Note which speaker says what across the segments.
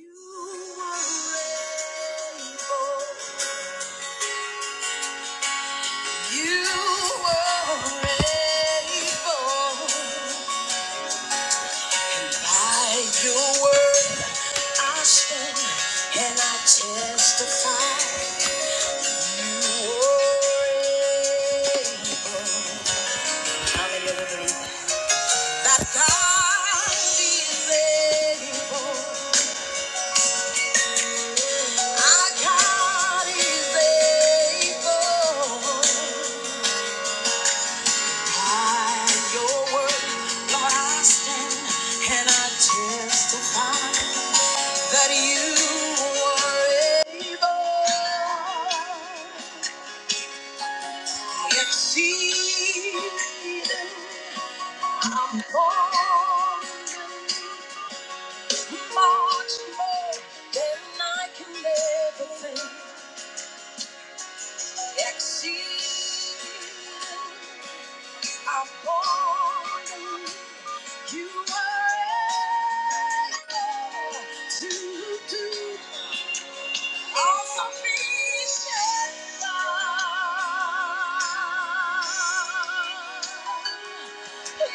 Speaker 1: I God is able. that You are able to exceed. I'm
Speaker 2: Yes,
Speaker 1: falling much more than I can ever think. Exceed. I'm falling. You were able to do Yeah.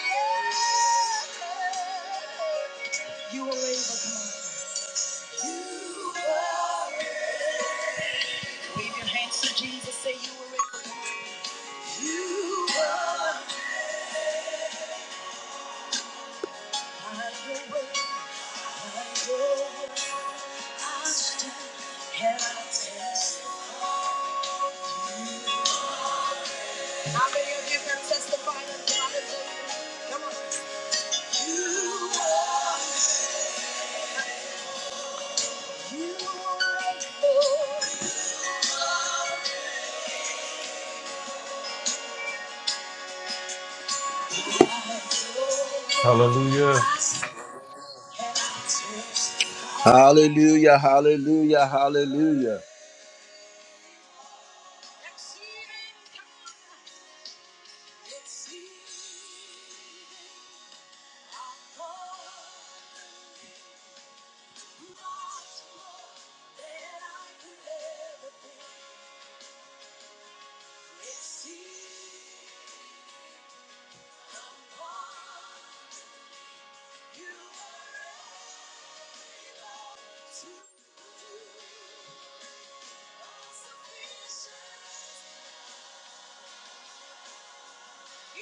Speaker 1: You are able, come on. You are Wave your hands to Jesus, say you are able. You are able. Have your way, have your way. I stand and I still have a test. How many of you can testify that God is able? Come on. You are
Speaker 3: Hallelujah.
Speaker 1: Hallelujah, hallelujah, hallelujah. You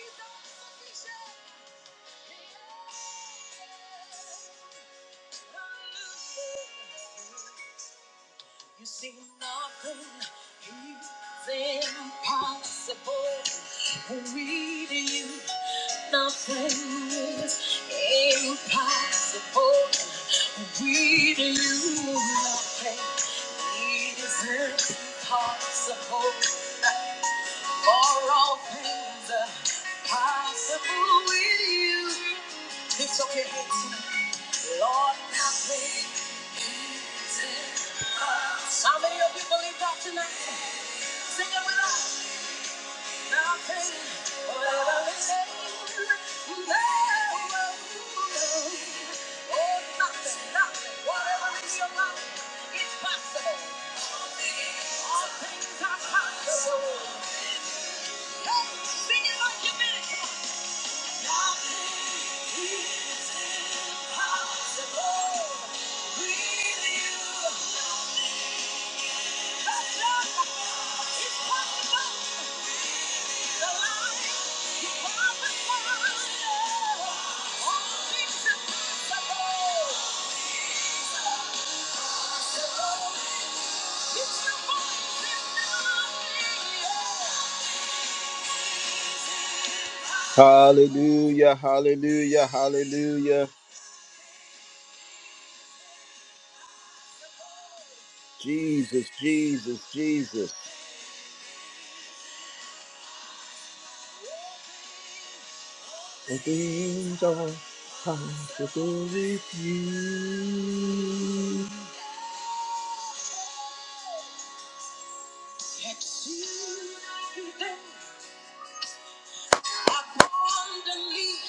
Speaker 1: see nothing is impossible with you. Nothing is impossible with you. Nothing is impossible. For all things are possible with you. Lift up your hands. Lord, I pray. How many of you believe that tonight? Sing it with us. Nothing, pray. Oh, nothing, nothing, whatever is your mind, it's possible. All things are possible. Hey, sing it like you mean it. Hallelujah, hallelujah, hallelujah. Jesus, Jesus, Jesus. All things are possible with you.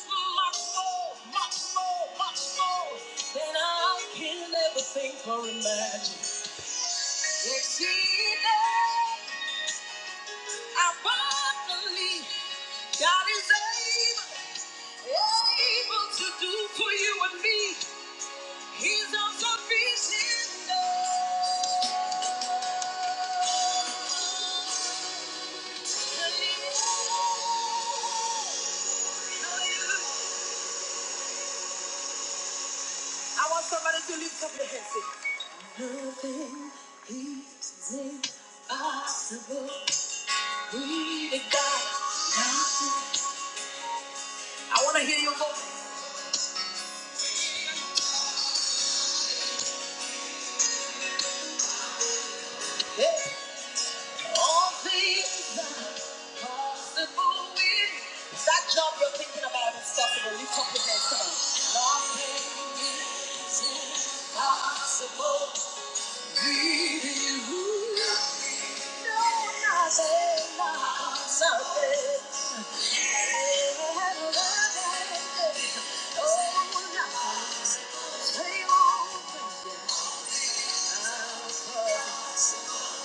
Speaker 1: Much more, much more, much more than I can ever think or imagine. Exceeding abundantly, God is able, able to do for you and me. He's all sufficient. Hallelujah. I want somebody to lift up your hands. Say, Nothing is impossible. We God. I want to hear your voice. Yeah. All things possible with that job you're thinking about is possible. Lift up your hands, come on. Nothing is impossible with you. No, nothing, nothing.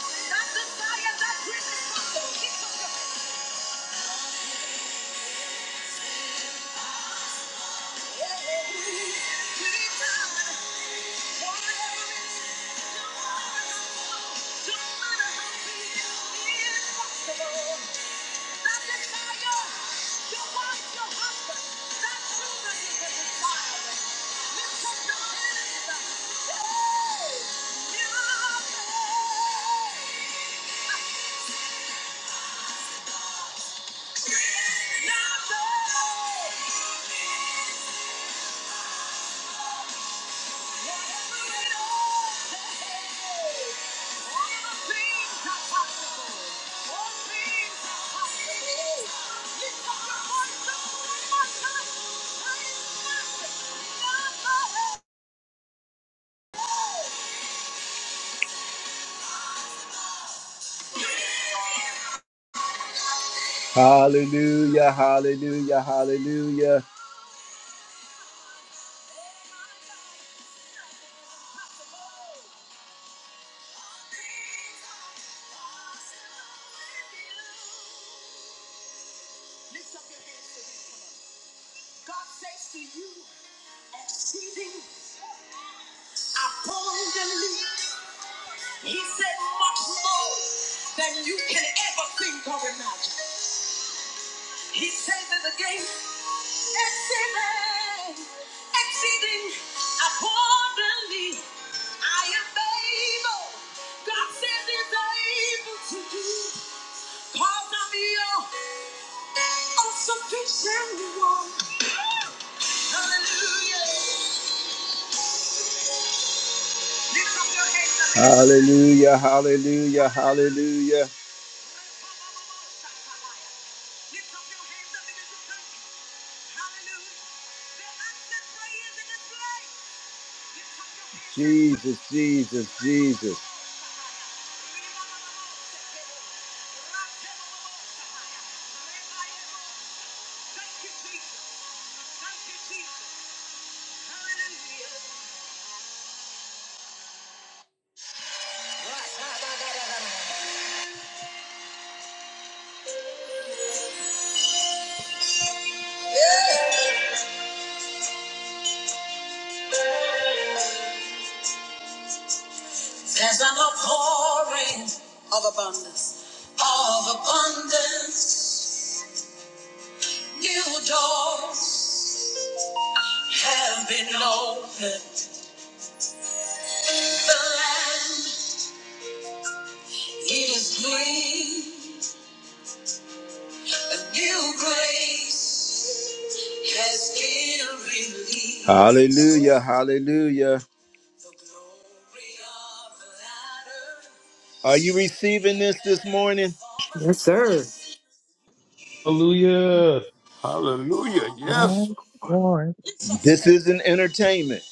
Speaker 1: That desire, that dream is Hallelujah, hallelujah, hallelujah. Hallelujah, hallelujah, hallelujah. Jesus, Jesus, Jesus. There's an outpouring of abundance, of abundance. New doors have been opened. The land, it is green, a new grace. Hallelujah, hallelujah. Are you receiving this this morning?
Speaker 4: Yes, sir.
Speaker 3: Hallelujah.
Speaker 5: Hallelujah.
Speaker 2: Lord.
Speaker 5: Yes.
Speaker 1: This isn't entertainment.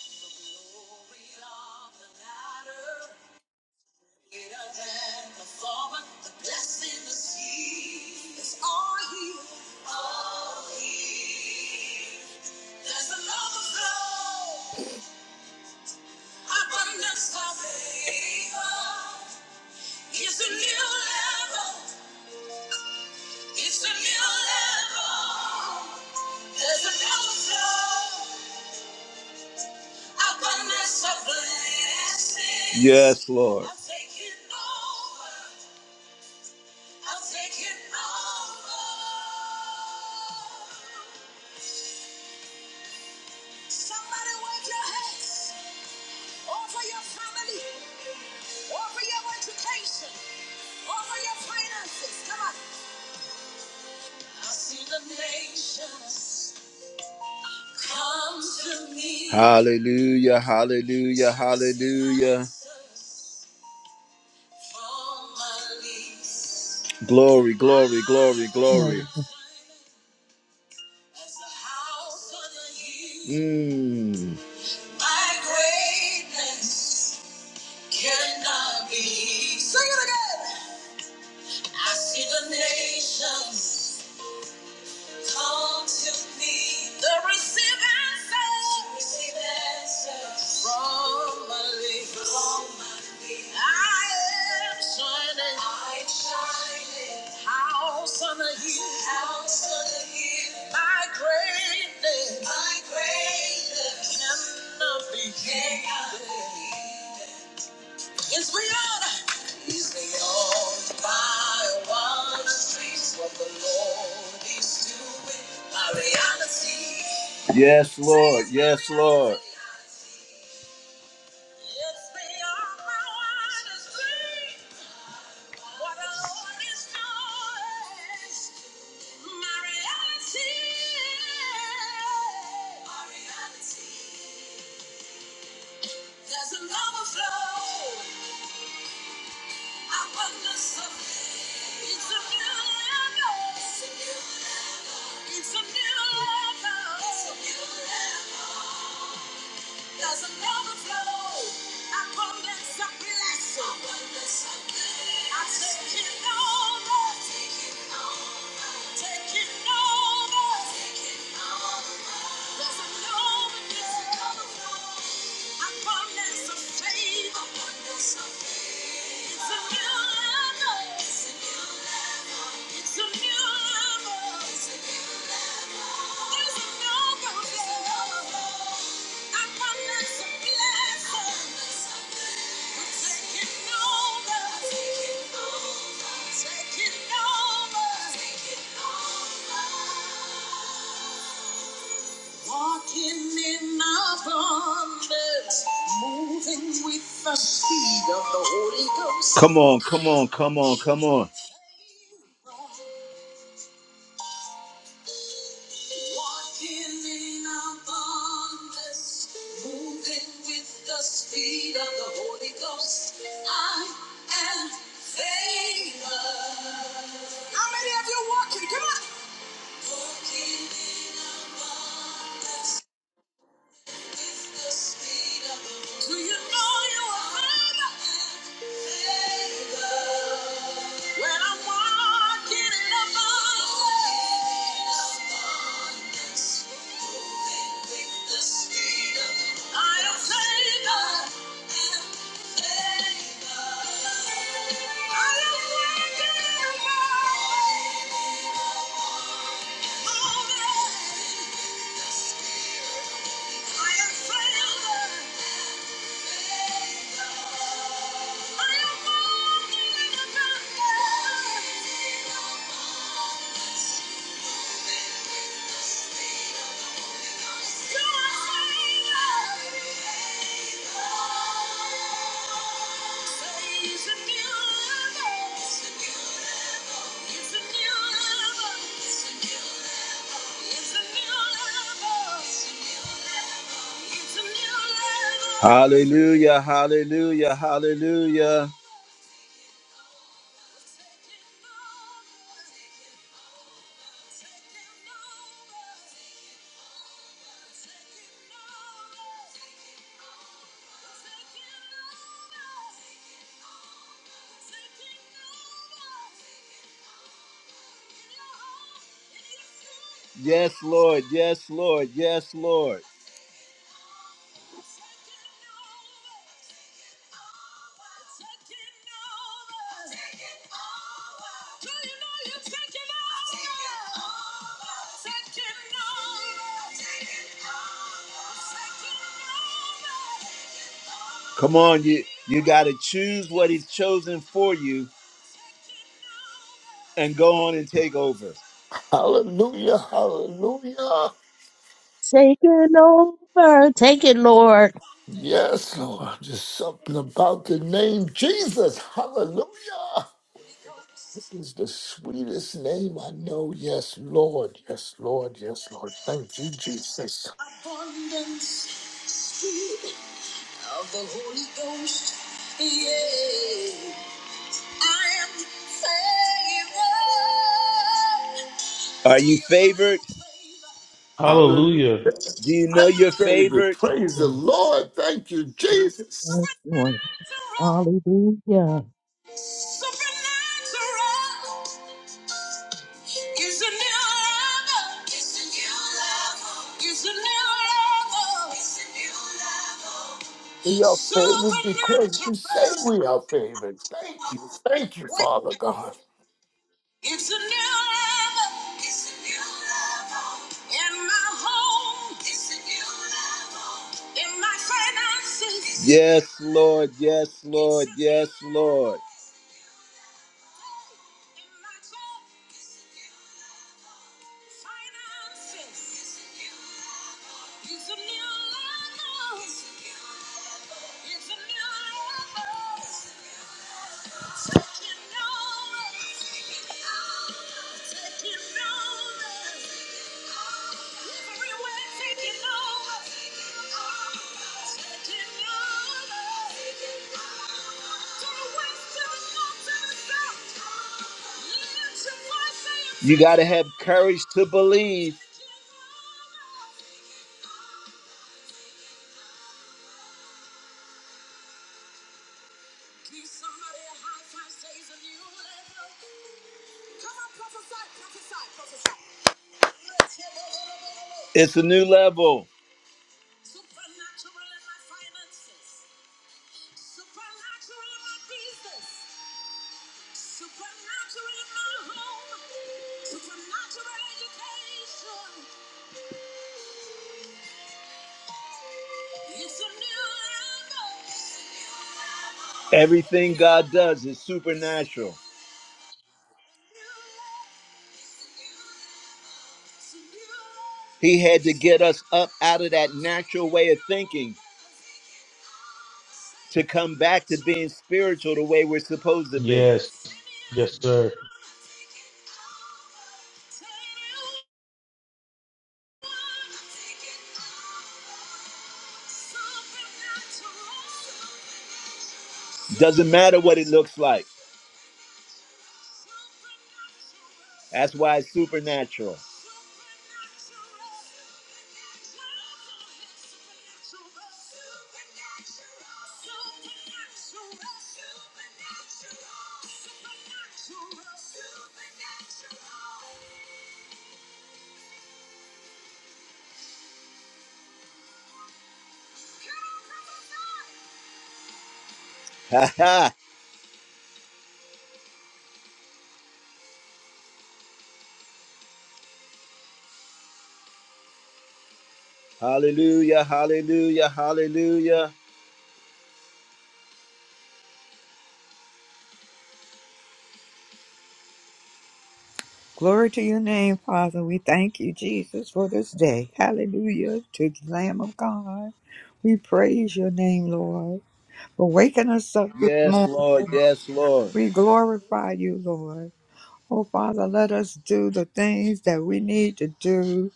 Speaker 1: It's a new level. It's a new level. There's an overflow. Abundance of blessings. Yes, Lord. Come to me. Hallelujah, hallelujah, hallelujah. Glory, glory, glory, glory.
Speaker 2: Lord.
Speaker 1: Mm. My greatness cannot be. Sing it again. I see the nations. Come to me, the receive answers. Receive answers. From my lips. From my lips. I am shining. I am shining. House on a hill. House on a hill. My greatness. My greatness. Cannot be hidden. Cannot be hidden. Yes, we are. He's the only fire on the streets. What the Lord is doing, my reality. Yes, Lord. Yes, Lord. Yes, Come on, come on, come on, come on. Hallelujah, hallelujah, hallelujah. Yes, Lord, yes, Lord, yes, Lord. Come on, you you got to choose what he's chosen for you and go on and take over.
Speaker 5: Hallelujah. Hallelujah.
Speaker 2: Take it over. Take it, Lord.
Speaker 5: Yes, Lord. Just something about the name Jesus. Hallelujah. This is the sweetest name I know. Yes, Lord. Yes, Lord. Yes, Lord. Thank you, Jesus.
Speaker 1: Are you favored?
Speaker 3: Hallelujah.
Speaker 5: Hallelujah.
Speaker 1: Do you know
Speaker 5: My
Speaker 1: you're
Speaker 5: favorite.
Speaker 1: favored?
Speaker 5: Praise the Lord. Thank you, Jesus.
Speaker 2: Yes, Lord. Hallelujah.
Speaker 5: We are favored because you say we are favored. Thank you. Thank you, Father God.
Speaker 1: In my finances. Yes, Lord. Yes, Lord. Yes, Lord. You got to have courage to believe. It's a new level. Everything God does is supernatural. He had to get us up out of that natural way of thinking to come back to being spiritual the way we're supposed to be.
Speaker 3: Yes. Yes, sir.
Speaker 1: Doesn't matter what it looks like. That's why it's supernatural. Ha ha. Hallelujah, hallelujah, hallelujah.
Speaker 6: Glory to your name, Father. We thank you, Jesus, for this day. Hallelujah to the Lamb of God. We praise your name, Lord, for waking us up this
Speaker 1: Yes,
Speaker 6: morning.
Speaker 1: Lord. Yes, Lord.
Speaker 6: We glorify you, Lord. Oh, Father, let us do the things that we need to do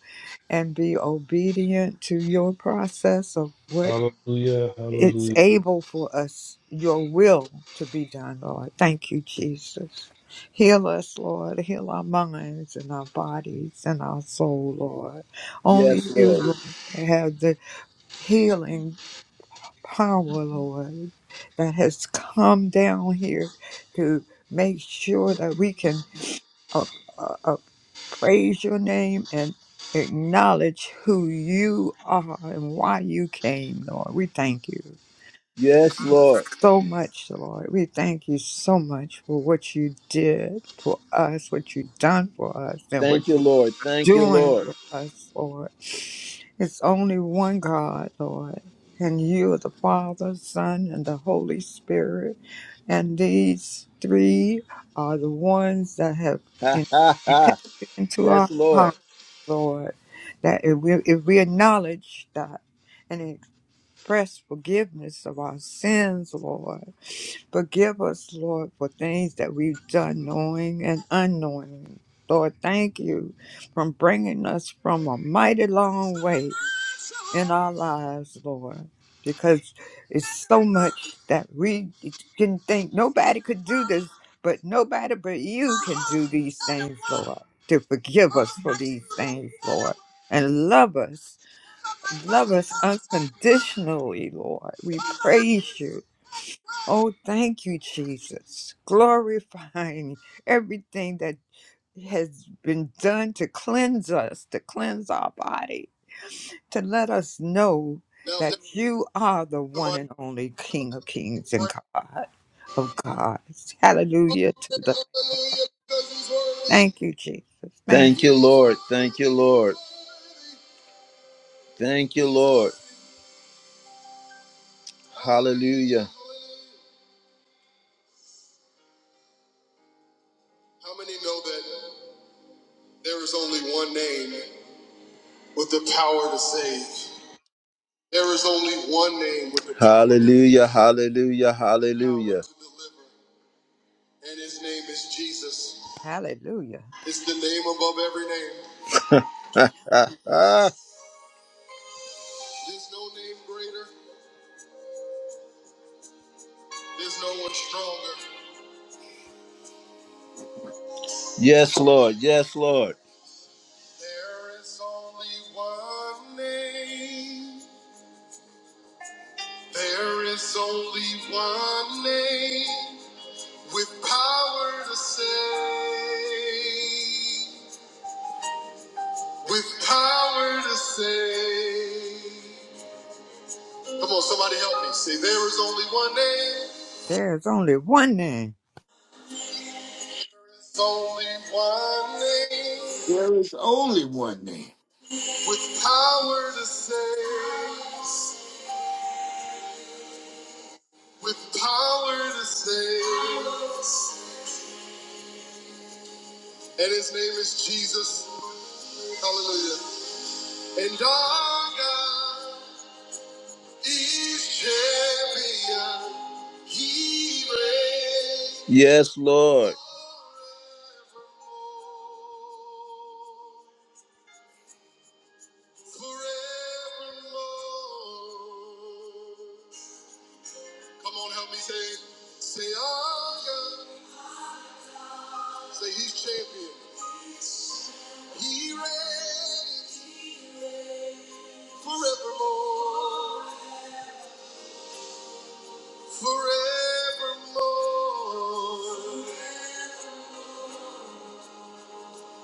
Speaker 6: and be obedient to your process of what
Speaker 3: Hallelujah.
Speaker 6: it's
Speaker 3: Hallelujah.
Speaker 6: able for us, your will to be done, Lord. Thank you, Jesus. Heal us, Lord. Heal our minds and our bodies and our soul, Lord. Only
Speaker 1: Yes,
Speaker 6: you,
Speaker 1: Lord.
Speaker 6: Lord, have the healing power, Lord, that has come down here to make sure that we can uh, uh, uh, praise your name and acknowledge who you are and why you came, Lord. We thank you.
Speaker 1: Yes, Lord.
Speaker 6: so much, Lord. We thank you so much for what you did for us, what you done for us, and what
Speaker 1: Thank you, Lord. Thank
Speaker 6: you're
Speaker 1: you,
Speaker 6: doing
Speaker 1: Lord.
Speaker 6: for us, Lord. It's only one God, Lord. And you are the Father, Son, and the Holy Spirit. And these three are the ones that have
Speaker 1: Ha
Speaker 6: entered
Speaker 1: ha ha.
Speaker 6: into
Speaker 1: Yes,
Speaker 6: our
Speaker 1: Lord.
Speaker 6: hearts, Lord. That if we, if we acknowledge that and express forgiveness of our sins, Lord Forgive us, Lord, for things that we've done knowing and unknowing. Lord, thank you for bringing us from a mighty long way in our lives, Lord, because it's so much that we didn't think nobody could do this, but nobody but you can do these things, Lord, to forgive us for these things, Lord, and love us. Love us unconditionally, Lord. We praise you. Oh, thank you, Jesus. Glorifying everything that has been done to cleanse us, to cleanse our body, to let us know
Speaker 1: Now, if
Speaker 6: that you are the one
Speaker 1: somebody,
Speaker 6: and only King of Kings and God of gods. Hallelujah to the
Speaker 1: Hallelujah, because he's worthy.
Speaker 6: thank you, Jesus. Thank
Speaker 1: Thank
Speaker 6: you.
Speaker 1: you, Lord. Thank you, Lord. Thank you, Lord. Hallelujah. How many know that there is only one name with the power to save? There is only one name with the power to Hallelujah. Hallelujah. power Hallelujah. to deliver, and his name is Jesus.
Speaker 6: Hallelujah.
Speaker 1: It's the name above every name. There's no name greater. There's no one stronger. yes, Lord. Yes, Lord. There is only one name. There is only one name with power to save. With power to save. Come on, somebody help me. Say, there is only one name.
Speaker 6: There is only one name.
Speaker 1: There's only one name.
Speaker 5: There is only one name.
Speaker 1: With power to save, with power to save. And his name is Jesus. Hallelujah. And our God is champion. He reigns. Yes, Lord. Forevermore. Forevermore. Come on, help me say, say, our God. Say he's champion. He reigns forevermore. Forevermore.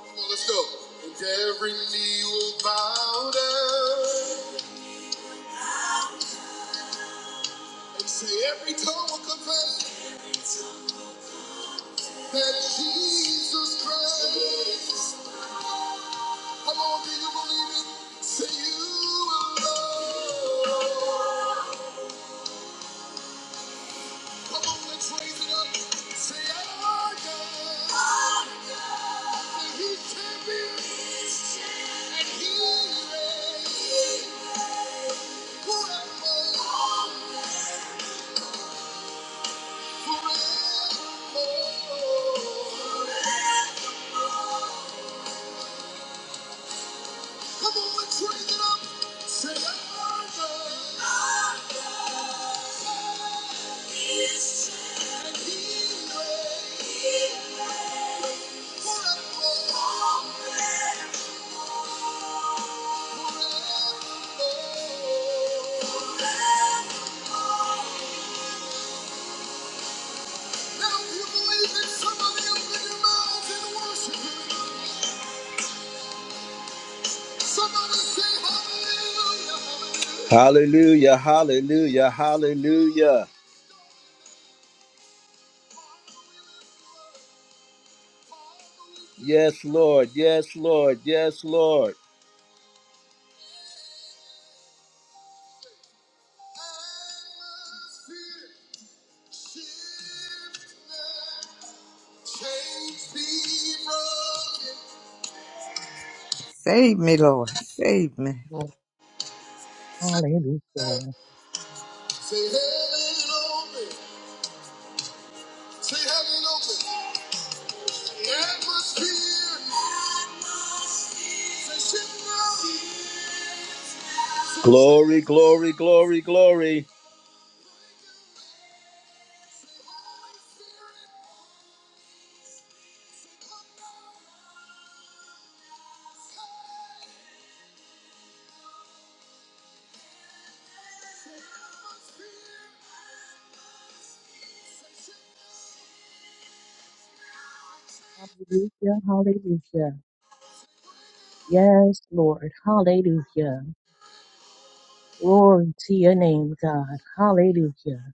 Speaker 1: Come on, let's go. And every knee will bow down. And say every tongue will confess that Jesus Christ. Come on, do you believe it? Say you alone. Come on, let's raise it up. Say, our God. Now you believe in somebody, open your mouth and worship him. Somebody say hallelujah. Hallelujah, hallelujah, hallelujah. Yes, Lord, yes, Lord, yes, Lord. Say
Speaker 6: Save me, Lord. Save me.
Speaker 2: Lord, Hallelujah.
Speaker 1: heaven open. Say heaven open. Glory, glory, glory, glory.
Speaker 2: Hallelujah. Hallelujah. Yes, Lord. Hallelujah. Glory to your name, God. Hallelujah.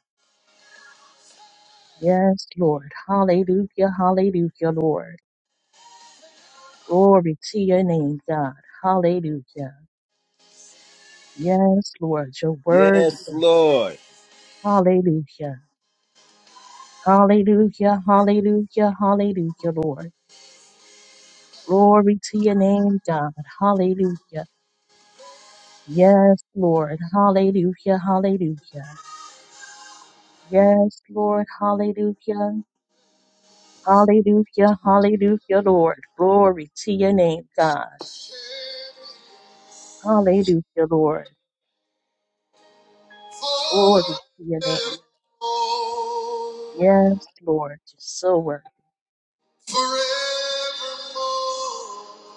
Speaker 2: Yes, Lord. Hallelujah. Hallelujah, Lord. Glory to your name, God. Hallelujah. Yes, Lord. You're worthy.
Speaker 1: Yes,
Speaker 2: God.
Speaker 1: Lord.
Speaker 2: Hallelujah. Hallelujah, hallelujah, hallelujah, Lord. Glory to your name, God. Hallelujah. Yes, Lord. Hallelujah, hallelujah. Yes, Lord. Hallelujah. Hallelujah, hallelujah, Lord. Glory to your name, God. Hallelujah, Lord. Glory to your name. Yes, Lord. You're so worthy.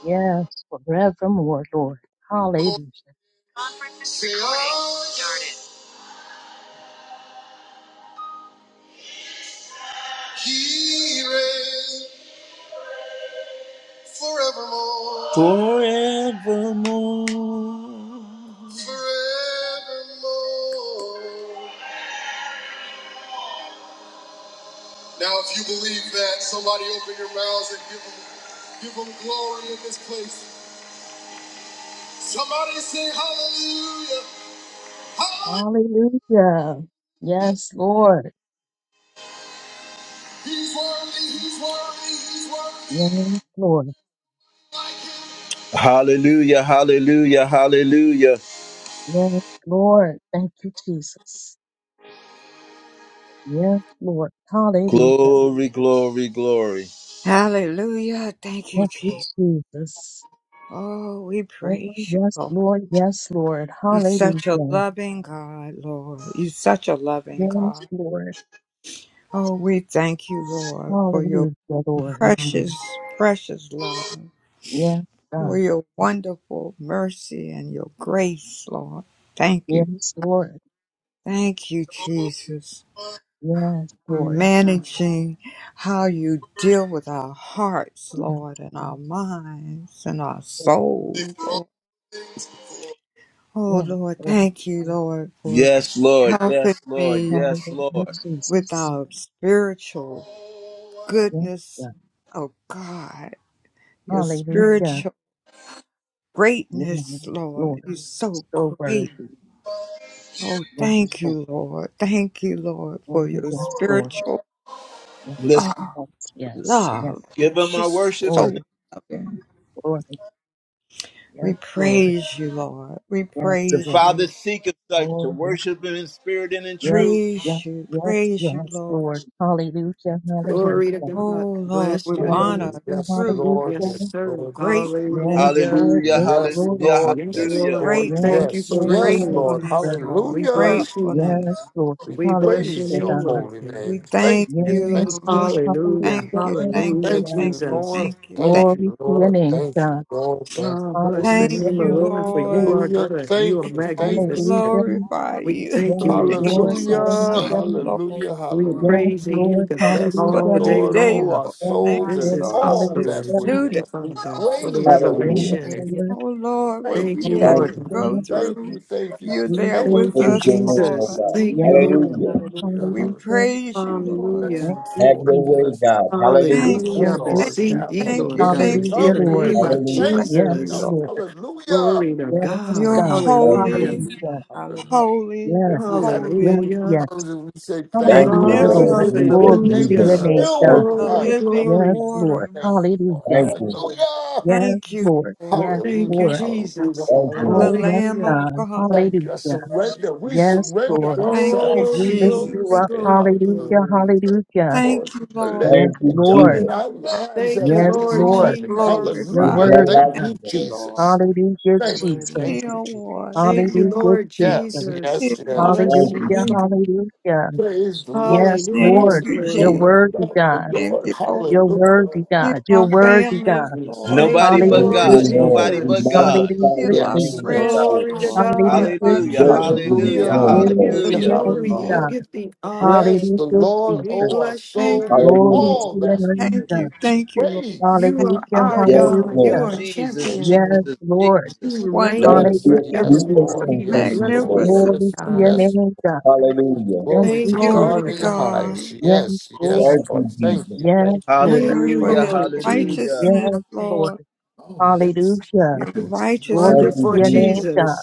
Speaker 2: Yes, forevermore, Lord. Hallelujah.
Speaker 1: Forevermore. Now, if you believe that, somebody open your mouths and give them, give them glory in this place. Somebody say hallelujah. Hallelujah.
Speaker 2: Hallelujah. Yes, Lord.
Speaker 1: He's worthy. He's worthy. He's worthy.
Speaker 2: Yes, Lord.
Speaker 1: Like him. Hallelujah. Hallelujah. Hallelujah.
Speaker 2: Yes, Lord. Thank you, Jesus. Yes, Lord. Hallelujah.
Speaker 1: Glory, glory, glory.
Speaker 6: Hallelujah.
Speaker 1: Lord,
Speaker 6: Thank you,
Speaker 2: Thank you,
Speaker 6: Jesus.
Speaker 2: Jesus.
Speaker 6: Oh, we
Speaker 2: Oh,
Speaker 6: praise you,
Speaker 2: yes,
Speaker 6: Lord.
Speaker 2: Lord. Yes, Lord.
Speaker 6: You're
Speaker 2: Hallelujah.
Speaker 6: such a loving God, Lord. You're such a loving
Speaker 2: Yes,
Speaker 6: God.
Speaker 2: Lord.
Speaker 6: Oh, we thank you, Lord, for your
Speaker 2: Hallelujah, Lord.
Speaker 6: precious, precious love,
Speaker 2: Yes,
Speaker 6: for
Speaker 2: God.
Speaker 6: your wonderful mercy and your grace, Lord. Thank you.
Speaker 2: Yes, Lord.
Speaker 6: Thank you, Jesus,
Speaker 2: Yes,
Speaker 6: for
Speaker 2: Lord.
Speaker 6: managing how you deal with our hearts,
Speaker 2: Yes,
Speaker 6: Lord, and our minds and our
Speaker 2: Lord.
Speaker 1: you are worthy
Speaker 6: souls,
Speaker 1: for all
Speaker 6: Lord.
Speaker 1: things.
Speaker 6: Oh,
Speaker 2: Yes,
Speaker 6: Lord,
Speaker 2: Lord.
Speaker 6: thank you, Lord, for
Speaker 1: Yes, Lord.
Speaker 6: helping
Speaker 1: Yes, Lord.
Speaker 6: me
Speaker 1: Yes,
Speaker 2: Hallelujah,
Speaker 1: Lord.
Speaker 6: with
Speaker 2: Jesus.
Speaker 6: our spiritual
Speaker 1: Oh, I
Speaker 2: Yes,
Speaker 6: goodness,
Speaker 2: God.
Speaker 6: oh God, your
Speaker 2: Hallelujah.
Speaker 6: spiritual
Speaker 2: Yes,
Speaker 6: greatness,
Speaker 2: Lord.
Speaker 6: Lord. You're so
Speaker 2: So worthy.
Speaker 6: great.
Speaker 1: give
Speaker 6: Oh,
Speaker 2: Yes,
Speaker 6: thank
Speaker 2: Lord.
Speaker 6: you, Lord. Thank you, Lord,
Speaker 2: Oh,
Speaker 6: for your
Speaker 2: yes, Lord.
Speaker 6: spiritual
Speaker 2: Yes.
Speaker 1: Let's
Speaker 6: oh,
Speaker 2: Yes, yes,
Speaker 6: love.
Speaker 1: give him our
Speaker 6: Just
Speaker 1: worship.
Speaker 6: so
Speaker 1: saints.
Speaker 2: Glory,
Speaker 6: loving.
Speaker 2: glory, yes,
Speaker 6: We
Speaker 2: Lord,
Speaker 6: praise you, Lord. We
Speaker 2: yes,
Speaker 1: The
Speaker 6: praise
Speaker 2: Lord.
Speaker 1: Father
Speaker 6: you.
Speaker 1: seeketh such
Speaker 2: Oh,
Speaker 1: to
Speaker 2: yes,
Speaker 1: worship him in spirit and in
Speaker 2: yes,
Speaker 1: truth.
Speaker 2: yes,
Speaker 6: Praise you.
Speaker 2: yes,
Speaker 6: Praise you,
Speaker 2: yes,
Speaker 6: Lord.
Speaker 2: Lord. Hallelujah, hallelujah,
Speaker 4: Glory to
Speaker 2: hallelujah,
Speaker 4: God.
Speaker 6: Oh, Lord,
Speaker 4: Bless
Speaker 6: we
Speaker 4: your name.
Speaker 5: Hallelujah.
Speaker 6: honor,
Speaker 5: Yes,
Speaker 6: truth,
Speaker 5: Lord.
Speaker 4: Yes,
Speaker 2: hallelujah.
Speaker 5: Yes,
Speaker 4: sir.
Speaker 5: Lord. Yes, Lord.
Speaker 6: gratefulness,
Speaker 2: Yes,
Speaker 4: Hallelujah.
Speaker 2: Lord,
Speaker 1: Hallelujah.
Speaker 2: yes,
Speaker 5: Yes,
Speaker 2: Lord,
Speaker 1: Hallelujah.
Speaker 5: Lord.
Speaker 4: Yes,
Speaker 5: Yes,
Speaker 1: Hallelujah.
Speaker 4: Lord. We
Speaker 5: Lord.
Speaker 2: yes,
Speaker 6: gratefulness,
Speaker 4: thank you
Speaker 5: Yes,
Speaker 4: for
Speaker 2: Lord,
Speaker 5: yes,
Speaker 4: reigning.
Speaker 5: Lord.
Speaker 6: gratefulness,
Speaker 2: hallelujah.
Speaker 6: Lord.
Speaker 4: We
Speaker 5: Hallelujah.
Speaker 4: bless you, God.
Speaker 2: Yes,
Speaker 6: Gratefulness.
Speaker 2: Lord,
Speaker 5: We
Speaker 4: We bless
Speaker 2: hallelujah,
Speaker 4: your
Speaker 5: praise your
Speaker 4: name,
Speaker 2: God.
Speaker 4: Lord.
Speaker 5: holy
Speaker 6: We
Speaker 5: name. Thank
Speaker 6: thank
Speaker 5: you.
Speaker 6: you,
Speaker 2: Yes,
Speaker 5: Thank you.
Speaker 6: Lord.
Speaker 2: Lord,
Speaker 5: Je-
Speaker 4: Hallelujah.
Speaker 2: hallelujah,
Speaker 6: Thank you, thank
Speaker 4: Hallelujah,
Speaker 6: you,
Speaker 5: Thank
Speaker 2: hallelujah.
Speaker 5: you,
Speaker 6: thank you,
Speaker 4: Jesus.
Speaker 5: Lord.
Speaker 6: thank you, thank
Speaker 5: Thank
Speaker 2: Glory
Speaker 5: you,
Speaker 2: to your
Speaker 5: Lord.
Speaker 2: name,
Speaker 5: Thank
Speaker 2: God.
Speaker 5: you, Lord. Thank
Speaker 4: Oh,
Speaker 5: you, Lord.
Speaker 4: bless the
Speaker 6: thank
Speaker 2: Hallelujah,
Speaker 4: name of
Speaker 6: you,
Speaker 4: the Lord, for
Speaker 2: hallelujah,
Speaker 4: you
Speaker 6: Lord.
Speaker 4: are
Speaker 5: Hallelujah.
Speaker 4: good. You are
Speaker 5: Thank you.
Speaker 6: We
Speaker 5: Thank you.
Speaker 4: magnificent.
Speaker 5: Thank you.
Speaker 2: hallelujah.
Speaker 6: glorify
Speaker 4: We
Speaker 6: you.
Speaker 4: thank you,
Speaker 2: Yes,
Speaker 4: Lord
Speaker 6: thank
Speaker 2: Lord,
Speaker 6: you so
Speaker 4: Jesus.
Speaker 5: Hallelujah.
Speaker 6: much,
Speaker 2: hallelujah,
Speaker 7: Hallelujah.
Speaker 6: Lord,
Speaker 7: Thank
Speaker 5: Hallelujah.
Speaker 7: you,
Speaker 4: We are
Speaker 7: Lord.
Speaker 2: Yes,
Speaker 5: Hallelujah.
Speaker 4: praising you
Speaker 2: Lord,
Speaker 4: God,
Speaker 5: Bless the
Speaker 6: for
Speaker 4: all
Speaker 6: this
Speaker 2: hallelujah.
Speaker 4: day
Speaker 7: Hallelujah.
Speaker 5: Lord,
Speaker 6: day,
Speaker 5: all
Speaker 4: long.
Speaker 5: our
Speaker 6: Lord.
Speaker 2: Yes,
Speaker 6: Thank
Speaker 5: souls
Speaker 6: you,
Speaker 4: This
Speaker 5: and
Speaker 2: Lord,
Speaker 4: is
Speaker 6: Lord,
Speaker 4: our
Speaker 5: all
Speaker 6: for this
Speaker 4: story.
Speaker 5: that's
Speaker 2: hallelujah.
Speaker 7: Hallelujah.
Speaker 4: Thank
Speaker 6: new
Speaker 5: within
Speaker 6: day,
Speaker 4: you,
Speaker 5: us.
Speaker 4: Father,
Speaker 5: We
Speaker 6: Lord.
Speaker 4: for
Speaker 7: Thank
Speaker 4: the
Speaker 5: praise
Speaker 7: you,
Speaker 5: your
Speaker 7: Lord.
Speaker 8: Hallelujah.
Speaker 5: holy
Speaker 2: Yes,
Speaker 7: Thank
Speaker 5: name.
Speaker 4: revelation.
Speaker 7: you.
Speaker 2: Lord,
Speaker 6: Oh Lord, what
Speaker 5: Thank
Speaker 4: Thank
Speaker 5: you.
Speaker 6: we
Speaker 4: you,
Speaker 7: Thank
Speaker 6: have
Speaker 7: you,
Speaker 8: Thank
Speaker 4: Lord.
Speaker 6: to
Speaker 5: Thank you.
Speaker 8: you.
Speaker 7: Lord
Speaker 8: Jesus.
Speaker 6: go
Speaker 2: hallelujah.
Speaker 7: Jesus.
Speaker 5: Thank you.
Speaker 7: Thank
Speaker 6: through.
Speaker 7: you.
Speaker 5: Thank you.
Speaker 6: You're there
Speaker 5: Thank
Speaker 7: Hallelujah.
Speaker 5: you.
Speaker 6: with
Speaker 4: Thank
Speaker 2: Jesus.
Speaker 4: you,
Speaker 8: Praise
Speaker 6: us,
Speaker 8: your name, O
Speaker 4: Jesus.
Speaker 6: Lord.
Speaker 8: God.
Speaker 4: Thank you,
Speaker 7: Hallelujah.
Speaker 5: Hallelujah.
Speaker 2: Yes,
Speaker 4: Lord.
Speaker 8: Hallelujah.
Speaker 2: Lord,
Speaker 5: Hallelujah.
Speaker 7: Hallelujah,
Speaker 6: We
Speaker 7: Lord.
Speaker 5: Hallelujah.
Speaker 2: hallelujah.
Speaker 6: praise you,
Speaker 7: Thank
Speaker 6: Lord.
Speaker 5: Bless
Speaker 4: Hallelujah.
Speaker 2: Thank
Speaker 5: you,
Speaker 2: you,
Speaker 8: Have
Speaker 5: Lord.
Speaker 8: your way,
Speaker 5: Bless
Speaker 7: you,
Speaker 2: Jesus.
Speaker 8: God.
Speaker 7: Lord.
Speaker 5: you, Lord. Thank
Speaker 8: Hallelujah.
Speaker 6: Thank you,
Speaker 7: Thank
Speaker 5: you,
Speaker 4: Hallelujah.
Speaker 2: Thank
Speaker 7: you, Lord.
Speaker 2: you,
Speaker 6: thank
Speaker 5: Lord. We
Speaker 4: Beseech
Speaker 5: have
Speaker 6: you,
Speaker 4: thee,
Speaker 2: Jesus.
Speaker 5: a
Speaker 6: thank
Speaker 4: Lord
Speaker 6: you,
Speaker 5: million
Speaker 4: God,
Speaker 6: thank
Speaker 4: in
Speaker 6: you,
Speaker 2: Hallelujah,
Speaker 5: tongues.
Speaker 4: the
Speaker 5: We
Speaker 2: Lord.
Speaker 5: could
Speaker 4: name
Speaker 6: Jesus.
Speaker 7: Thank you.
Speaker 5: not
Speaker 4: of
Speaker 5: thank
Speaker 6: Thank
Speaker 8: Hallelujah.
Speaker 5: you
Speaker 2: Yes,
Speaker 6: you,
Speaker 5: enough.
Speaker 7: Thank you.
Speaker 4: Jesus.
Speaker 6: Lord.
Speaker 2: Lord.
Speaker 5: Hallelujah.
Speaker 4: Glory to
Speaker 7: Lord.
Speaker 2: Yes,
Speaker 4: God.
Speaker 6: You're
Speaker 2: God.
Speaker 5: Hallelujah.
Speaker 8: Thank you.
Speaker 4: Hallelujah.
Speaker 6: holy.
Speaker 7: Praise
Speaker 8: Jesus.
Speaker 5: Hallelujah.
Speaker 7: you.
Speaker 2: Hallelujah.
Speaker 5: Hallelujah.
Speaker 7: Hallelujah.
Speaker 6: Holy,
Speaker 2: Yes,
Speaker 5: If we had a
Speaker 7: Hallelujah.
Speaker 2: yes,
Speaker 6: holy,
Speaker 5: million
Speaker 4: Hallelujah.
Speaker 2: yes.
Speaker 5: tongues and we say thank
Speaker 8: Thank
Speaker 5: you
Speaker 8: you,
Speaker 5: every
Speaker 2: Hallelujah,
Speaker 8: Lord.
Speaker 2: Lord.
Speaker 5: minute
Speaker 8: New
Speaker 6: magnificent,
Speaker 5: of
Speaker 8: day,
Speaker 5: the
Speaker 2: Glory
Speaker 5: day,
Speaker 8: new
Speaker 2: to
Speaker 5: we
Speaker 2: your
Speaker 8: day,
Speaker 4: Hallelujah.
Speaker 8: Lord.
Speaker 2: name,
Speaker 5: still
Speaker 2: God.
Speaker 8: Thank
Speaker 5: wouldn't
Speaker 6: the
Speaker 8: you,
Speaker 4: Glory,
Speaker 5: have
Speaker 8: Lord.
Speaker 5: enough to
Speaker 6: living
Speaker 2: Yes,
Speaker 5: be
Speaker 4: glory.
Speaker 2: Lord.
Speaker 5: thank
Speaker 6: waters.
Speaker 5: you, Lord.
Speaker 8: Thank
Speaker 2: Hallelujah.
Speaker 7: Thank
Speaker 8: you,
Speaker 7: you,
Speaker 8: Lord.
Speaker 7: Lord.
Speaker 5: Hallelujah.
Speaker 2: Yes,
Speaker 6: Thank you,
Speaker 2: Lord.
Speaker 6: Lord,
Speaker 2: Yes,
Speaker 4: Thank you,
Speaker 5: Hallelujah.
Speaker 2: Lord.
Speaker 7: Thank
Speaker 5: Hallelujah.
Speaker 4: Jesus.
Speaker 8: Thank you,
Speaker 5: Hallelujah.
Speaker 6: the
Speaker 2: Oh,
Speaker 8: Lord.
Speaker 2: yes,
Speaker 6: Lamb
Speaker 7: you.
Speaker 6: of
Speaker 4: Hallelujah.
Speaker 2: God.
Speaker 6: God.
Speaker 5: Thank you. I
Speaker 2: Hallelujah.
Speaker 7: Thank
Speaker 5: surrender. We
Speaker 2: Yes,
Speaker 6: Oh,
Speaker 5: surrender
Speaker 2: Lord.
Speaker 7: you.
Speaker 6: thank you,
Speaker 5: ourselves
Speaker 2: We
Speaker 5: to
Speaker 4: Glory,
Speaker 2: lift
Speaker 5: you
Speaker 2: you
Speaker 6: Jesus.
Speaker 4: glory,
Speaker 2: up.
Speaker 5: today.
Speaker 4: glory,
Speaker 5: Hallelujah.
Speaker 2: Hallelujah.
Speaker 4: glory.
Speaker 2: Hallelujah.
Speaker 5: Lord.
Speaker 6: Thank you,
Speaker 5: Let
Speaker 6: Lord.
Speaker 2: Yes,
Speaker 8: Thank
Speaker 5: it be
Speaker 8: you,
Speaker 5: done
Speaker 2: Lord.
Speaker 5: in
Speaker 8: Jesus.
Speaker 5: our lives
Speaker 4: Thank
Speaker 5: as
Speaker 4: you,
Speaker 5: it
Speaker 2: Yes,
Speaker 5: is in
Speaker 4: Lord
Speaker 7: Thank you.
Speaker 6: Oh,
Speaker 2: Lord.
Speaker 5: heaven.
Speaker 4: Jesus.
Speaker 2: You're
Speaker 8: There's
Speaker 6: glorify
Speaker 5: Hallelujah.
Speaker 8: none
Speaker 6: you.
Speaker 2: worthy.
Speaker 8: like
Speaker 5: Thank
Speaker 6: Thank
Speaker 2: God.
Speaker 7: Hallelujah.
Speaker 5: you,
Speaker 8: you,
Speaker 6: you,
Speaker 8: Lord.
Speaker 6: Lord.
Speaker 5: Jesus.
Speaker 7: You're
Speaker 2: Hallelujah,
Speaker 7: so
Speaker 5: Thank you.
Speaker 2: Jesus.
Speaker 7: worthy. Lord.
Speaker 5: Thank you,
Speaker 6: Heal,
Speaker 5: Jesus.
Speaker 6: Lord.
Speaker 4: Thank you,
Speaker 6: Heal.
Speaker 2: Hallelujah,
Speaker 4: Lord
Speaker 5: Yes,
Speaker 2: Jesus.
Speaker 4: Jesus.
Speaker 5: yes,
Speaker 6: Heal
Speaker 7: You're
Speaker 4: We
Speaker 5: yes.
Speaker 7: so
Speaker 6: our
Speaker 4: Bless
Speaker 8: Thank you,
Speaker 7: worthy.
Speaker 2: Hallelujah.
Speaker 6: bodies.
Speaker 4: you,
Speaker 6: Lord.
Speaker 8: Jesus.
Speaker 4: God.
Speaker 2: Hallelujah.
Speaker 5: Praise the Lord.
Speaker 2: Yes,
Speaker 6: Thank
Speaker 5: Bless
Speaker 4: Hallelujah.
Speaker 2: Lord.
Speaker 5: the
Speaker 6: you,
Speaker 4: Glory
Speaker 2: You're
Speaker 4: to
Speaker 6: Jesus.
Speaker 7: Thank
Speaker 5: Lord.
Speaker 4: God.
Speaker 2: worthy,
Speaker 5: Love the
Speaker 2: God.
Speaker 6: Thank
Speaker 5: Lord.
Speaker 6: you, Lord.
Speaker 7: you,
Speaker 2: You're
Speaker 7: Lord.
Speaker 5: Hallelujah.
Speaker 2: worthy,
Speaker 6: Heal
Speaker 2: God. You're
Speaker 6: our
Speaker 7: Yes.
Speaker 2: worthy,
Speaker 6: families,
Speaker 2: God.
Speaker 5: Holy,
Speaker 6: Lord.
Speaker 5: holy,
Speaker 4: Thank
Speaker 1: Nobody
Speaker 4: you,
Speaker 7: You're
Speaker 8: Thank
Speaker 1: but
Speaker 7: so
Speaker 2: Hallelujah,
Speaker 5: holy.
Speaker 4: Lord
Speaker 1: God.
Speaker 8: you, Lord.
Speaker 2: Jesus.
Speaker 1: Nobody
Speaker 8: We
Speaker 1: but
Speaker 4: Jesus.
Speaker 1: God.
Speaker 7: worthy.
Speaker 2: Hallelujah,
Speaker 8: magnify
Speaker 6: Heal
Speaker 8: your
Speaker 6: our
Speaker 5: Yes,
Speaker 7: Thank
Speaker 8: name,
Speaker 7: you.
Speaker 2: Jesus.
Speaker 8: O
Speaker 5: yes,
Speaker 6: friends,
Speaker 8: God.
Speaker 4: Glory
Speaker 7: Thank
Speaker 4: to
Speaker 5: yes.
Speaker 6: Lord.
Speaker 7: you.
Speaker 2: Hallelujah,
Speaker 6: Heal
Speaker 4: God.
Speaker 6: our
Speaker 8: We
Speaker 1: Hallelujah.
Speaker 2: Jesus.
Speaker 6: churches.
Speaker 7: Oh,
Speaker 8: worship you this
Speaker 6: Heal
Speaker 1: Hallelujah.
Speaker 5: Hallelujah.
Speaker 6: our
Speaker 8: morning,
Speaker 4: You
Speaker 2: Glory
Speaker 4: get
Speaker 8: Lord.
Speaker 4: the
Speaker 2: to
Speaker 5: Hallelujah.
Speaker 7: thank
Speaker 2: your
Speaker 6: pastors,
Speaker 1: Hallelujah.
Speaker 7: you,
Speaker 4: glory.
Speaker 2: name,
Speaker 7: Lord.
Speaker 4: You
Speaker 5: Hallelujah.
Speaker 6: Lord.
Speaker 2: God.
Speaker 4: get the
Speaker 7: Thank
Speaker 4: honor,
Speaker 5: Bless
Speaker 4: Lord
Speaker 5: the
Speaker 2: Hallelujah,
Speaker 4: God.
Speaker 5: Lord,
Speaker 4: We
Speaker 2: Jesus.
Speaker 5: O our
Speaker 4: bless you.
Speaker 6: Thank
Speaker 5: souls,
Speaker 4: God.
Speaker 5: and
Speaker 6: you.
Speaker 2: Glory
Speaker 8: Hallelujah.
Speaker 7: you,
Speaker 5: all
Speaker 2: to your
Speaker 5: that's
Speaker 2: name,
Speaker 6: Thank
Speaker 5: within.
Speaker 2: God.
Speaker 6: you. Thank you, Lord.
Speaker 5: Praise
Speaker 4: You
Speaker 6: Thank
Speaker 4: are
Speaker 2: Hallelujah,
Speaker 6: you,
Speaker 5: your
Speaker 4: our
Speaker 7: Lord. Thank you, thank you,
Speaker 6: Jesus.
Speaker 8: Yes,
Speaker 5: holy name.
Speaker 7: Lord.
Speaker 4: God. You
Speaker 2: hallelujah.
Speaker 8: Lord.
Speaker 4: are
Speaker 5: Thank you,
Speaker 1: Jesus,
Speaker 5: thank you.
Speaker 2: Yes,
Speaker 4: champion.
Speaker 1: Jesus,
Speaker 2: Lord.
Speaker 1: Jesus.
Speaker 4: You
Speaker 7: Thank
Speaker 6: Wonderful,
Speaker 8: Let us
Speaker 4: reign
Speaker 8: be
Speaker 5: Yes,
Speaker 8: a
Speaker 2: Hallelujah,
Speaker 5: yes,
Speaker 8: sweet incense
Speaker 4: forevermore.
Speaker 5: Lord,
Speaker 2: Jesus.
Speaker 4: We are
Speaker 8: unto
Speaker 5: yes,
Speaker 8: you,
Speaker 4: blessing
Speaker 5: Lord,
Speaker 4: you,
Speaker 8: Lord.
Speaker 6: magnificent
Speaker 2: Glory
Speaker 5: yes,
Speaker 2: to your
Speaker 4: God.
Speaker 6: Lord.
Speaker 5: yes.
Speaker 2: name, God.
Speaker 8: Hallelujah.
Speaker 2: Thank
Speaker 5: Glory
Speaker 2: you,
Speaker 5: to
Speaker 4: Thank you,
Speaker 6: Glory
Speaker 5: God
Speaker 6: to
Speaker 4: Lord
Speaker 2: Jesus.
Speaker 5: in the
Speaker 4: God.
Speaker 7: you, Lord.
Speaker 5: highest.
Speaker 6: God.
Speaker 2: Yes,
Speaker 5: Yes,
Speaker 7: Thank
Speaker 5: yes,
Speaker 2: Lord.
Speaker 8: Thank
Speaker 5: Lord.
Speaker 8: you,
Speaker 5: Thank
Speaker 8: Jesus.
Speaker 5: you,
Speaker 7: you,
Speaker 2: Yes,
Speaker 5: thank you.
Speaker 2: Lord.
Speaker 5: Jesus.
Speaker 4: Thank
Speaker 6: Glory
Speaker 4: you,
Speaker 6: for
Speaker 7: thank
Speaker 1: Hallelujah.
Speaker 6: his
Speaker 7: you, Lord. Thank you,
Speaker 4: Lord
Speaker 1: Hallelujah.
Speaker 4: Jesus.
Speaker 6: righteousness,
Speaker 2: Yes, Lord.
Speaker 6: Lord.
Speaker 7: thank
Speaker 5: Oh, yes.
Speaker 2: Hallelujah.
Speaker 6: Your
Speaker 5: yes.
Speaker 2: Glory
Speaker 8: Thank
Speaker 6: righteousness,
Speaker 2: to
Speaker 8: you,
Speaker 4: Wonderful
Speaker 6: Lord.
Speaker 2: your
Speaker 7: you,
Speaker 8: Jesus.
Speaker 2: name,
Speaker 7: Lord. God.
Speaker 2: God.
Speaker 4: Jesus.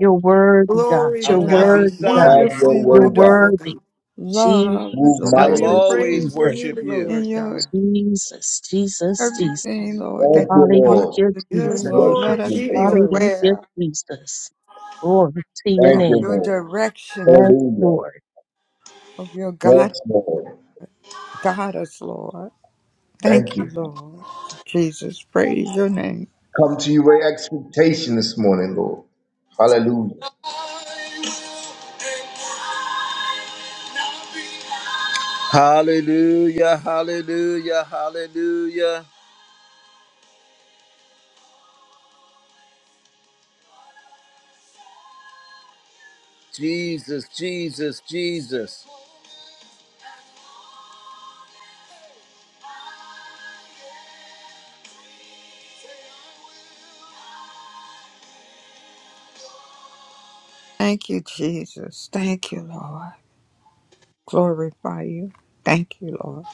Speaker 2: You're worthy, God.
Speaker 4: Glory
Speaker 1: I'll
Speaker 4: to
Speaker 2: You're
Speaker 6: Oh,
Speaker 1: not
Speaker 6: Lord,
Speaker 4: God.
Speaker 1: be
Speaker 2: worthy,
Speaker 6: keep
Speaker 2: God.
Speaker 1: silent.
Speaker 8: Have
Speaker 6: us
Speaker 4: Wonderful,
Speaker 8: your
Speaker 6: in
Speaker 2: You're
Speaker 6: your
Speaker 8: way, God.
Speaker 4: wonderful
Speaker 2: worthy.
Speaker 4: God.
Speaker 6: love,
Speaker 2: Jesus,
Speaker 8: Move
Speaker 1: I
Speaker 6: Lord.
Speaker 1: will
Speaker 4: We are
Speaker 8: mightily,
Speaker 2: Jesus,
Speaker 8: Lord.
Speaker 1: always
Speaker 4: praising
Speaker 2: Jesus.
Speaker 4: you,
Speaker 1: worship you.
Speaker 4: Lord
Speaker 6: In
Speaker 4: God.
Speaker 6: your
Speaker 2: Jesus, Jesus, Jesus.
Speaker 6: everything, Lord, that
Speaker 8: Thank you,
Speaker 6: you want us
Speaker 8: Lord.
Speaker 2: Hallelujah,
Speaker 6: to do,
Speaker 8: We
Speaker 4: Yes,
Speaker 2: Jesus.
Speaker 6: Lord. Let
Speaker 8: worship
Speaker 4: Lord
Speaker 6: us
Speaker 8: you,
Speaker 6: be
Speaker 8: Lord.
Speaker 4: Jesus.
Speaker 2: Hallelujah,
Speaker 6: aware
Speaker 2: Jesus. Glory to your
Speaker 6: of
Speaker 8: Thank you,
Speaker 2: name.
Speaker 6: your
Speaker 8: Lord.
Speaker 6: direction, Lord,
Speaker 2: Yes,
Speaker 8: Hallelujah.
Speaker 2: Lord.
Speaker 6: of your God,
Speaker 8: Yes, Lord.
Speaker 6: God us, Lord.
Speaker 8: Thank
Speaker 6: Thank
Speaker 8: you.
Speaker 6: you, Lord. Jesus, praise your name.
Speaker 8: Come to you with expectation this morning, Lord. Hallelujah.
Speaker 1: Hallelujah. Hallelujah. Hallelujah. Jesus, Jesus, Jesus.
Speaker 6: Thank you, Jesus. Thank you, Lord. Glorify you. Thank you, Lord.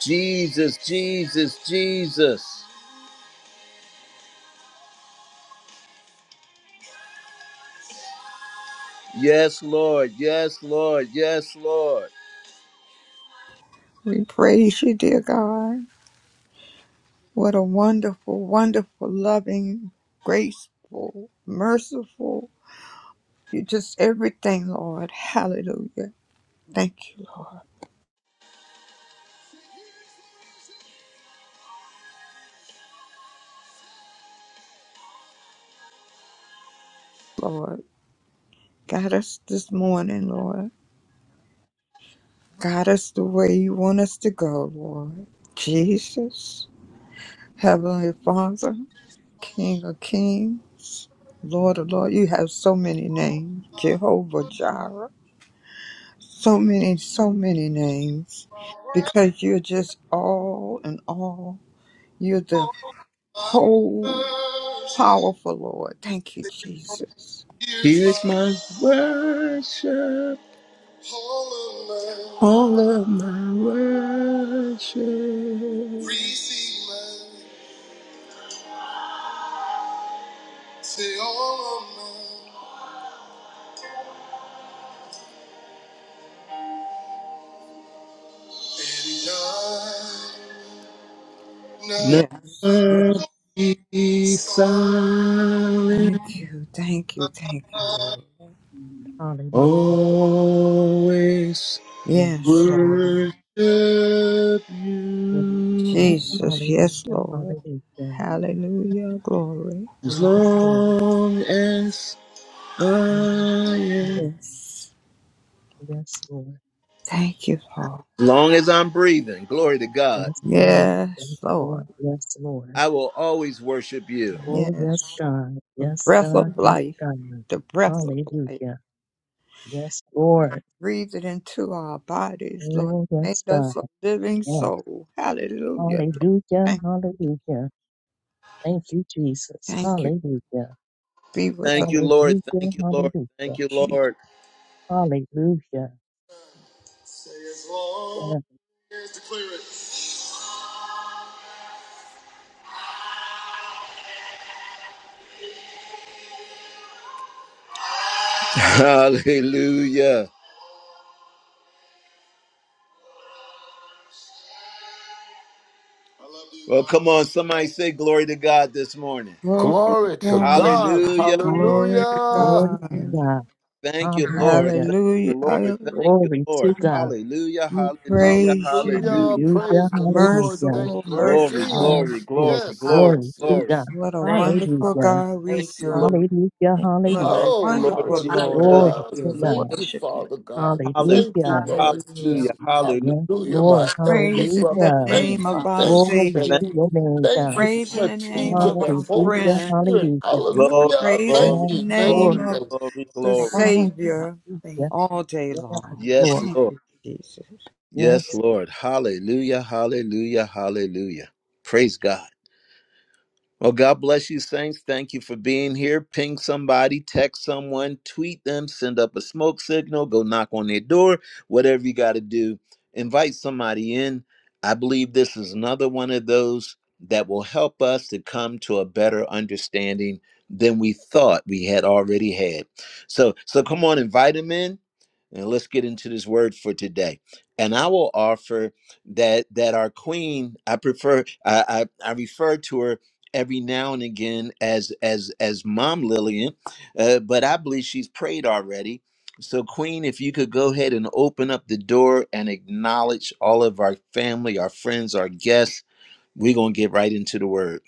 Speaker 1: Jesus, Jesus, Jesus. Yes, Lord. Yes, Lord. Yes, Lord.
Speaker 6: We praise you, dear God. What a wonderful, wonderful, loving, graceful, merciful. You just everything, Lord. Hallelujah. Thank you, Lord. Lord, guide us this morning, Lord. Guide us the way you want us to go, Lord. Jesus, Heavenly Father. King of Kings, Lord of Lord. You have so many names, Jehovah Jireh. So many, so many names, because you're just all in all. You're the whole powerful Lord. Thank you, Jesus.
Speaker 1: Here is my worship. All of my worship. Receive mine. say all of mine. And I
Speaker 6: Yes, yes.
Speaker 1: Never be silent.
Speaker 6: Thank you, thank you, thank you, Lord.
Speaker 2: Hallelujah.
Speaker 1: Always
Speaker 2: Yes,
Speaker 6: Yes,
Speaker 2: Lord.
Speaker 6: Lord.
Speaker 1: Worship
Speaker 2: Yes,
Speaker 1: you
Speaker 2: Lord.
Speaker 6: Jesus, yes,
Speaker 2: Hallelujah.
Speaker 6: Lord.
Speaker 2: Hallelujah.
Speaker 6: Hallelujah, glory.
Speaker 1: as
Speaker 2: Yes, Lord.
Speaker 1: long as I am.
Speaker 6: Yes.
Speaker 2: Yes, Lord. Yes, Lord.
Speaker 6: Thank you, Lord.
Speaker 1: long as I'm breathing, glory to God,
Speaker 2: Yes, Lord. Yes,
Speaker 6: Yes, Lord.
Speaker 2: Lord. Yes, Lord.
Speaker 1: I will always worship you.
Speaker 2: Oh, yes,
Speaker 6: Yes,
Speaker 2: God.
Speaker 6: the
Speaker 2: Yes,
Speaker 6: breath
Speaker 2: God.
Speaker 6: of
Speaker 2: Yes,
Speaker 6: life,
Speaker 2: God.
Speaker 6: the breath of life.
Speaker 2: Hallelujah. Yes, Lord.
Speaker 6: Breathe it into our bodies, Lord.
Speaker 2: Oh,
Speaker 6: Make
Speaker 2: yes, God.
Speaker 6: us a living
Speaker 2: Yes.
Speaker 6: soul. Hallelujah, Lord.
Speaker 2: Hallelujah.
Speaker 6: Thank you.
Speaker 2: Hallelujah. Thank you, Jesus.
Speaker 6: Thank you.
Speaker 2: Hallelujah.
Speaker 6: Be with us,
Speaker 1: Thank you, Lord.
Speaker 2: Hallelujah.
Speaker 1: Thank you, Lord.
Speaker 2: Hallelujah.
Speaker 1: Thank you,
Speaker 6: Jesus.
Speaker 1: Lord.
Speaker 2: Hallelujah.
Speaker 1: Say as long
Speaker 2: Yes,
Speaker 1: as declare it. Hallelujah. I love you. Well, come on, somebody say glory to God this morning.
Speaker 6: Glory to
Speaker 5: Glory to God.
Speaker 1: Hallelujah.
Speaker 6: God.
Speaker 2: God.
Speaker 6: Glory to
Speaker 5: Hallelujah.
Speaker 2: Glory to
Speaker 6: God.
Speaker 2: God.
Speaker 1: Thank you, Lord.
Speaker 2: Hallelujah.
Speaker 1: Thank you,
Speaker 6: Hallelujah.
Speaker 1: Lord. Thank you,
Speaker 2: Glory to
Speaker 1: Lord.
Speaker 2: God.
Speaker 1: Hallelujah.
Speaker 6: We
Speaker 1: Hallelujah.
Speaker 6: praise you.
Speaker 5: Hallelujah.
Speaker 1: Hallelujah.
Speaker 2: Hallelujah.
Speaker 5: Praise the Lord.
Speaker 7: Hallelujah.
Speaker 2: Hallelujah.
Speaker 6: Merciful,
Speaker 5: Thank you,
Speaker 7: Glory to
Speaker 1: Glory,
Speaker 6: merciful
Speaker 7: God.
Speaker 2: Yes,
Speaker 1: glory,
Speaker 5: Jesus.
Speaker 6: God.
Speaker 1: glory,
Speaker 2: Lord.
Speaker 5: Yes,
Speaker 1: glory,
Speaker 2: Glory
Speaker 5: yes,
Speaker 2: to
Speaker 7: Hallelujah.
Speaker 1: glory.
Speaker 5: yes.
Speaker 2: God.
Speaker 6: What a
Speaker 7: Thank you,
Speaker 6: wonderful
Speaker 7: Father.
Speaker 2: Hallelujah.
Speaker 6: God we
Speaker 1: Thank
Speaker 7: Thank
Speaker 1: you,
Speaker 7: you, Lord.
Speaker 1: Lord.
Speaker 6: serve.
Speaker 2: Hallelujah.
Speaker 7: Thank you.
Speaker 6: What
Speaker 2: Hallelujah.
Speaker 6: a
Speaker 1: Thank you,
Speaker 5: Oh,
Speaker 1: Lord
Speaker 6: wonderful Lord
Speaker 1: Jesus.
Speaker 7: Hallelujah.
Speaker 6: we
Speaker 2: Glory
Speaker 5: hallelujah.
Speaker 2: to
Speaker 7: We
Speaker 6: serve.
Speaker 2: God.
Speaker 5: Thank you,
Speaker 7: worship you.
Speaker 5: Father God.
Speaker 1: Hallelujah.
Speaker 5: Thank you,
Speaker 2: Hallelujah.
Speaker 7: Hallelujah.
Speaker 5: Lord
Speaker 1: Hallelujah.
Speaker 5: Jesus.
Speaker 1: Hallelujah.
Speaker 2: Yes,
Speaker 7: Hallelujah.
Speaker 5: Hallelujah,
Speaker 2: Lord.
Speaker 5: my elder
Speaker 6: praising the
Speaker 5: brother.
Speaker 2: Hallelujah.
Speaker 7: Thank you,
Speaker 1: Mm.
Speaker 6: name
Speaker 5: Thank
Speaker 6: of
Speaker 5: you,
Speaker 7: Father.
Speaker 6: our
Speaker 5: thank you,
Speaker 2: Glory
Speaker 5: thank
Speaker 1: Thank
Speaker 2: to
Speaker 6: Savior,
Speaker 5: you.
Speaker 2: your name,
Speaker 5: Thank
Speaker 2: God.
Speaker 5: you
Speaker 7: Thank you,
Speaker 5: for
Speaker 6: praising
Speaker 5: my
Speaker 7: Lord.
Speaker 6: the name
Speaker 5: teacher,
Speaker 6: of
Speaker 5: the
Speaker 6: our
Speaker 5: Holy
Speaker 2: Hallelujah.
Speaker 6: friend,
Speaker 5: Spirit.
Speaker 2: Hallelujah.
Speaker 1: glory,
Speaker 5: Hallelujah.
Speaker 6: praising
Speaker 5: Thank
Speaker 1: glory,
Speaker 6: the
Speaker 2: Yes.
Speaker 5: you, thank
Speaker 2: Lord.
Speaker 6: name
Speaker 5: you,
Speaker 1: glory,
Speaker 6: of
Speaker 5: thank you.
Speaker 1: glory,
Speaker 6: the
Speaker 7: Thank
Speaker 1: glory.
Speaker 2: Hallelujah.
Speaker 7: you.
Speaker 6: Savior
Speaker 7: Thank you.
Speaker 6: all day
Speaker 2: Yes,
Speaker 6: long.
Speaker 1: Yes,
Speaker 2: Lord.
Speaker 6: Thank
Speaker 1: Lord.
Speaker 6: you, Jesus.
Speaker 1: Yes,
Speaker 2: Yes.
Speaker 1: Lord. Hallelujah. Hallelujah. Hallelujah. Praise God. Well, God bless you, Saints. Thank you for being here. Ping somebody, text someone, tweet them, send up a smoke signal, go knock on their door, whatever you got to do. Invite somebody in. I believe this is another one of those that will help us to come to a better understanding than we thought we had already had. So, so come on, invite them in, and let's get into this word for today. And I will offer that that our queen, I prefer, I I, I refer to her every now and again as as as mom lillian uh, but i believe she's prayed already so queen if you could go ahead and open up the door and acknowledge all of our family our friends our guests we're going to get right into the word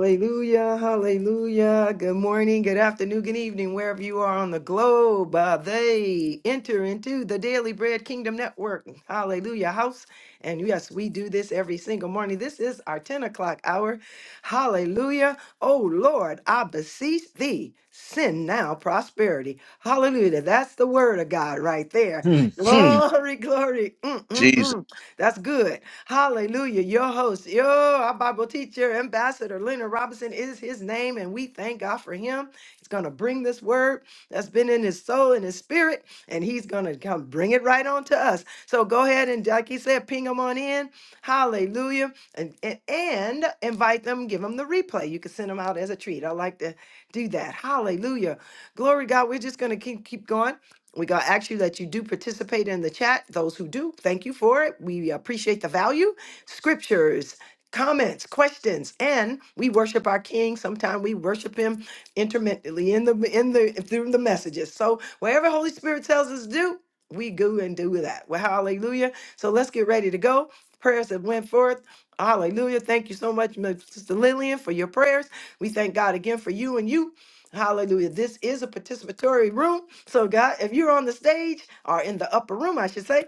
Speaker 4: Hallelujah, hallelujah. Good morning, good afternoon, good evening, wherever you are on the globe. Uh, they enter into the Daily Bread Kingdom Network. Hallelujah, house. And yes, we do this every single morning. This is our 10 o'clock hour. Hallelujah. Oh Lord, I beseech thee, send now prosperity. Hallelujah. That's the word of God right there.
Speaker 1: Hmm, hmm.
Speaker 4: Glory, glory. Mm, mm,
Speaker 1: jesus
Speaker 4: mm. That's good. Hallelujah. Your host, your our Bible teacher, Ambassador Leonard Robinson is his name, and we thank God for him. He's going to bring this word that's been in his soul and his spirit, and he's going to come bring it right on to us. So go ahead and, like he said, ping them on in. Hallelujah. And, and, and invite them, give them the replay. You can send them out as a treat. I like to do that. Hallelujah. Glory to God. We're just going to keep, keep going. We're going to ask you that you do participate in the chat. Those who do, thank you for it. We appreciate the value. Scriptures, comments, questions, and we worship our King. Sometimes we worship Him intermittently in the in the through the messages. So wherever Holy Spirit tells us to do, we go and do that. Well, hallelujah. So let's get ready to go. Prayers that went forth. Hallelujah. Thank you so much, Mr. Lillian, for your prayers. We thank God again for you and you. Hallelujah. This is a participatory room. So, God, if you're on the stage or in the upper room, I should say,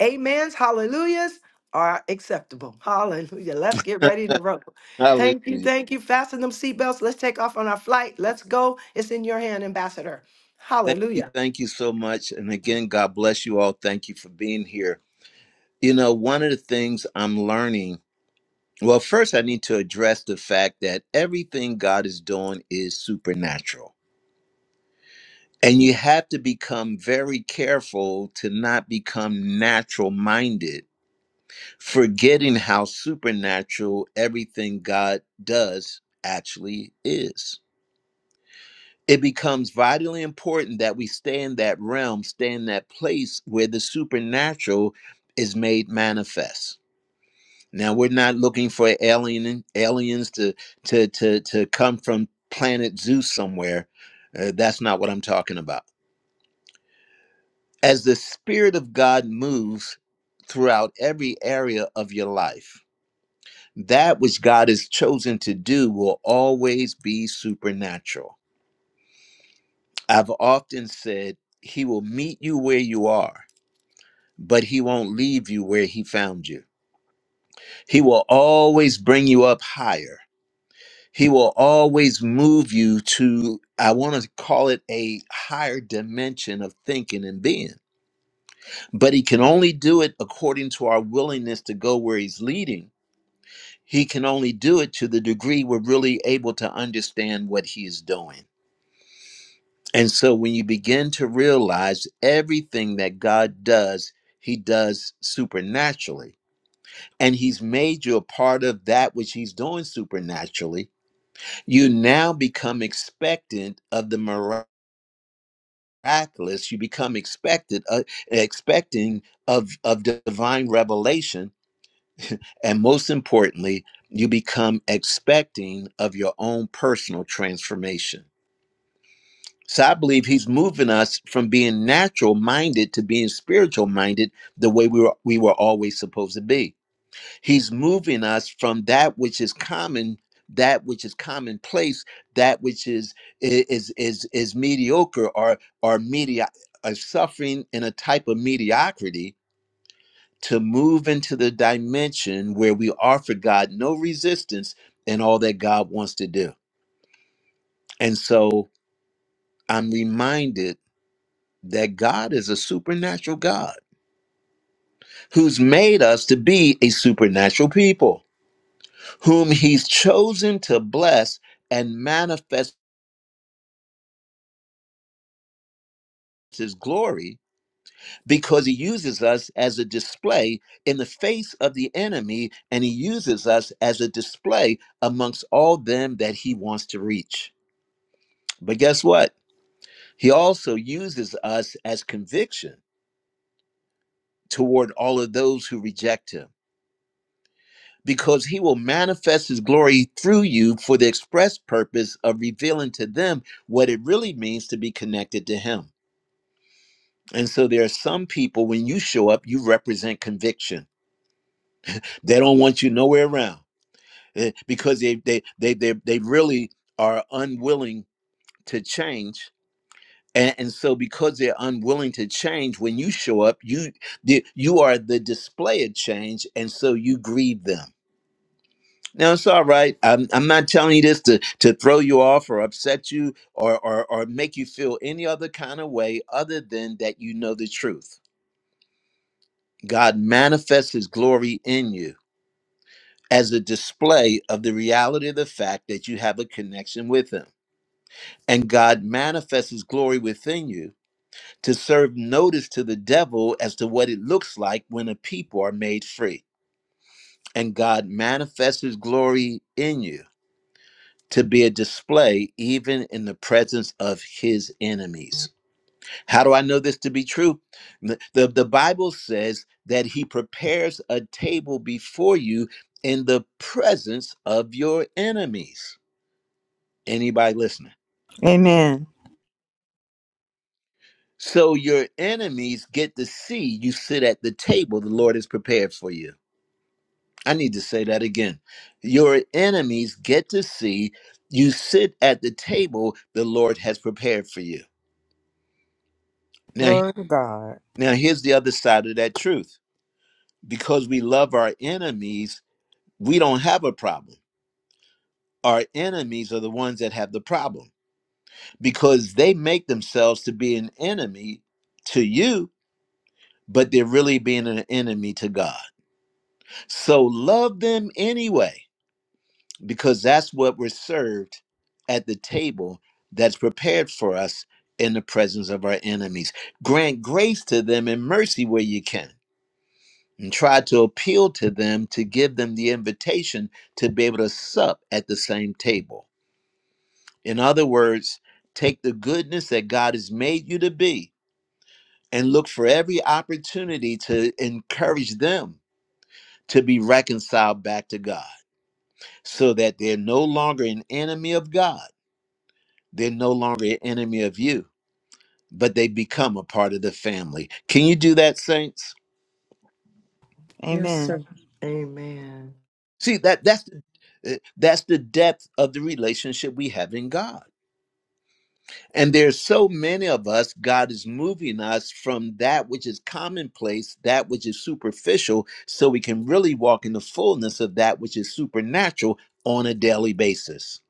Speaker 4: amens, hallelujahs are acceptable. Hallelujah. Let's get ready to roll.
Speaker 1: hallelujah
Speaker 4: Thank you. Thank you. Fasten them seatbelts. Let's take off on our flight. Let's go. It's in your hand, Ambassador.
Speaker 1: thank you
Speaker 4: Hallelujah.
Speaker 1: thank you so much and again god bless you all thank you for being here you know one of the things i'm learning well first i need to address the fact that everything god is doing is supernatural And you have to become very careful to not become natural minded, forgetting how supernatural everything God does actually is. It becomes vitally important that we stay in that realm, stay in that place where the supernatural is made manifest. Now we're not looking for alien aliens to to to to come from planet Zeus somewhere. Uh, that's not what I'm talking about as the Spirit of God moves throughout every area of your life, that which God has chosen to do will always be supernatural. I've often said, He will meet you where you are, but He won't leave you where He found you. He will always bring you up higher. He will always move you to, I want to call it a higher dimension of thinking and being. But he can only do it according to our willingness to go where he's leading He can only do it to the degree we're really able to understand what he is doing. And so when you begin to realize everything that God does, he does supernaturally. And he's made you a part of that which he's doing supernaturally. You now become expectant of the miraculous. You become expected, uh, expecting of, of divine revelation And most importantly, you become expecting of your own personal transformation. So I believe he's moving us from being natural minded to being spiritual minded the way we were, we were always supposed to be. He's moving us from that which is common that which is commonplace that which is is is is mediocre or or media or suffering in a type of mediocrity to move into the dimension where we offer God no resistance in all that God wants to do. And so I'm reminded that God is a supernatural God who's made us to be a supernatural people, whom he's chosen to bless and manifest his glory because he uses us as a display in the face of the enemy and he uses us as a display amongst all them that he wants to reach. But guess what? He also uses us as conviction toward all of those who reject him, because he will manifest his glory through you for the express purpose of revealing to them what it really means to be connected to him. And so there are some people, when you show up, you represent conviction. They don't want you nowhere around eh, because they, they, they, they, they really are unwilling to change and, and so because they're unwilling to change when you show up you the, you are the display of change and so you grieve them now it's all right i'm, I'm not telling you this to, to throw you off or upset you or, or or make you feel any other kind of way other than that you know the truth god manifests his glory in you as a display of the reality of the fact that you have a connection with him and god manifests his glory within you to serve notice to the devil as to what it looks like when a people are made free. And God manifests his glory in you to be a display even in the presence of his enemies. How do I know this to be true? The, the, the Bible says that he prepares a table before you in the presence of your enemies. Anybody listening?
Speaker 6: Amen.
Speaker 1: So your enemies get to see you sit at the table the Lord has prepared for you. I need to say that again. Your enemies get to see you sit at the table the Lord has prepared for you. Now,
Speaker 6: Glory to God.
Speaker 1: now here's the other side of that truth. Because we love our enemies, we don't have a problem. Our enemies are the ones that have the problem because they make themselves to be an enemy to you, but they're really being an enemy to God. So love them anyway because that's what we're served at the table that's prepared for us in the presence of our enemies. Grant grace to them and mercy where you can, and try to appeal to them to give them the invitation to be able to sup at the same table. In other words, take the goodness that God has made you to be and look for every opportunity to encourage them to be reconciled back to God so that they're no longer an enemy of God They're no longer an enemy of you, but they become a part of the family. Can you do that, saints?
Speaker 4: Yes,
Speaker 6: Amen.
Speaker 4: sir. Amen.
Speaker 1: See that that's the, uh, that's the depth of the relationship we have in God. And there's so many of us, God is moving us from that which is commonplace, that which is superficial, so we can really walk in the fullness of that which is supernatural on a daily basis.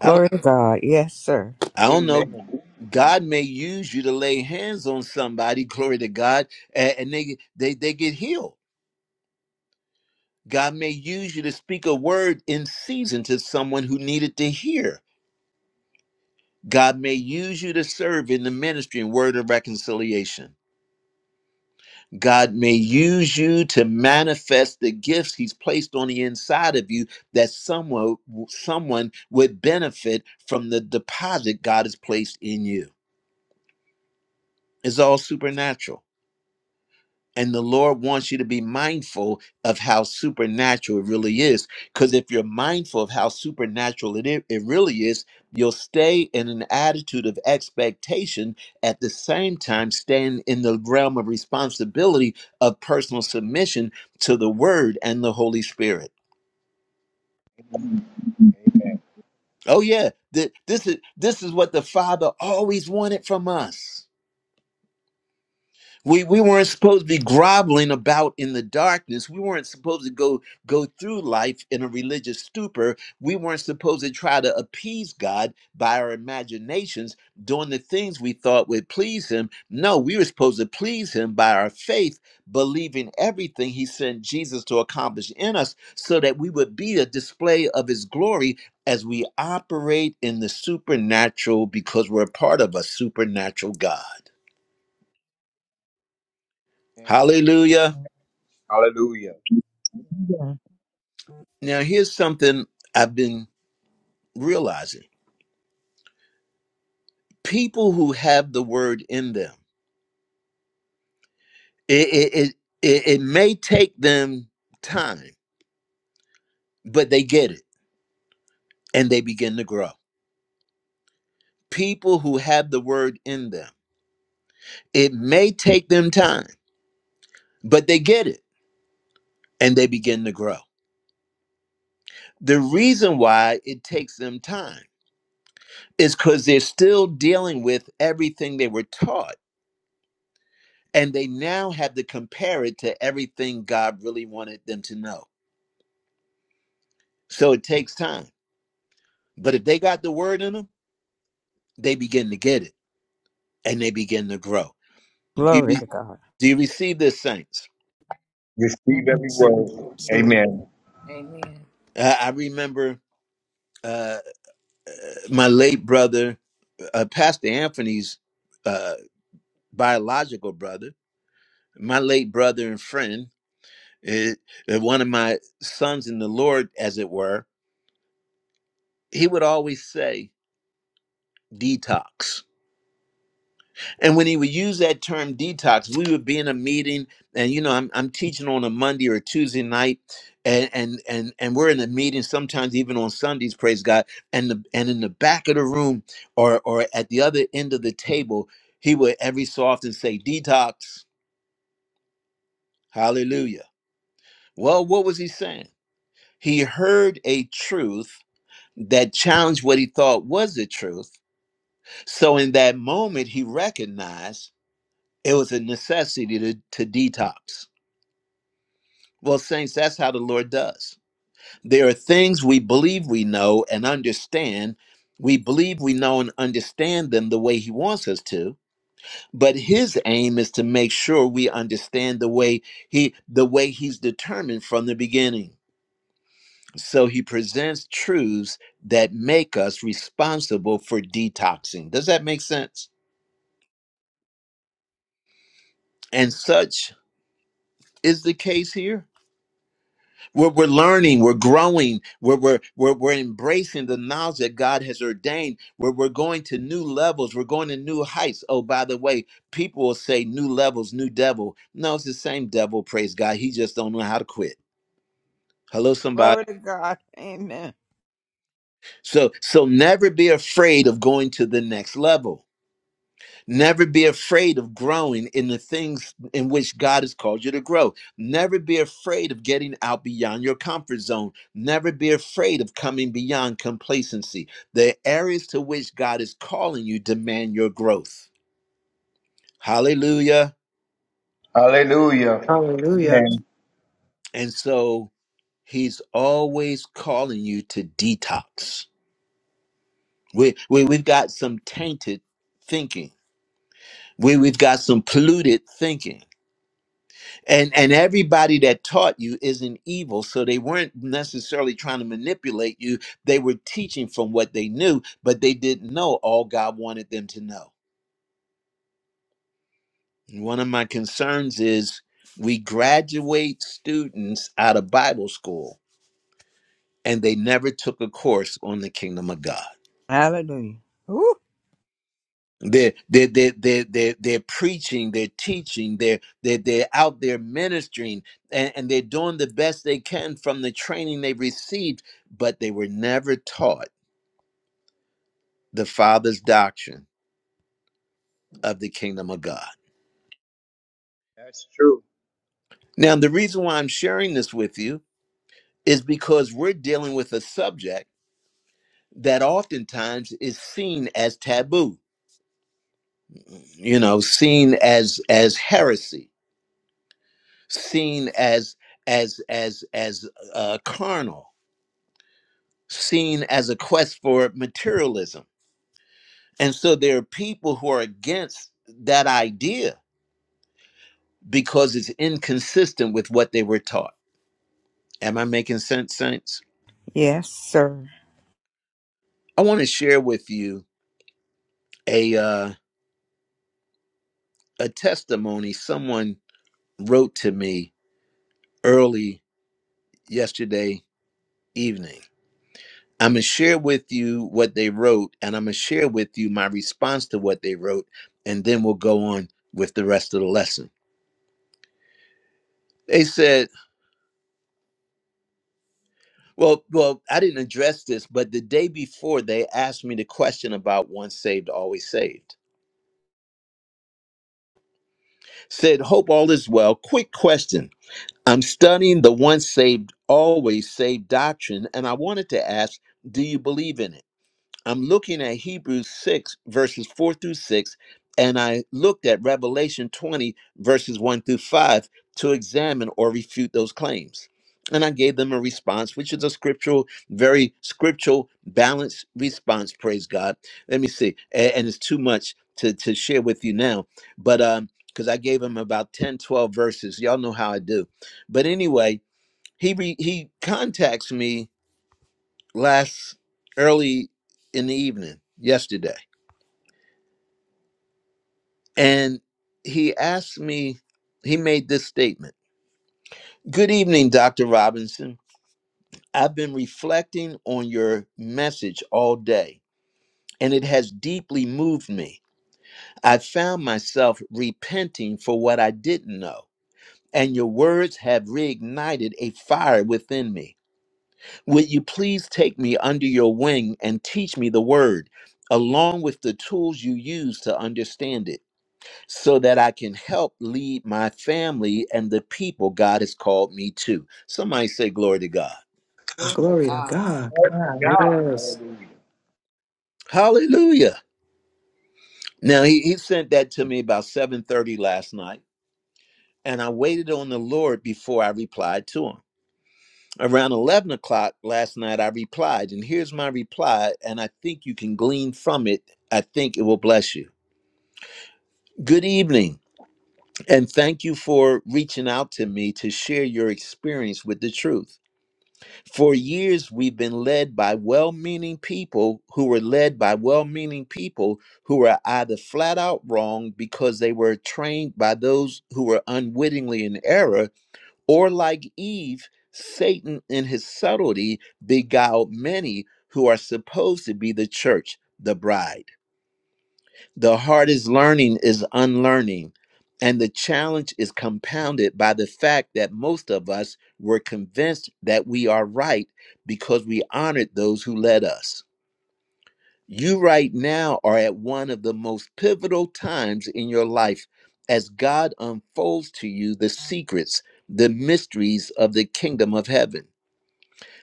Speaker 1: I don't
Speaker 6: to God. Yes, sir.
Speaker 1: I don't know.
Speaker 8: Amen.
Speaker 1: God may use you to lay hands on somebody, glory to God, a- and, they, they they get healed. God may use you to speak a word in season to someone who needed to hear. God may use you to serve in the ministry and word of reconciliation. God may use you to manifest the gifts he's placed on the inside of you that someone someone would benefit from the deposit God has placed in you. It's all supernatural. And the Lord wants you to be mindful of how supernatural it really is. Because if you're mindful of how supernatural it, i- it really is, you'll stay in an attitude of expectation, at the same time, staying in the realm of responsibility of personal submission to the Word and the Holy Spirit. Oh, yeah, th- this, is, this is what the Father always wanted from us. We we weren't supposed to be groveling about in the darkness. We weren't supposed to go go through life in a religious stupor. We weren't supposed to try to appease God by our imaginations, doing the things we thought would please him. No, we were supposed to please him by our faith, believing everything he sent Jesus to accomplish in us so that we would be a display of his glory as we operate in the supernatural because we're a part of a supernatural God.
Speaker 8: Amen.
Speaker 1: Hallelujah.
Speaker 8: Hallelujah.
Speaker 2: Amen.
Speaker 1: Now, here's something I've been realizing people who have the word in them, it, it, it, it it may take them time, but they get it and they begin to grow. People who have the word in them, it may take them time, but they get it and they begin to grow. The reason why it takes them time is because they're still dealing with everything they were taught and they now have to compare it to everything God really wanted them to know So it takes time. But if they got the word in them, they begin to get it and they begin to grow. Do
Speaker 6: Glory
Speaker 1: you,
Speaker 6: to God.
Speaker 1: do you receive this, saints?
Speaker 2: Amen.
Speaker 8: Receive
Speaker 4: I
Speaker 8: every
Speaker 4: receive it.
Speaker 8: word.
Speaker 7: Yes.
Speaker 4: Receive it.
Speaker 8: Amen.
Speaker 7: Amen.
Speaker 1: Uh, I remember uh, my late brother, uh, Pastor Anthony's uh, biological brother, my late brother and friend, it, one of my sons in the Lord, as it were, he would always say, detox. And when he would use that term detox, we would be in a meeting, and you know, I'm I'm teaching on a Monday or Tuesday night, and and and and we're in a meeting sometimes even on Sundays, praise God. And the and in the back of the room or or at the other end of the table, he would every so often say, Detox, hallelujah. Well, what was he saying? He heard a truth that challenged what he thought was the truth. So in that moment, he recognized it was a necessity to, to detox. Well, saints, that's how the Lord does. There are things we believe we know and understand. We believe we know and understand them the way He wants us to, but His aim is to make sure we understand the way He the way He's determined from the beginning. So He presents truths that make us responsible for detoxing. Does that make sense? And such is the case here. We're, we're learning, we're growing, we're, we're, we're, we're embracing the knowledge that God has ordained. We're, we're going to new levels, we're going to new heights. Oh, by the way, people will say new levels, new devil. No, it's the same devil, praise God. He just don't know how to quit. Hello, somebody.
Speaker 6: Glory to God. Amen.
Speaker 1: So so never be afraid of going to the next level. Never be afraid of growing in the things in which God has called you to grow. Never be afraid of getting out beyond your comfort zone. Never be afraid of coming beyond complacency. The areas to which God is calling you demand your growth. Hallelujah.
Speaker 8: Hallelujah.
Speaker 4: Hallelujah.
Speaker 8: Amen.
Speaker 1: And so he's always calling you to detox. We, we, we've got some tainted thinking, we, we've got some polluted thinking and and everybody that taught you isn't evil so they weren't necessarily trying to manipulate you they were teaching from what they knew but they didn't know all god wanted them to know And one of my concerns is we graduate students out of bible school and they never took a course on the kingdom of god
Speaker 6: Hallelujah. Woo.
Speaker 1: They're, they're, they're, they're, they're, they're preaching, they're teaching, they're, they're, they're out there ministering, and, and they're doing the best they can from the training they received, but they were never taught the Father's doctrine of the kingdom of God. Now, the reason why I'm sharing this with you is because we're dealing with a subject that oftentimes is seen as taboo, you know, seen as as heresy, seen as as as as uh, carnal seen as a quest for materialism. And so there are people who are against that idea because it's inconsistent with what they were taught. Am I making sense, Saints?
Speaker 6: Yes, sir.
Speaker 1: I want to share with you a uh, a testimony someone wrote to me early yesterday evening. I'm gonna share with you what they wrote, and I'm gonna share with you my response to what they wrote, and then we'll go on with the rest of the lesson. They said Well, well, I didn't address this, but the day before they asked me the question about once saved, always saved. Said, hope all is well. Quick question. I'm studying the once saved, always saved doctrine, and I wanted to ask, do you believe in it? I'm looking at Hebrews 6, verses 4 through 6, and I looked at Revelation 20, verses 1 through 5, to examine or refute those claims. And I gave them a response, which is a scriptural, very scriptural, balanced response, praise God. Let me see. a- And it's too much to, to share with you now, but um, because I gave him about 10, 12 verses. Y'all know how I do. But anyway, he re, he contacts me last early in the evening yesterday and he asked me he made this statement good evening dr robinson i've been reflecting on your message all day and it has deeply moved me i found myself repenting for what i didn't know and your words have reignited a fire within me. Would you please take me under your wing and teach me the word, along with the tools you use to understand it? so that I can help lead my family and the people God has called me to. Somebody say glory to God.
Speaker 4: Oh,
Speaker 7: Glory to
Speaker 4: glory to
Speaker 7: God.
Speaker 4: God.
Speaker 8: Thank you,
Speaker 2: God.
Speaker 8: God.
Speaker 4: Yes.
Speaker 8: Hallelujah.
Speaker 1: Hallelujah. Now he, he sent that to me about 7:30 last night, and I waited on the Lord before I replied to him. Around 11 o'clock last night, I replied, and here's my reply, and I think you can glean from it. I think it will bless you. Good evening, and thank you for reaching out to me to share your experience with the truth. For years, we've been led by well meaning people who were led by well meaning people who were either flat out wrong because they were trained by those who were unwittingly in error, or like Eve, Satan in his subtlety beguiled many who are supposed to be the church, the bride. The hardest learning is unlearning. And the challenge is compounded by the fact that most of us were convinced that we are right because we honored those who led us. You, right now, are at one of the most pivotal times in your life as God unfolds to you the secrets, the mysteries of the kingdom of heaven.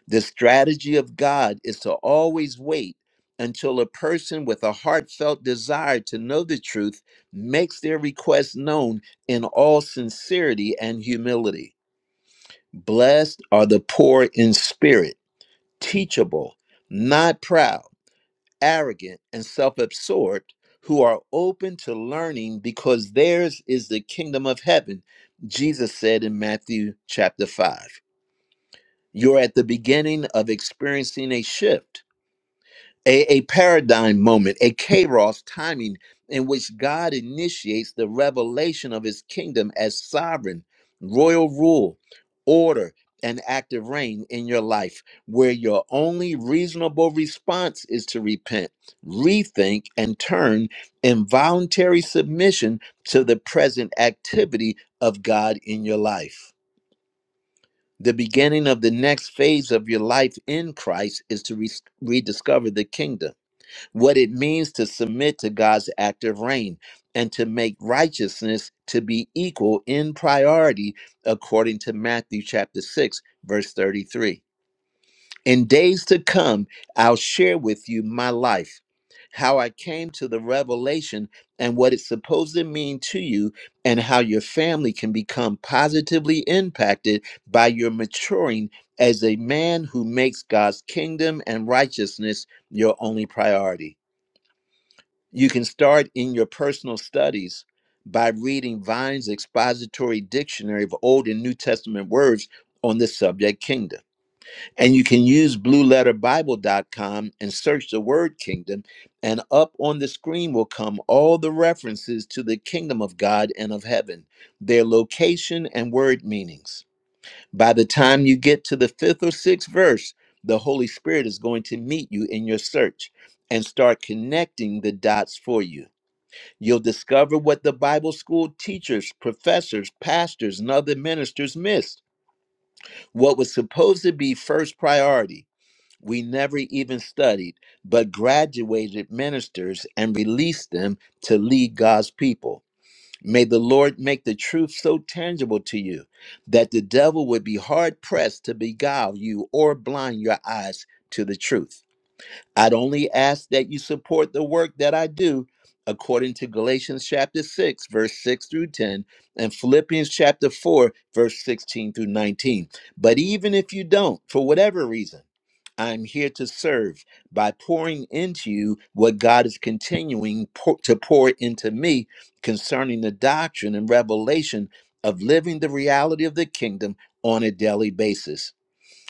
Speaker 1: The strategy of God is to always wait until a person with a heartfelt desire to know the truth makes their request known in all sincerity and humility. Blessed are the poor in spirit, teachable, not proud, arrogant, and self absorbed, who are open to learning because theirs is the kingdom of heaven, Jesus said in Matthew chapter 5. You're at the beginning of experiencing a shift a, a paradigm moment, a kairos timing in which God initiates the revelation of his kingdom as sovereign, royal rule, order, and active reign in your life, where your only reasonable response is to repent, rethink, and turn in voluntary submission to the present activity of God in your life. The beginning of the next phase of your life in Christ is to re- rediscover the kingdom what it means to submit to God's active reign and to make righteousness to be equal in priority, according to Matthew chapter 6, verse 33. In days to come, I'll share with you my life, how I came to the revelation and what it's supposed to mean to you, and how your family can become positively impacted by your maturing as a man who makes God's kingdom and righteousness your only priority. You can start in your personal studies by reading Vine's expository dictionary of Old and New Testament words on the subject kingdom. And you can use blueletterbible.com and search the word kingdom, and up on the screen will come all the references to the kingdom of God and of heaven, their location and word meanings. By the time you get to the fifth or sixth verse, the Holy Spirit is going to meet you in your search and start connecting the dots for you You'll discover what the Bible school teachers, professors, pastors, and other ministers missed. What was supposed to be first priority, we never even studied, but graduated ministers and released them to lead God's people. May the Lord make the truth so tangible to you that the devil would be hard pressed to beguile you or blind your eyes to the truth. I'd only ask that you support the work that I do according to Galatians chapter 6, verse 6 through 10, and Philippians chapter 4, verse 16 through 19. But even if you don't, for whatever reason, I'm here to serve by pouring into you what God is continuing pour- to pour into me concerning the doctrine and revelation of living the reality of the kingdom on a daily basis.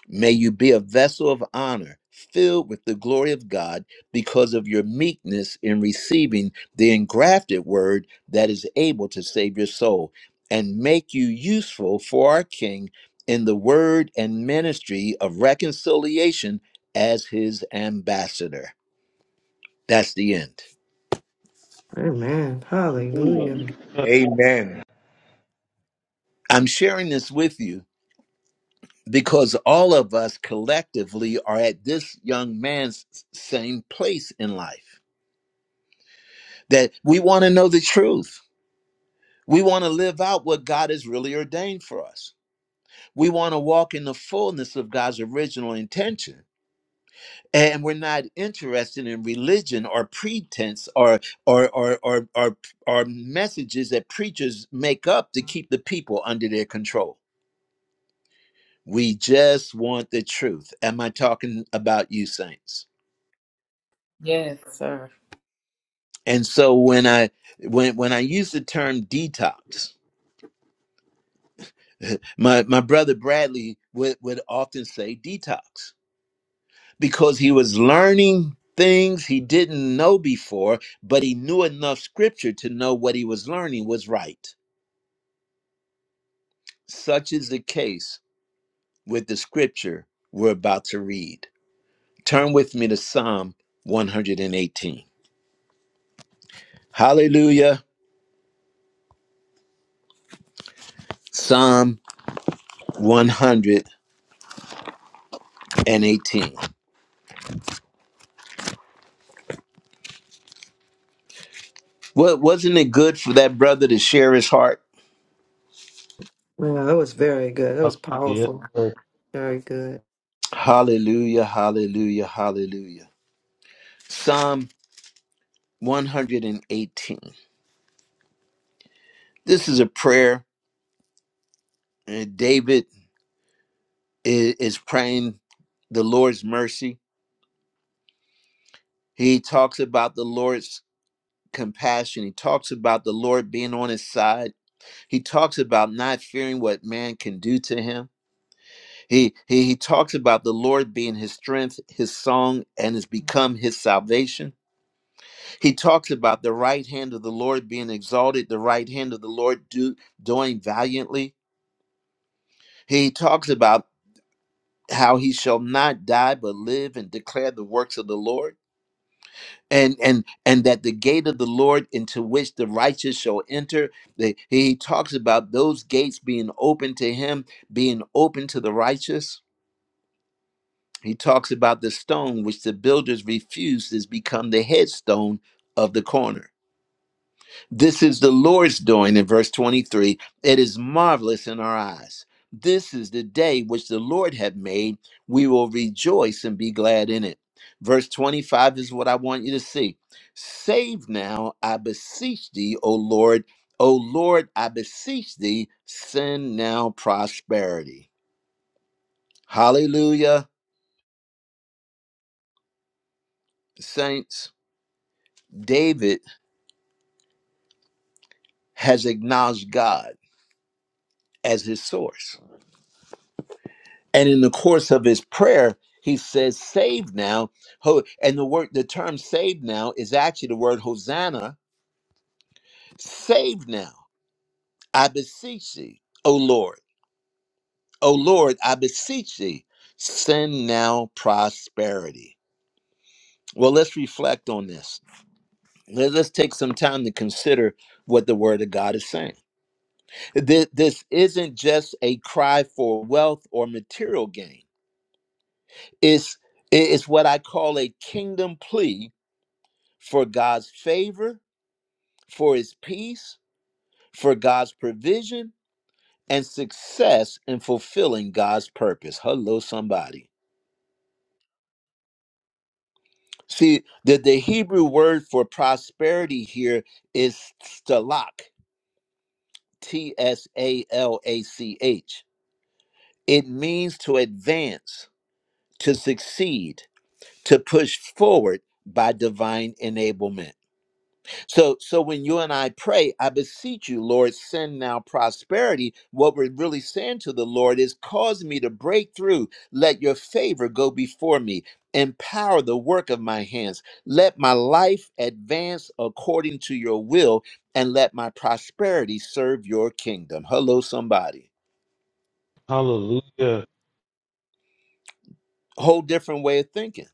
Speaker 1: May you be a vessel of honor, filled with the glory of God because of your meekness in receiving the engrafted word that is able to save your soul and make you useful for our King in the word and ministry of reconciliation as his ambassador. That's the end.
Speaker 4: Amen. Hallelujah.
Speaker 8: Hallelujah.
Speaker 3: Hallelujah.
Speaker 8: Amen.
Speaker 1: I'm sharing this with you because all of us collectively are at this young man's same place in life that we want to know the truth We want to live out what God has really ordained for us. We want to walk in the fullness of God's original intention. And we're not interested in religion or pretense or or or or or, or messages that preachers make up to keep the people under their control. We just want the truth. Am I talking about you saints?
Speaker 7: Yes, sir.
Speaker 1: And so when I when when I use the term detox, my, my brother Bradley would, would often say detox because he was learning things he didn't know before, but he knew enough scripture to know what he was learning was right. Such is the case with the scripture we're about to read. Turn with me to Psalm 118. Hallelujah. Psalm 118. Well, wasn't it good for that brother to share his heart?
Speaker 4: Well, that was very good. That was
Speaker 3: Hallelujah. Yes,
Speaker 4: powerful.
Speaker 3: sir.
Speaker 4: Very good.
Speaker 1: Hallelujah, hallelujah, hallelujah. Psalm 118. This is a prayer And David is, is praying the Lord's mercy. He talks about the Lord's compassion. He talks about the Lord being on his side. He talks about not fearing what man can do to him. He he, he talks about the Lord being his strength, his song, and has become his salvation. He talks about the right hand of the Lord being exalted, the right hand of the Lord do, doing valiantly. He talks about how he shall not die but live and declare the works of the Lord. and and and that the gate of the lord into which the righteous shall enter the, he talks about those gates being open to him being open to the righteous he talks about the stone which the builders refused has become the headstone of the corner this is the Lord's doing in verse 23. It is marvelous in our eyes. This is the day which the Lord hath made. We will rejoice and be glad in it. Verse 25 is what I want you to see. Save now, I beseech thee, O Lord. O Lord, I beseech thee, send now prosperity. Hallelujah, saints. David has acknowledged God as his source And in the course of his prayer, he says, "Save now." Ho- And the word, the term "save now" is actually the word "hosanna." Save now, I beseech thee, O Lord, O Lord, I beseech thee, send now prosperity. Well, let's reflect on this. Let- Let's take some time to consider what the Word of God is saying. Th- This isn't just a cry for wealth or material gain. It's it's what I call a kingdom plea for God's favor, for his peace, for God's provision, and success in fulfilling God's purpose. Hello, somebody. See, the, the Hebrew word for prosperity here is stalak, T S A L A C H. It means to advance, to succeed, to push forward by divine enablement. So, so when you and I pray, I beseech you, Lord, send now prosperity. What we're really saying to the Lord is, cause me to break through. Let your favor go before me. Empower the work of my hands. Let my life advance according to your will, and let my prosperity serve your kingdom. Hello, somebody.
Speaker 3: Hallelujah.
Speaker 1: Whole different way of thinking.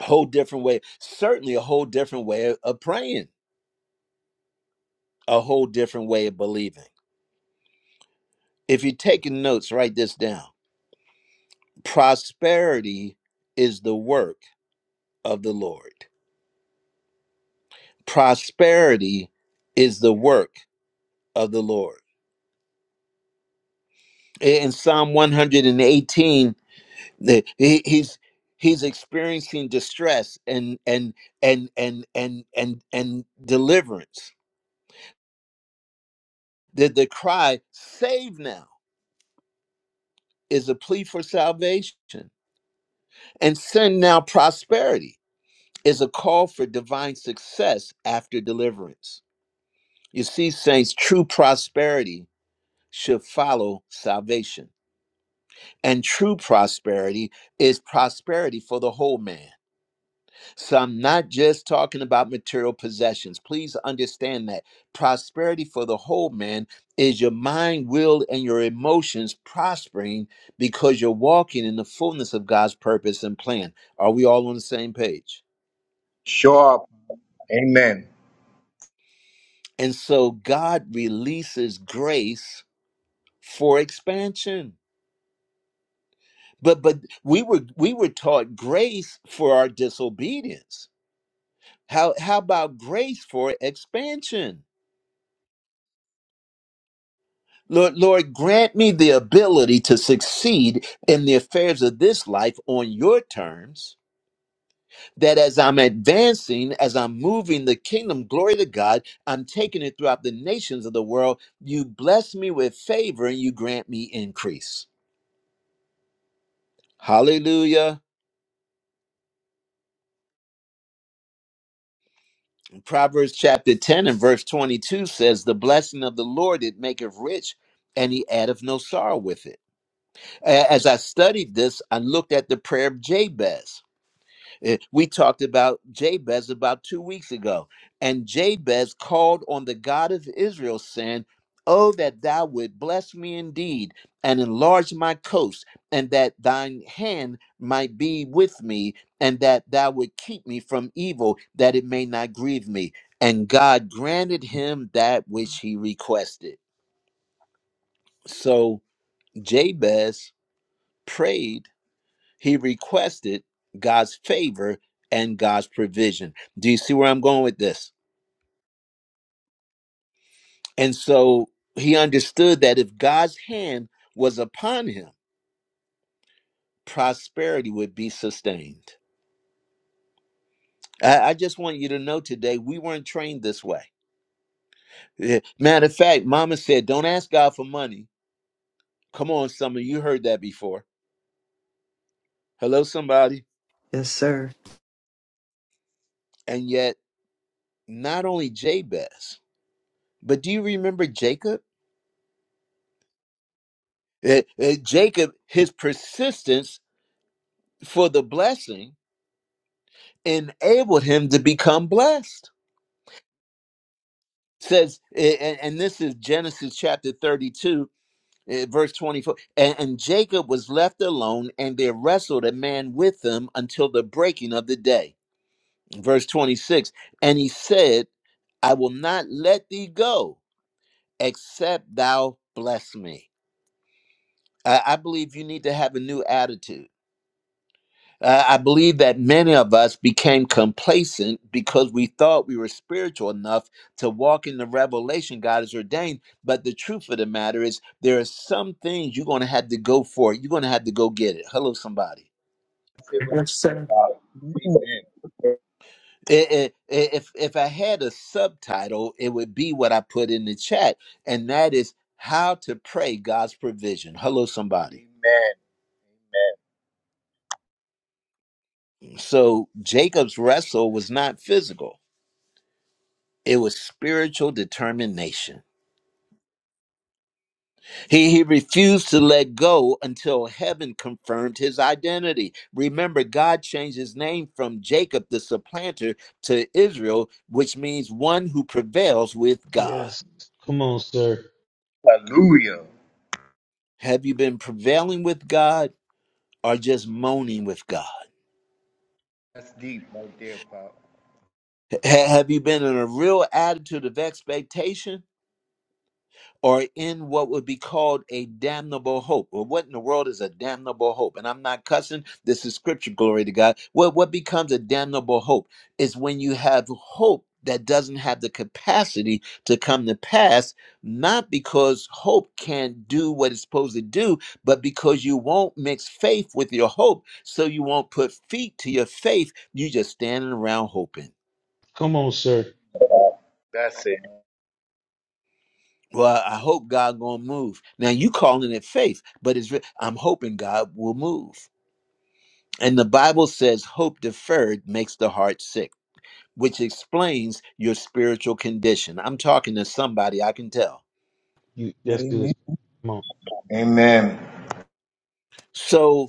Speaker 1: Whole different way. Certainly, a whole different way of of praying. A whole different way of believing. If you're taking notes, write this down. Prosperity is the work of the Lord. Prosperity is the work of the Lord. In Psalm 118, the, he, he's he's experiencing distress and and and and and and and deliverance. The the cry, save now, is a plea for salvation, and send now prosperity is a call for divine success after deliverance. You see, saints, true prosperity should follow salvation. And true prosperity is prosperity for the whole man. So I'm not just talking about material possessions. Please understand that prosperity for the whole man is your mind, will, and your emotions prospering because you're walking in the fullness of God's purpose and plan. Are we all on the same page?
Speaker 8: Show up. Amen.
Speaker 1: And so God releases grace for expansion. but but we were we were taught grace for our disobedience how how about grace for expansion lord lord grant me the ability to succeed in the affairs of this life on your terms that as i'm advancing as i'm moving the kingdom glory to god i'm taking it throughout the nations of the world you bless me with favor and you grant me increase hallelujah Proverbs chapter 10 and verse 22 says, The blessing of the Lord it maketh rich, and he addeth no sorrow with it. A- As I studied this, I looked at the prayer of Jabez. Eh, We talked about Jabez about two weeks ago, and Jabez called on the God of Israel, saying, Oh, that thou would bless me indeed and enlarge my coast, and that thine hand might be with me, and that thou would keep me from evil, that it may not grieve me. And God granted him that which he requested. So Jabez prayed he requested God's favor and God's provision. Do you see where I'm going with this? And so he understood that if God's hand was upon him, prosperity would be sustained. I, I just want you to know today, we weren't trained this way. Eh, Matter of fact, mama said, Don't ask God for money. Come on, some of you heard that before. Hello, somebody.
Speaker 4: Yes, sir.
Speaker 1: And yet, not only Jabez, but do you remember Jacob? Eh, eh, Jacob, his persistence for the blessing enabled him to become blessed It says a- and this is genesis chapter 32 eh, verse 24 and, and jacob was left alone and there wrestled a man with him until the breaking of the day verse 26 and he said i will not let thee go except thou bless me i, I believe you need to have a new attitude Uh, I believe that many of us became complacent because we thought we were spiritual enough to walk in the revelation God has ordained. But the truth of the matter is, there are some things you're going to have to go for it. You're going to have to go get it. Hello, somebody.
Speaker 8: That's it right
Speaker 4: Yes,
Speaker 8: there,
Speaker 4: sir.
Speaker 8: Father. Amen.
Speaker 1: I- I- I- if if I had a subtitle, it would be what I put in the chat, and that is how to pray God's provision. Hello, somebody.
Speaker 8: Amen.
Speaker 1: So Jacob's wrestle was not physical; it was spiritual determination. He, he refused to let go until heaven confirmed his identity. Remember, God changed his name from Jacob, the supplanter, to Israel, which means one who prevails with God.
Speaker 3: Yes. Come on, sir.
Speaker 8: Amen. Hallelujah.
Speaker 1: Have you been prevailing with God or just moaning with God?
Speaker 8: That's deep right there, Father.
Speaker 1: Ha- have you been in a real attitude of expectation or in what would be called a damnable hope. Well, what in the world is a damnable hope? And I'm not cussing. This is scripture, glory to God. Well, what becomes a damnable hope is when you have hope that doesn't have the capacity to come to pass, not because hope can't do what it's supposed to do, but because you won't mix faith with your hope. So you won't put feet to your faith. You just standing around hoping.
Speaker 3: Come on, sir.
Speaker 8: That's it.
Speaker 1: Well, I hope God gonna move. Now you calling it faith, but it's re- I'm hoping God will move. And the Bible says hope deferred makes the heart sick, which explains your spiritual condition. I'm talking to somebody I can tell.
Speaker 3: You let's do
Speaker 9: Amen.
Speaker 3: this. Come on.
Speaker 8: Amen.
Speaker 1: So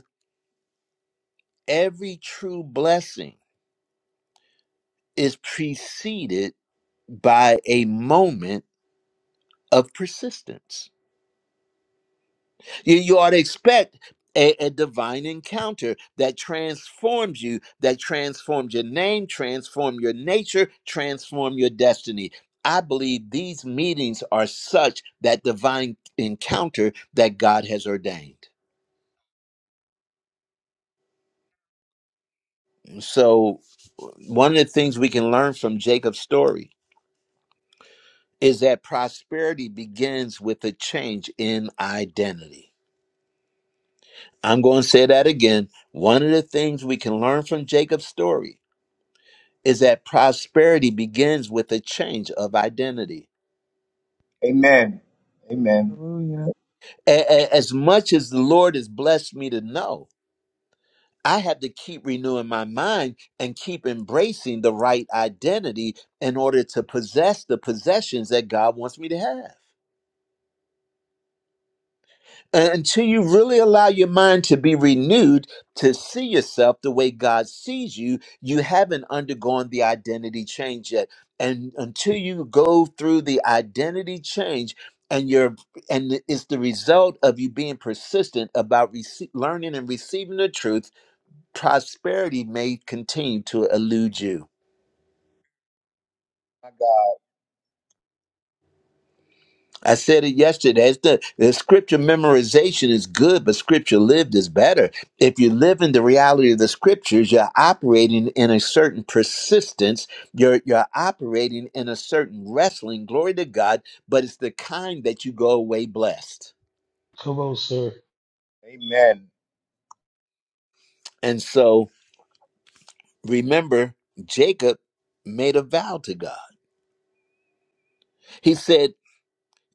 Speaker 1: every true blessing is preceded by a moment of persistence. You, you ought to expect a, a divine encounter that transforms you, that transforms your name, transform your nature, transform your destiny. I believe these meetings are such that divine encounter that God has ordained. So, uh, one of the things we can learn from Jacob's story is that prosperity begins with a change in identity. I'm going to say that again. One of the things we can learn from Jacob's story is that prosperity begins with a change of identity.
Speaker 8: Amen. Amen.
Speaker 9: Hallelujah.
Speaker 1: A- a- As much as the Lord has blessed me to know, I have to keep renewing my mind and keep embracing the right identity in order to possess the possessions that God wants me to have. Uh, until you really allow your mind to be renewed to see yourself the way God sees you, you haven't undergone the identity change yet. And until you go through the identity change, and you're and it's the result of you being persistent about rece- learning and receiving the truth, prosperity may continue to elude you.
Speaker 8: My God.
Speaker 1: I said it yesterday. It's the, the scripture memorization is good, but scripture lived is better. If you live in the reality of the scriptures, you're operating in a certain persistence. You're you're operating in a certain wrestling. Glory to God, but it's the kind that you go away blessed.
Speaker 3: Come on, sir.
Speaker 8: Amen.
Speaker 1: And so remember, Jacob made a vow to God. He said,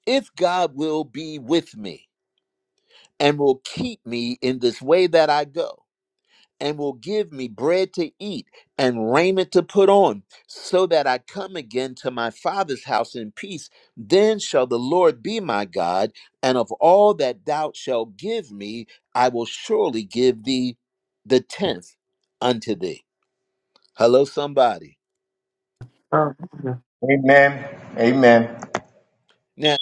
Speaker 1: "If God will be with me and will keep me in this way that I go." and will give me bread to eat and raiment to put on, so that I come again to my father's house in peace. Then shall the Lord be my God, and of all that thou shalt give me, I will surely give thee the tenth unto thee. Hello, somebody.
Speaker 4: Hallelujah.
Speaker 8: Amen. Amen.
Speaker 1: Now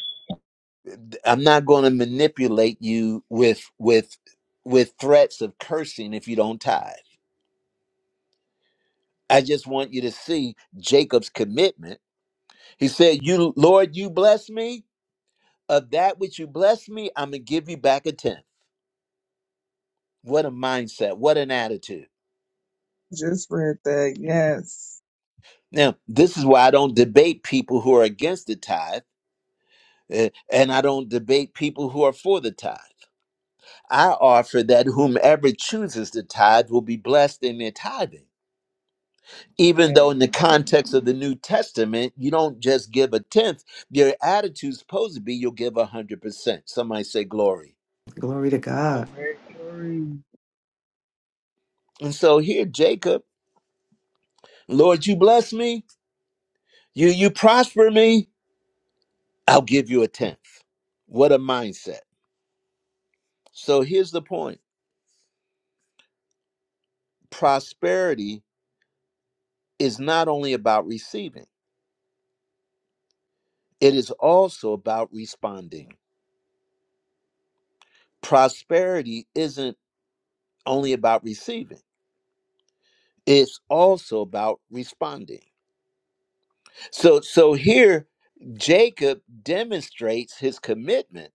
Speaker 1: th- I'm not going to manipulate you with with with threats of cursing if you don't tithe. I just want you to see Jacob's commitment. He said, "You Lord, you bless me." of that which you bless me, I'm going to give you back a tenth. What a mindset. What an attitude.
Speaker 9: Just read that. Yes.
Speaker 1: Now, this is why I don't debate people who are against the tithe, eh, and I don't debate people who are for the tithe. I offer that whomever chooses the tithe will be blessed in their tithing. Even though,
Speaker 8: Amen.
Speaker 1: in the context of the New Testament, you don't just give a tenth, your attitude's supposed to be you'll give a 100%. Somebody say glory.
Speaker 4: Glory to God.
Speaker 8: Amen.
Speaker 9: Glory.
Speaker 1: And so here, Jacob, Lord, you bless me, you, you prosper me, I'll give you a tenth. What a mindset. So here's the point prosperity is not only about receiving, it is also about responding. Prosperity isn't only about receiving, it's also about responding. So, so here, Jacob demonstrates his commitment.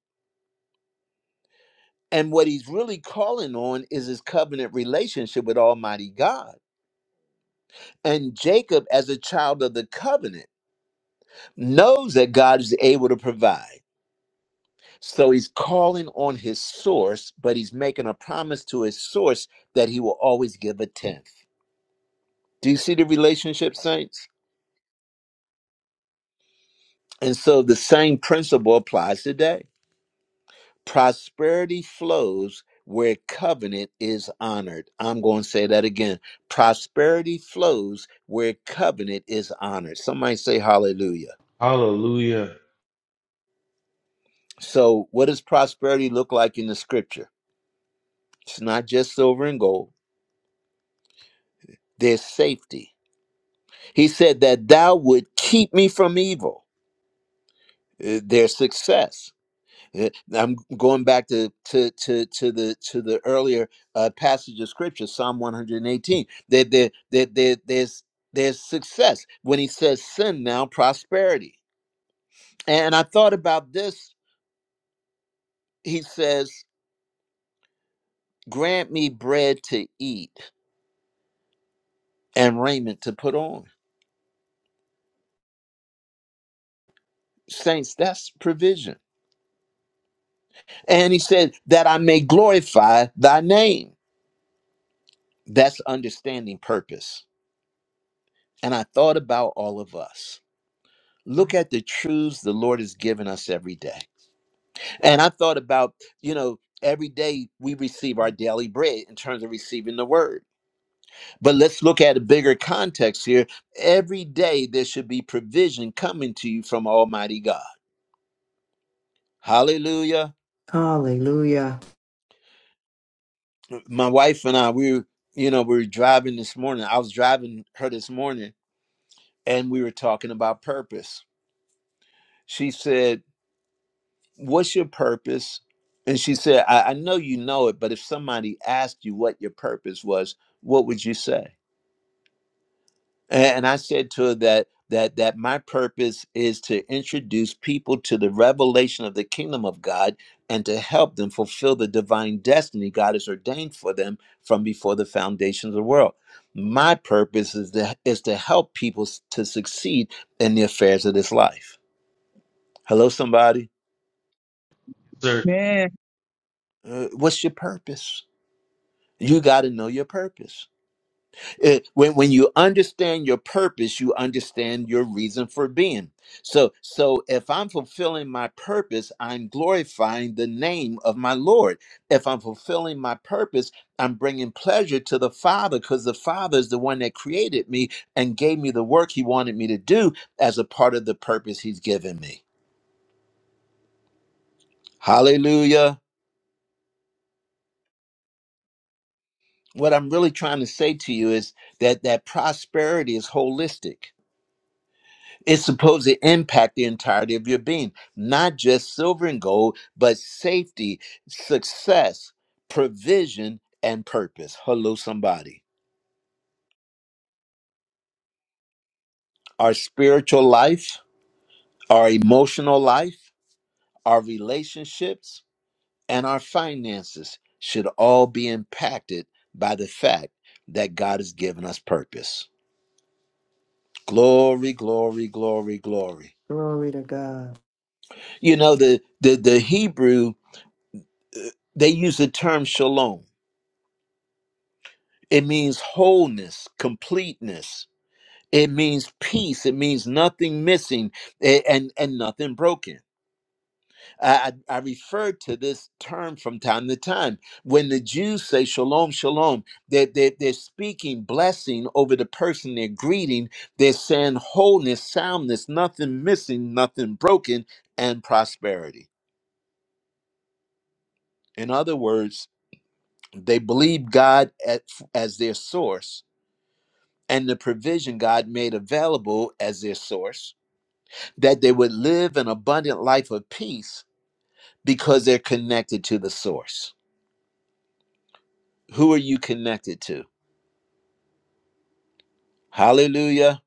Speaker 1: And what he's really calling on is his covenant relationship with Almighty God. And Jacob, as a child of the covenant, knows that God is able to provide. So he's calling on his source, but he's making a promise to his source that he will always give a tenth. Do you see the relationship, saints? And so the same principle applies today. Prosperity flows where covenant is honored. I'm going to say that again. Prosperity flows where covenant is honored. Somebody say hallelujah.
Speaker 3: Hallelujah.
Speaker 1: So, what does prosperity look like in the scripture? It's not just silver and gold. their safety. He said that thou would keep me from evil, uh, their success. Uh, I'm going back to to to to the to the earlier uh, passage of scripture, Psalm 118. There, there, there, there, there's there's success when he says sin now prosperity. And I thought about this. He says, "Grant me bread to eat and raiment to put on." Saints, that's provision. And he said that I may glorify thy name. That's understanding purpose. And I thought about all of us. Look at the truths the Lord has given us every day. And I thought about, you know, every day we receive our daily bread in terms of receiving the word. But let's look at a bigger context here. Every day there should be provision coming to you from Almighty God. Hallelujah.
Speaker 4: Hallelujah.
Speaker 1: My wife and I, we were, you know, we were driving this morning. I was driving her this morning and we were talking about purpose. She said, what's your purpose? And she said, I, I know you know it, but if somebody asked you what your purpose was, what would you say? A- And I said to her that that that my purpose is to introduce people to the revelation of the kingdom of God and to help them fulfill the divine destiny God has ordained for them from before the foundations of the world. My purpose is to, is to help people s- to succeed in the affairs of this life. Hello, somebody.
Speaker 3: Sir.
Speaker 9: Man.
Speaker 1: Uh, what's your purpose? You got to know your purpose. It- when when you understand your purpose, you understand your reason for being. So so if I'm fulfilling my purpose, I'm glorifying the name of my Lord. If I'm fulfilling my purpose, I'm bringing pleasure to the Father because the Father is the one that created me and gave me the work He wanted me to do as a part of the purpose He's given me. Hallelujah. What I'm really trying to say to you is that that prosperity is holistic It's supposed to impact the entirety of your being, not just silver and gold, but safety, success, provision, and purpose. Hello, somebody. Our spiritual life, our emotional life, our relationships, and our finances should all be impacted by the fact that God has given us purpose. Glory, glory, glory, glory.
Speaker 4: Glory to God.
Speaker 1: You know, the the, the Hebrew, they use the term shalom It means wholeness, completeness. It means peace. It means nothing missing a- and, and nothing broken. I, I I refer to this term from time to time. When the Jews say shalom, shalom, they're, they're, they're speaking blessing over the person they're greeting. They're saying wholeness, soundness, nothing missing, nothing broken, and prosperity. In other words, they believe God at, as their source and the provision God made available as their source, that they would live an abundant life of peace because they're connected to the source. Who are you connected to? Hallelujah.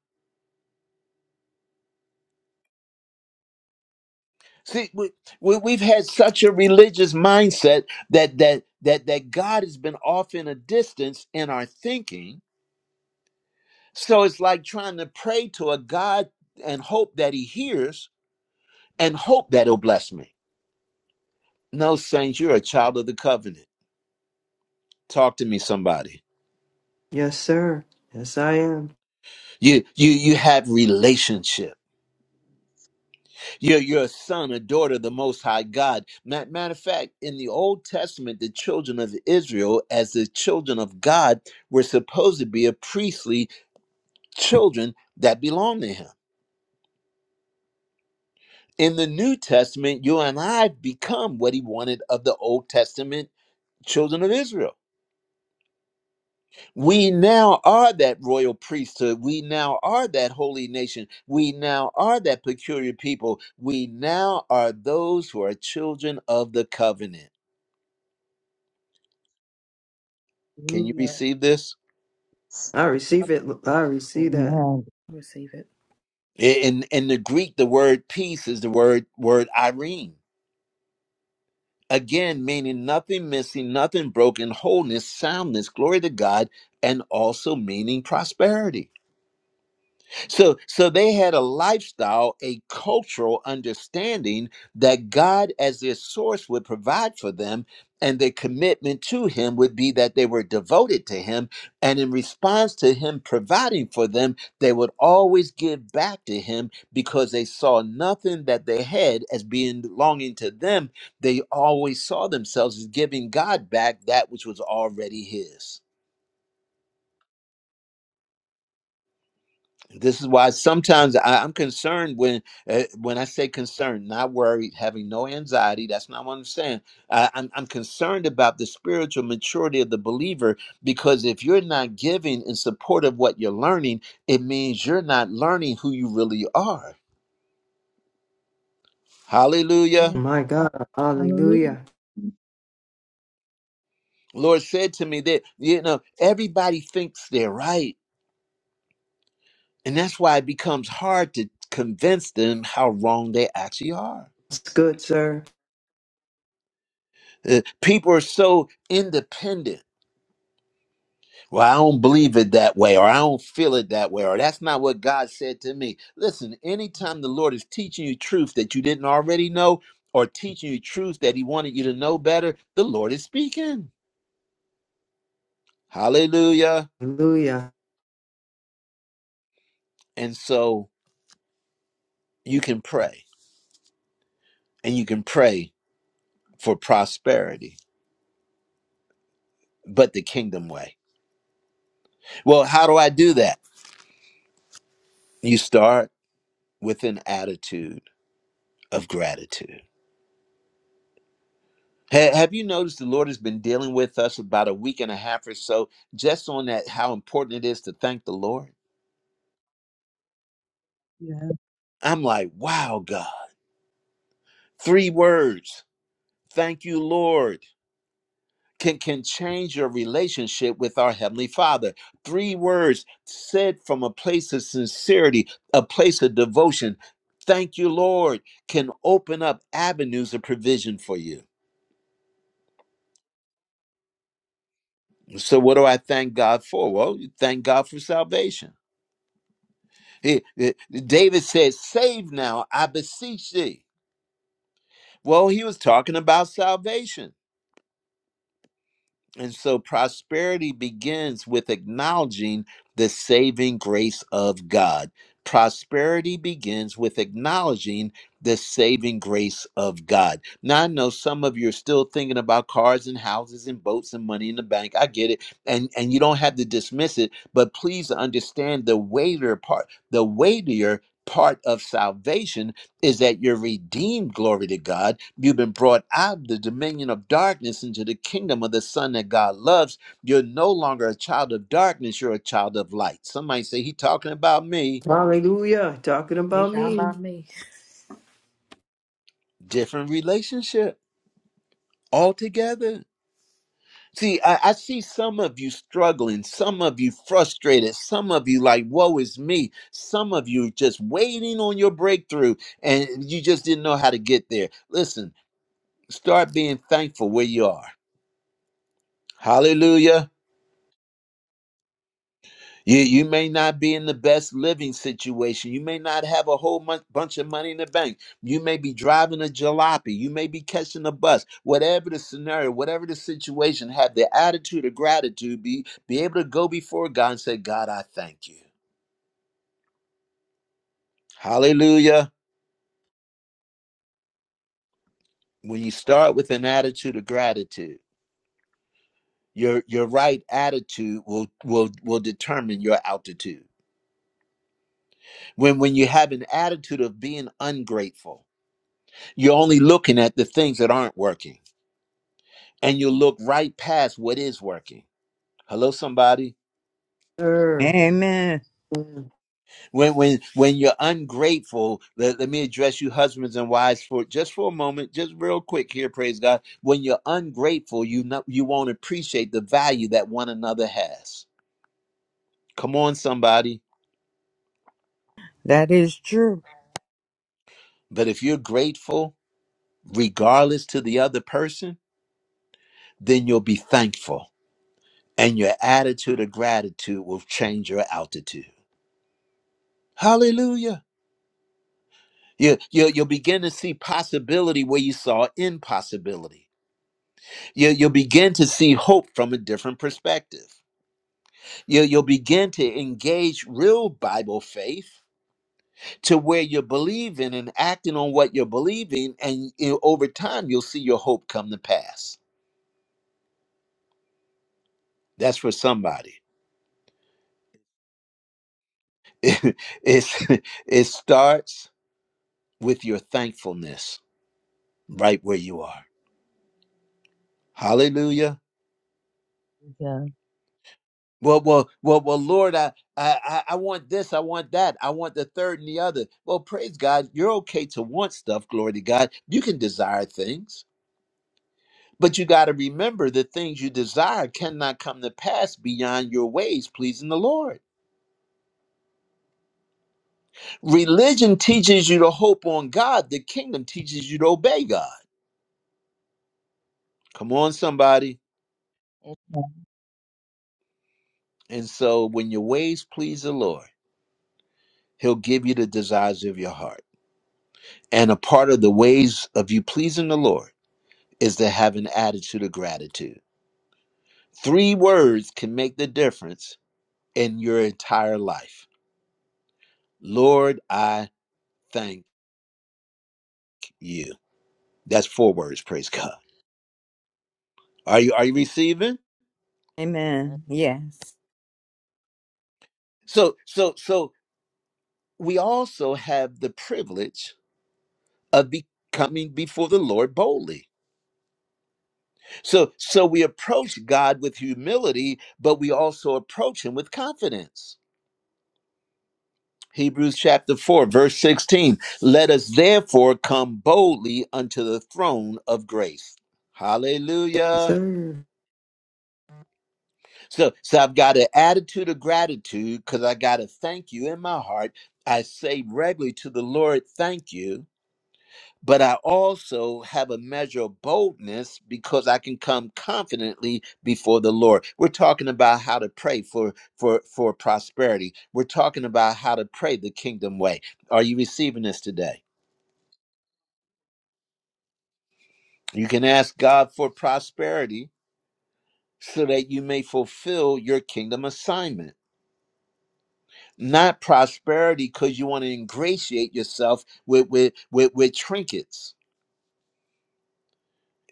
Speaker 1: See, we, we, we've had such a religious mindset that that that that God has been off in a distance in our thinking. So it's like trying to pray to a God and hope that He hears and hope that He'll bless me. No, saints, you're a child of the covenant. Talk to me, somebody.
Speaker 4: Yes, sir. Yes, I am.
Speaker 1: You you you have relationship. You're you're a son, a daughter of the Most High God. Ma- Matter of fact, in the Old Testament, the children of Israel, as the children of God, were supposed to be a priestly children that belong to Him. In the New Testament, you and I become what He wanted of the Old Testament children of Israel. We now are that royal priesthood. We now are that holy nation. We now are that peculiar people. We now are those who are children of the covenant. Can you
Speaker 9: Hallelujah.
Speaker 1: receive this?
Speaker 4: I receive it. I receive that.
Speaker 2: Amen.
Speaker 7: receive it.
Speaker 1: In in the Greek, the word peace is the word word irene. Again, meaning nothing missing, nothing broken, wholeness, soundness, glory to God, and also meaning prosperity. So so they had a lifestyle, a cultural understanding that God as their source would provide for them and their commitment to him would be that they were devoted to him and in response to him providing for them they would always give back to him because they saw nothing that they had as being belonging to them they always saw themselves as giving god back that which was already his this is why sometimes I, I'm concerned when uh, when I say concerned, not worried, having no anxiety. That's not what I'm saying. I, I'm, I'm concerned about the spiritual maturity of the believer because if you're not giving in support of what you're learning, it means you're not learning who you really are. Hallelujah.
Speaker 9: Man.
Speaker 4: My God.
Speaker 9: Hallelujah.
Speaker 4: Hallelujah.
Speaker 1: Lord said to me that you know everybody thinks they're right, and that's why it becomes hard to convince them how wrong they actually are.
Speaker 4: It's good, sir.
Speaker 1: Uh, people are so independent Well, I don't believe it that way, or I don't feel it that way, or that's not what God said to me. Listen, anytime the Lord is teaching you truth that you didn't already know, or teaching you truth that He wanted you to know better, the Lord is speaking. Hallelujah.
Speaker 4: Hallelujah.
Speaker 1: And so you can pray, and you can pray for prosperity, but the kingdom way. Well, how do I do that? You start with an attitude of gratitude Ha- Have you noticed the Lord has been dealing with us about a week and a half or so just on that, how important it is to thank the Lord?
Speaker 9: Yeah.
Speaker 1: I'm like, wow, God. Three words thank you, Lord. Can, can change your relationship with our Heavenly Father. Three words said from a place of sincerity, a place of devotion. Thank you, Lord, can open up avenues of provision for you. So, what do I thank God for? Well, you thank God for salvation It- it- David said, Save now, I beseech thee. Well, he was talking about salvation. And so prosperity begins with acknowledging the saving grace of God. Prosperity begins with acknowledging the saving grace of God. Now, I know some of you are still thinking about cars and houses and boats and money in the bank. I get it. And, and you don't have to dismiss it, but please understand the weightier part, the weightier part of salvation is that you're redeemed, glory to God. You've been brought out of the dominion of darkness into the kingdom of the Son that God loves. You're no longer a child of darkness, you're a child of light. Somebody say, He talking about me.
Speaker 4: Hallelujah. Talking
Speaker 7: Be
Speaker 4: about
Speaker 7: down
Speaker 4: me,
Speaker 7: by me.
Speaker 1: Different relationship altogether. See, I, I see some of you struggling, some of you frustrated, some of you like, woe is me. Some of you just waiting on your breakthrough and you just didn't know how to get there. Listen, start being thankful where you are. Hallelujah. You, you may not be in the best living situation. You may not have a whole mon- bunch of money in the bank. You may be driving a jalopy. You may be catching a bus. Whatever the scenario, whatever the situation, have the attitude of gratitude. Be, be able to go before God and say, God, I thank you. Hallelujah. When you start with an attitude of gratitude, your, your right attitude will, will, will determine your altitude. When, when you have an attitude of being ungrateful, you're only looking at the things that aren't working and you look right past what is working. Hello, somebody.
Speaker 4: sir.
Speaker 6: Amen.
Speaker 4: Yes,
Speaker 1: When when when you're ungrateful, let, let me address you, husbands and wives, for just for a moment, just real quick here. Praise God. When you're ungrateful, you not, you won't appreciate the value that one another has. Come on, somebody.
Speaker 6: That is true.
Speaker 1: But if you're grateful, regardless to the other person, then you'll be thankful, and your attitude of gratitude will change your altitude. Hallelujah. You, you, you'll begin to see possibility where you saw impossibility. You, you'll begin to see hope from a different perspective. You, you'll begin to engage real Bible faith to where you're believing and acting on what you're believing. And you know, over time, you'll see your hope come to pass. That's for somebody. it's, it starts with your thankfulness right where you are. Hallelujah.
Speaker 2: Amen.
Speaker 1: Well, well, well, well, Lord, I, I, I I want this, I want that, I want the third and the other. Well, praise God, you're okay to want stuff, glory to God. You can desire things, but you got to remember the things you desire cannot come to pass beyond your ways, pleasing the Lord. Religion teaches you to hope on God, the kingdom teaches you to obey God. Come on, somebody. And so when your ways please the Lord, He'll give you the desires of your heart. And a part of the ways of you pleasing the Lord is to have an attitude of gratitude. Three words can make the difference in your entire life. Lord, I thank you. That's four words, praise God. Are you are you receiving?
Speaker 6: Amen.
Speaker 2: Amen.
Speaker 6: Yes.
Speaker 1: So so so we also have the privilege of becoming before the Lord boldly. So so we approach God with humility, but we also approach him with confidence. Hebrews chapter 4, verse 16. Let us therefore come boldly unto the throne of grace. Hallelujah.
Speaker 4: sir.
Speaker 1: So, so I've got an attitude of gratitude because I got to thank you in my heart. I say regularly to the Lord, thank you. But I also have a measure of boldness because I can come confidently before the Lord. We're talking about how to pray for for for prosperity. We're talking about how to pray the kingdom way. Are you receiving this today? You can ask God for prosperity so that you may fulfill your kingdom assignment. Not prosperity because you want to ingratiate yourself with with with, with trinkets.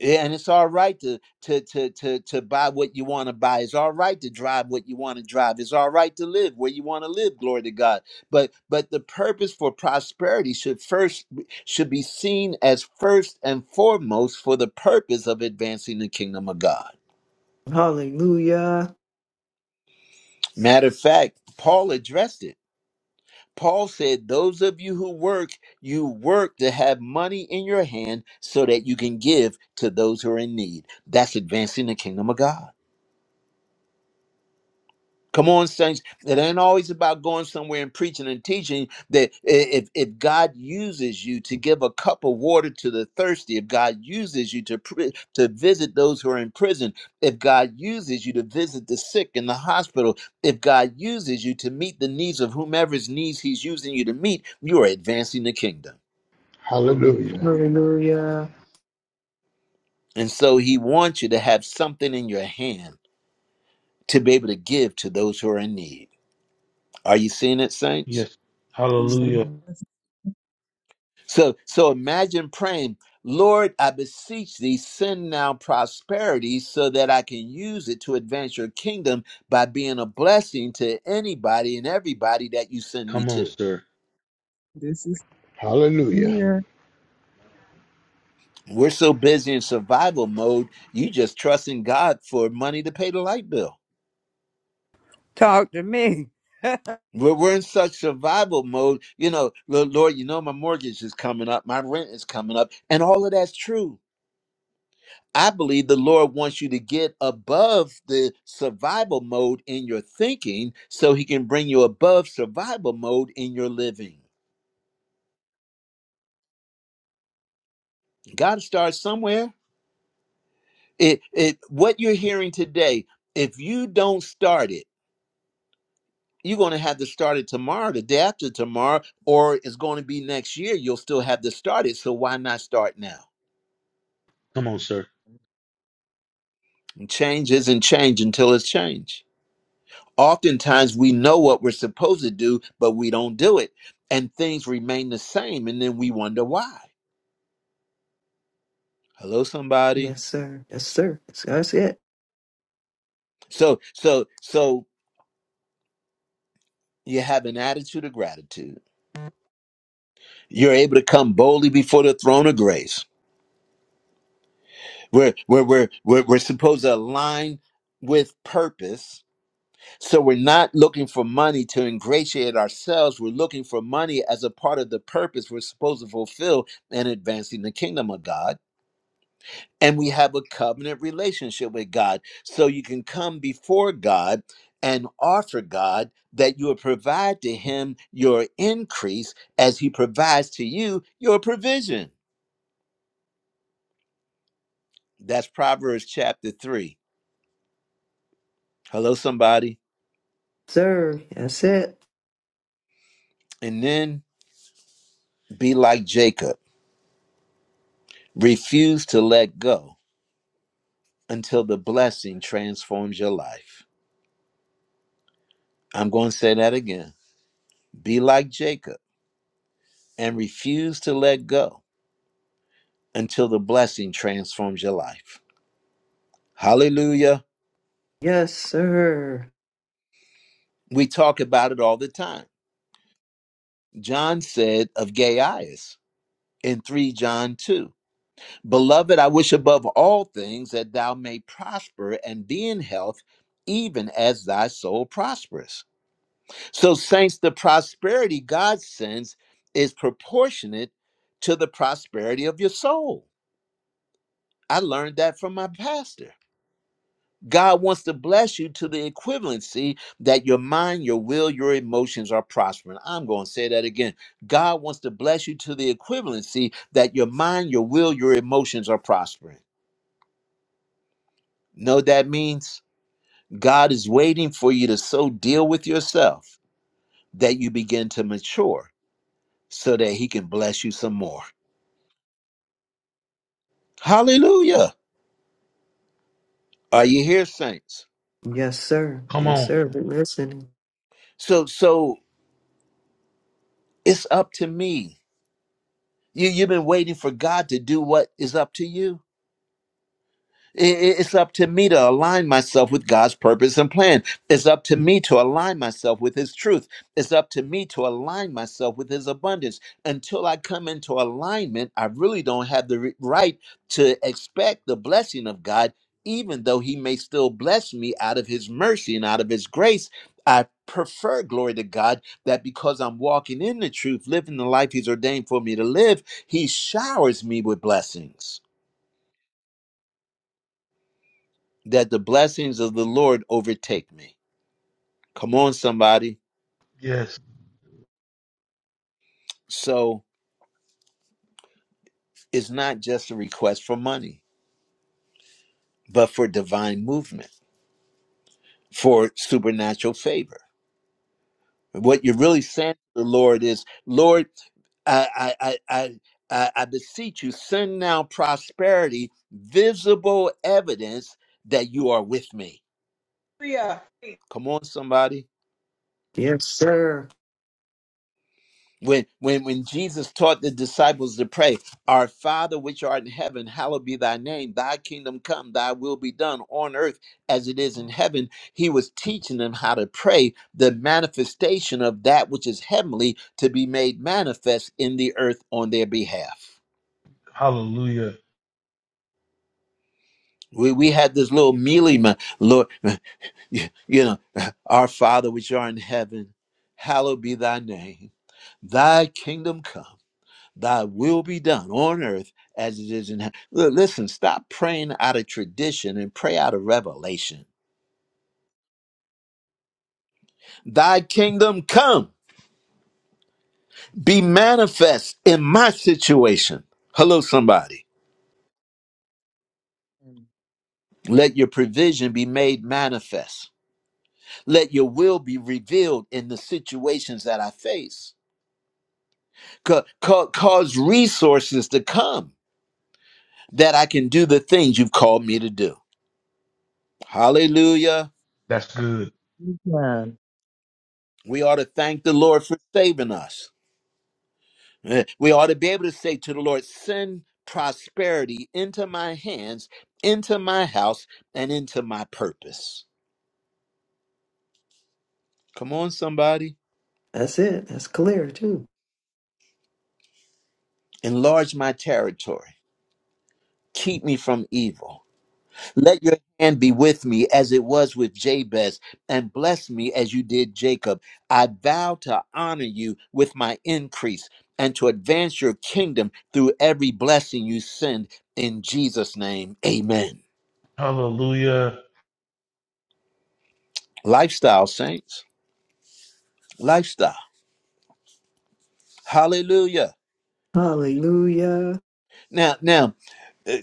Speaker 1: Yeah, And it's all right to to to to to buy what you want to buy. It's all right to drive what you want to drive. It's all right to live where you want to live. Glory to God. But but the purpose for prosperity should first should be seen as first and foremost for the purpose of advancing the kingdom of God.
Speaker 4: Hallelujah.
Speaker 1: Matter of fact, Paul addressed it. Paul said, Those of you who work, you work to have money in your hand so that you can give to those who are in need. That's advancing the kingdom of God. Come on, saints. It ain't always about going somewhere and preaching and teaching. That if, if God uses you to give a cup of water to the thirsty, if God uses you to pri- to visit those who are in prison, if God uses you to visit the sick in the hospital, if God uses you to meet the needs of whomever's needs He's using you to meet, you are advancing the kingdom.
Speaker 5: Hallelujah.
Speaker 9: Glory.
Speaker 4: Hallelujah.
Speaker 1: And so He wants you to have something in your hand to be able to give to those who are in need. Are you seeing it, saints?
Speaker 3: Yes.
Speaker 4: Yes,
Speaker 2: Amen.
Speaker 3: Hallelujah.
Speaker 4: sir.
Speaker 9: Yes.
Speaker 1: So so imagine praying, Lord, I beseech thee, send now prosperity so that I can use it to advance your kingdom by being a blessing to anybody and everybody that you send me
Speaker 3: Come on,
Speaker 1: to.
Speaker 3: sir.
Speaker 9: This is
Speaker 5: Hallelujah.
Speaker 9: here.
Speaker 1: We're so busy in survival mode, you just trusting God for money to pay the light bill.
Speaker 6: Talk to me.
Speaker 1: We're, we're in such survival mode, you know, "Lo- Lord, you know, my mortgage is coming up, my rent is coming up, and all of that's true. I believe the Lord wants you to get above the survival mode in your thinking so he can bring you above survival mode in your living. Got to start somewhere. It it what you're hearing today, if you don't start it, you're going to have to start it tomorrow, the day after tomorrow, or it's going to be next year. You'll still have to start it. So why not start now?
Speaker 3: Come on, sir.
Speaker 1: And change isn't change until it's changed. oftentimes we know what we're supposed to do, but we don't do it. And things remain the same. And then we wonder why. Hello, somebody.
Speaker 4: Yes, sir. Yes, sir. It,
Speaker 1: So, so, so you have an attitude of gratitude. You're able to come boldly before the throne of grace. We're, we're, we're, we're, we're supposed to align with purpose. So we're not looking for money to ingratiate ourselves. We're looking for money as a part of the purpose we're supposed to fulfill in advancing the kingdom of God and we have a covenant relationship with God. So you can come before God and offer God that you will provide to him your increase as he provides to you your provision. That's Proverbs chapter 3. Hello, somebody.
Speaker 4: sir. That's it.
Speaker 1: And then be like Jacob, refuse to let go until the blessing transforms your life. I'm going to say that again. Be like Jacob and refuse to let go until the blessing transforms your life. Hallelujah.
Speaker 4: Yes, sir.
Speaker 1: We talk about it all the time. John said of Gaius in 3 John 2 Beloved, I wish above all things that thou may prosper and be in health, even as thy soul prospers. So, saints, the prosperity God sends is proportionate to the prosperity of your soul. I learned that from my pastor God wants to bless you to the equivalency that your mind, your will, your emotions are prospering. I'm going to say that again. God wants to bless you to the equivalency that your mind, your will, your emotions are prospering. Know what that means? God is waiting for you to so deal with yourself that you begin to mature so that he can bless you some more. Hallelujah. Are you here, saints?
Speaker 4: Yes, sir.
Speaker 3: Come
Speaker 4: Yes,
Speaker 3: on.
Speaker 4: sir. Been listening.
Speaker 1: So so it's up to me. You you've been waiting for God to do what is up to you. It's up to me to align myself with God's purpose and plan. It's up to me to align myself with His truth. It's up to me to align myself with His abundance. Until I come into alignment, I really don't have the re- right to expect the blessing of God, even though He may still bless me out of His mercy and out of His grace. I prefer, glory to God, that because I'm walking in the truth, living the life He's ordained for me to live, He showers me with blessings. that the blessings of the Lord overtake me. Come on, somebody.
Speaker 3: Yes.
Speaker 1: So it's not just a request for money, but for divine movement, for supernatural favor. What you're really saying to the Lord is, Lord, I, I, I, I, I I beseech you, send now prosperity, visible evidence that you are with me.
Speaker 10: Hallelujah.
Speaker 1: Come on, somebody.
Speaker 4: Yes, sir.
Speaker 1: when when when jesus taught the disciples to pray our father which art in heaven hallowed be thy name thy kingdom come thy will be done on earth as it is in heaven he was teaching them how to pray the manifestation of that which is heavenly to be made manifest in the earth on their behalf
Speaker 3: Hallelujah.
Speaker 1: we, we had this little mealy lord you you know our father which art in heaven hallowed be thy name thy kingdom come Thy will be done on earth as it is in heaven. Listen, stop praying out of tradition and pray out of revelation. Thy kingdom come, be manifest in my situation. Hello, somebody. Let your provision be made manifest. Let your will be revealed in the situations that I face. Ca- ca- cause resources to come that I can do the things you've called me to do. Hallelujah.
Speaker 3: That's good.
Speaker 2: Amen.
Speaker 1: We ought to thank the Lord for saving us. Eh, We ought to be able to say to the Lord, send prosperity into my hands, into my house, and into my purpose. Come on, somebody.
Speaker 4: That's it. That's clear too.
Speaker 1: Enlarge my territory. Keep me from evil. Let your hand be with me as it was with Jabez, and bless me as you did Jacob. I vow to honor you with my increase and to advance your kingdom through every blessing you send. In Jesus' name, amen.
Speaker 3: Hallelujah.
Speaker 1: Lifestyle, saints. Lifestyle. Hallelujah.
Speaker 4: Hallelujah.
Speaker 1: Now, now uh,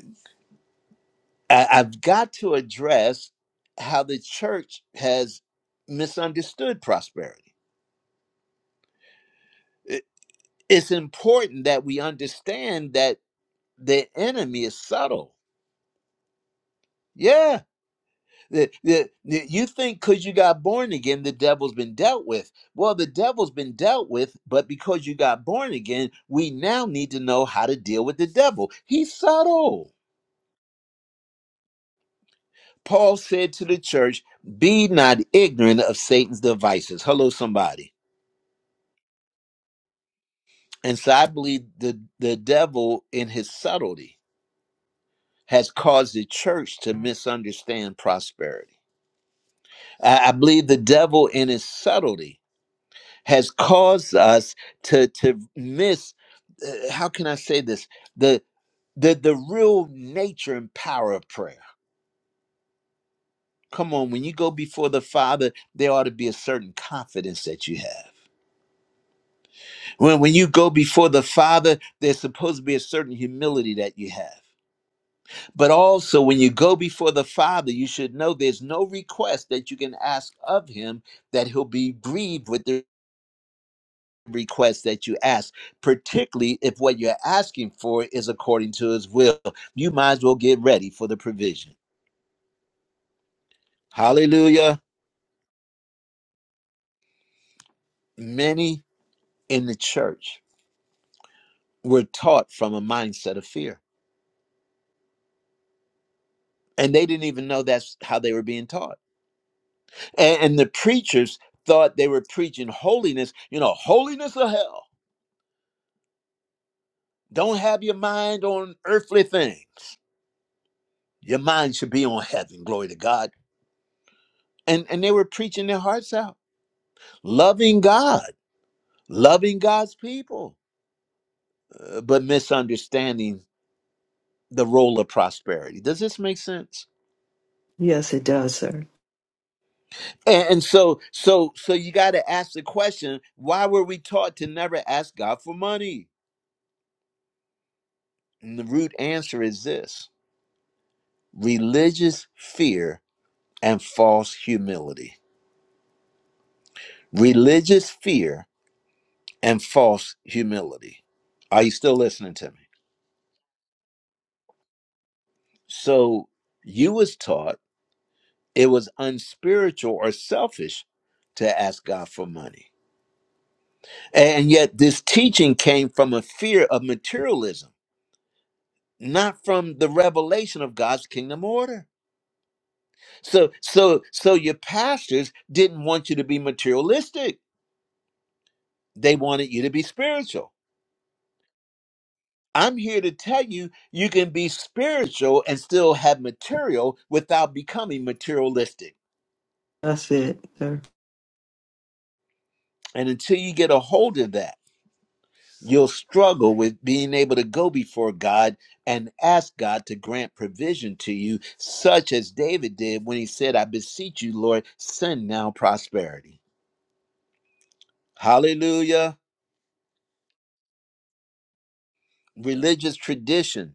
Speaker 1: I, I've got to address how the church has misunderstood prosperity. It- it's important that we understand that the enemy is subtle. Yeah. The- the- the- you think because you got born again, the devil's been dealt with. Well, the devil's been dealt with, but because you got born again, we now need to know how to deal with the devil. He's subtle. Paul said to the church, Be not ignorant of Satan's devices. Hello, somebody. And so I believe the, the devil, in his subtlety, has caused the church to misunderstand prosperity. I, I believe the devil, in his subtlety, has caused us to, to miss uh, how can I say this? The, the, the real nature and power of prayer. Come on, when you go before the Father, there ought to be a certain confidence that you have When, when you go before the Father, there's supposed to be a certain humility that you have. But also, when you go before the Father, you should know there's no request that you can ask of Him that He'll be grieved with the request that you ask, particularly if what you're asking for is according to His will. You might as well get ready for the provision. Hallelujah. Many in the church were taught from a mindset of fear, and they didn't even know that's how they were being taught And, and the preachers thought they were preaching holiness, you know, holiness of hell. Don't have your mind on earthly things. Your mind should be on heaven, glory to God. And and they were preaching their hearts out, loving God, loving God's people, uh, but misunderstanding the role of prosperity. Does this make sense?
Speaker 4: Yes, it does, sir.
Speaker 1: And, and so so so you got to ask the question, why were we taught to never ask God for money? And the root answer is this: religious fear and false humility. Religious fear and false humility. Are you still listening to me? So you was taught it was unspiritual or selfish to ask God for money. And yet this teaching came from a fear of materialism, not from the revelation of God's kingdom order. So so so your pastors didn't want you to be materialistic. They wanted you to be spiritual I'm here to tell you you can be spiritual and still have material without becoming materialistic.
Speaker 4: That's it, sir.
Speaker 1: And until you get a hold of that, you'll struggle with being able to go before God and ask God to grant provision to you, such as David did when he said, I beseech you, Lord, send now prosperity. Hallelujah. Religious tradition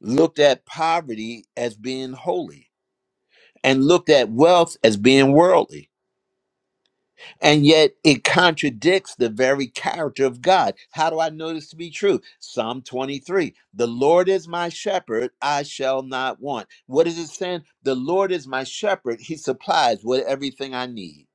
Speaker 1: looked at poverty as being holy and looked at wealth as being worldly And yet it contradicts the very character of God. How do I know this to be true? Psalm 23 The Lord is my shepherd, I shall not want. What is it saying? The Lord is my shepherd, He supplies what everything I need.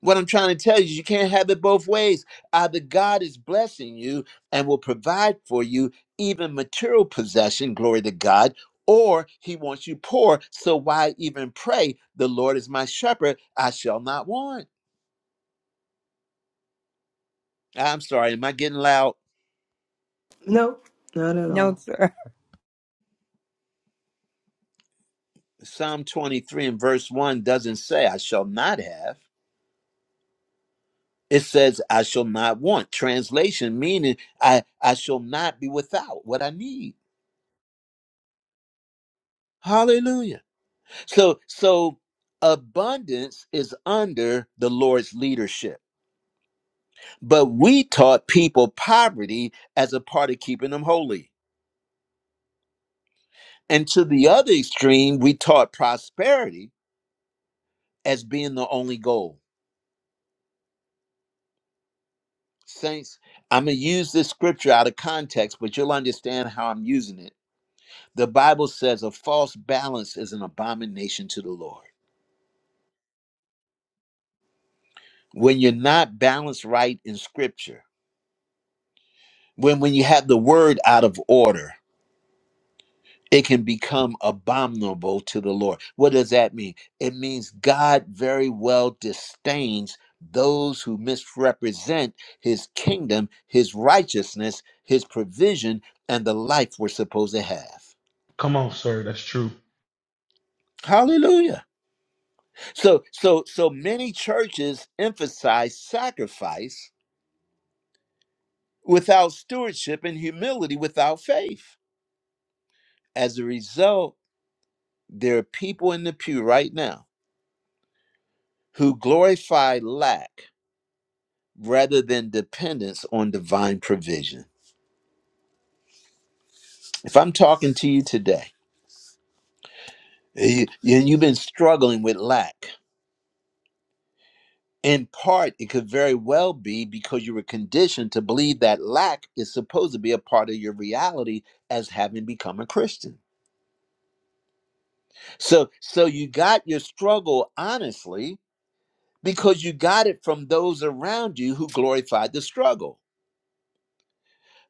Speaker 1: What I'm trying to tell you is you can't have it both ways. Either God is blessing you and will provide for you even material possession, glory to God, or he wants you poor. So why even pray, the Lord is my shepherd, I shall not want? I'm sorry, am I getting loud?
Speaker 4: No, not at
Speaker 6: no,
Speaker 4: all.
Speaker 6: sir.
Speaker 1: Psalm 23 and verse 1 doesn't say, I shall not have. It says, I shall not want. Translation meaning, I, I shall not be without what I need. Hallelujah. So, so abundance is under the Lord's leadership. But we taught people poverty as a part of keeping them holy. And to the other extreme, we taught prosperity as being the only goal. Saints, I'm going to use this scripture out of context, but you'll understand how I'm using it. The Bible says a false balance is an abomination to the Lord. When you're not balanced right in scripture, when, when you have the word out of order, it can become abominable to the Lord. What does that mean? It means God very well disdains those who misrepresent his kingdom, his righteousness, his provision, and the life we're supposed to have.
Speaker 3: Come on, sir. That's true.
Speaker 1: Hallelujah. So so so many churches emphasize sacrifice without stewardship and humility without faith. As a result, there are people in the pew right now who glorify lack rather than dependence on divine provision. If I'm talking to you today, eh, you- and you've been struggling with lack, In part, it could very well be because you were conditioned to believe that lack is supposed to be a part of your reality as having become a Christian. So, so you got your struggle honestly because you got it from those around you who glorified the struggle.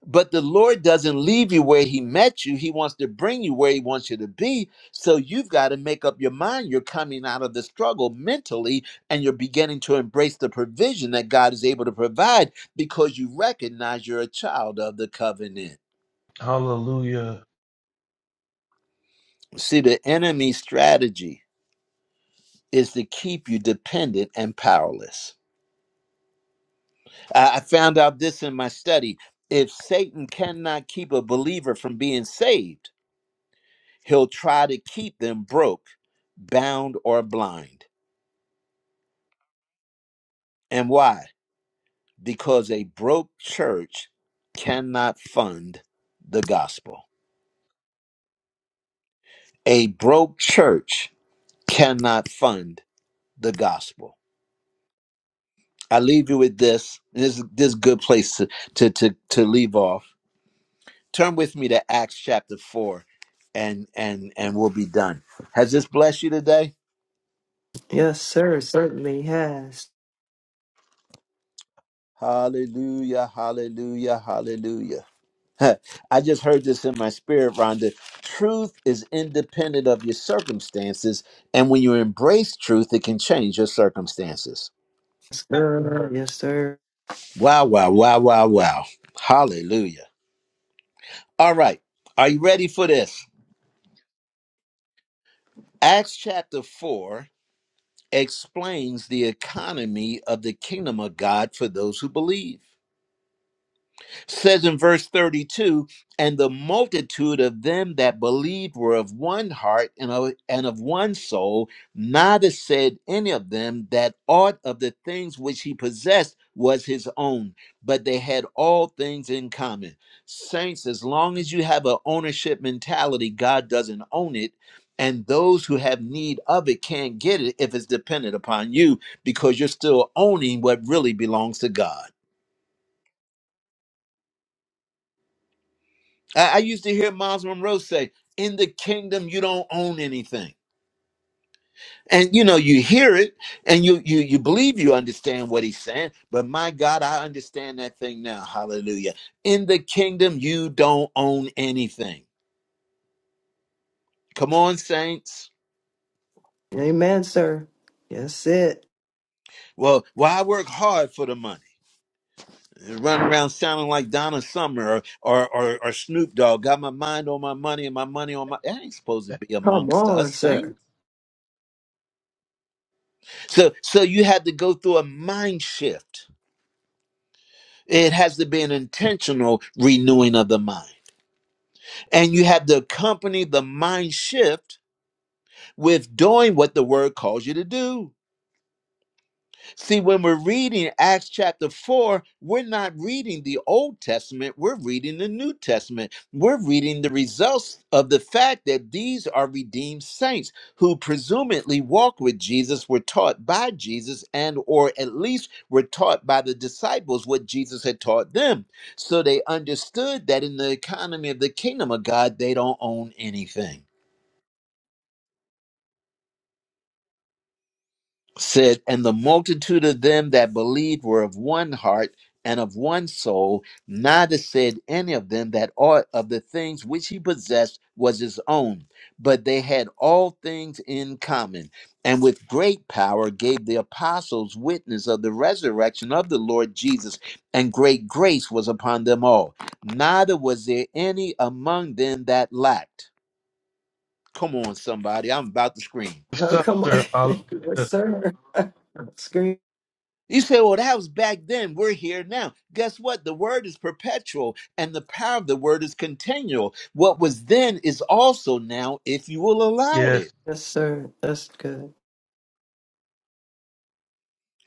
Speaker 1: But the Lord doesn't leave you where He met you. He wants to bring you where He wants you to be. So you've got to make up your mind. You're coming out of the struggle mentally and you're beginning to embrace the provision that God is able to provide because you recognize you're a child of the covenant.
Speaker 3: Hallelujah.
Speaker 1: See, the enemy's strategy is to keep you dependent and powerless. I I found out this in my study. If Satan cannot keep a believer from being saved, He'll try to keep them broke, bound, or blind. And why? Because a broke church cannot fund the gospel. A broke church cannot fund the gospel. I leave you with this. This is this is a good place to, to to to leave off. Turn with me to Acts chapter four, and and and we'll be done. Has this blessed you today?
Speaker 4: Yes, sir. It Certainly has.
Speaker 1: Hallelujah! Hallelujah! Hallelujah! I just heard this in my spirit, Rhonda. Truth is independent of your circumstances. And when you embrace truth, it can change your circumstances.
Speaker 4: Yes, sir. Yes, sir.
Speaker 1: Wow, wow, wow, wow, wow. Hallelujah. All right. Are you ready for this? Acts chapter 4 explains the economy of the kingdom of God for those who believe. says in verse 32 and the multitude of them that believed were of one heart and of, and of one soul neither said any of them that aught of the things which he possessed was his own but they had all things in common saints as long as you have an ownership mentality god doesn't own it and those who have need of it can't get it if it's dependent upon you because you're still owning what really belongs to god I, I used to hear Miles Monroe say, "In the kingdom, you don't own anything." And you know, you hear it, and you you you believe you understand what he's saying. But my God, I understand that thing now. Hallelujah! In the kingdom, you don't own anything. Come on, saints.
Speaker 4: Amen, sir. Yes, it.
Speaker 1: Well, why work hard for the money? Run around sounding like Donna Summer or, or or or Snoop Dogg. Got my mind on my money and my money on my. That ain't supposed to be
Speaker 4: Come
Speaker 1: amongst
Speaker 4: on,
Speaker 1: us,
Speaker 4: sir.
Speaker 1: saints. So so you had to go through a mind shift It has to be an intentional renewing of the mind. And you have to accompany the mind shift with doing what the word calls you to do. See, when we're reading Acts chapter 4, we're not reading the Old Testament, we're reading the New Testament. We're reading the results of the fact that these are redeemed saints who presumably walked with Jesus, were taught by Jesus, and or at least were taught by the disciples what Jesus had taught them. So they understood that in the economy of the kingdom of God, they don't own anything. said, And the multitude of them that believed were of one heart and of one soul. Neither said any of them that aught of the things which he possessed was his own, but they had all things in common. And with great power gave the apostles witness of the resurrection of the Lord Jesus, and great grace was upon them all. Neither was there any among them that lacked. Come on, somebody, I'm about to scream.
Speaker 3: Yes,
Speaker 4: Oh, come on.
Speaker 3: sir.
Speaker 4: yes,
Speaker 3: Hallelujah.
Speaker 4: sir. Scream.
Speaker 1: You say, well, that was back then. We're here now. Guess what? The word is perpetual and the power of the word is continual. What was then is also now if you will allow it.
Speaker 3: Yes.
Speaker 4: Yes, sir. That's good.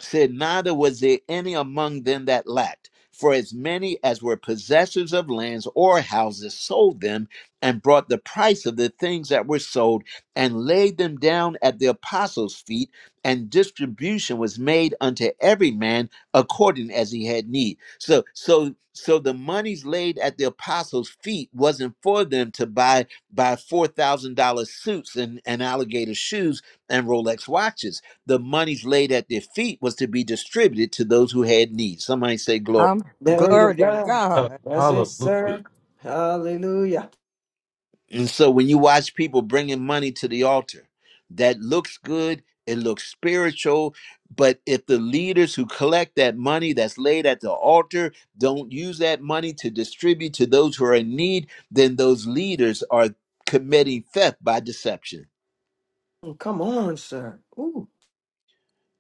Speaker 1: said, Neither was there any among them that lacked. For as many as were possessors of lands or houses sold them and brought the price of the things that were sold and laid them down at the apostles' feet, and distribution was made unto every man according as he had need. So, so, so the monies laid at the apostles' feet wasn't for them to buy buy four thousand dollar suits and, and alligator shoes and Rolex watches the monies laid at their feet was to be distributed to those who had need. Somebody say glory.
Speaker 6: I'm
Speaker 4: Glory to
Speaker 6: glory to
Speaker 4: God.
Speaker 3: sir.
Speaker 6: God.
Speaker 4: That's it,
Speaker 3: Hallelujah.
Speaker 4: sir. Hallelujah.
Speaker 1: And so when you watch people bringing money to the altar, that looks good, it looks spiritual, but if the leaders who collect that money that's laid at the altar don't use that money to distribute to those who are in need, then those leaders are committing theft by deception.
Speaker 4: Come on, sir. Ooh.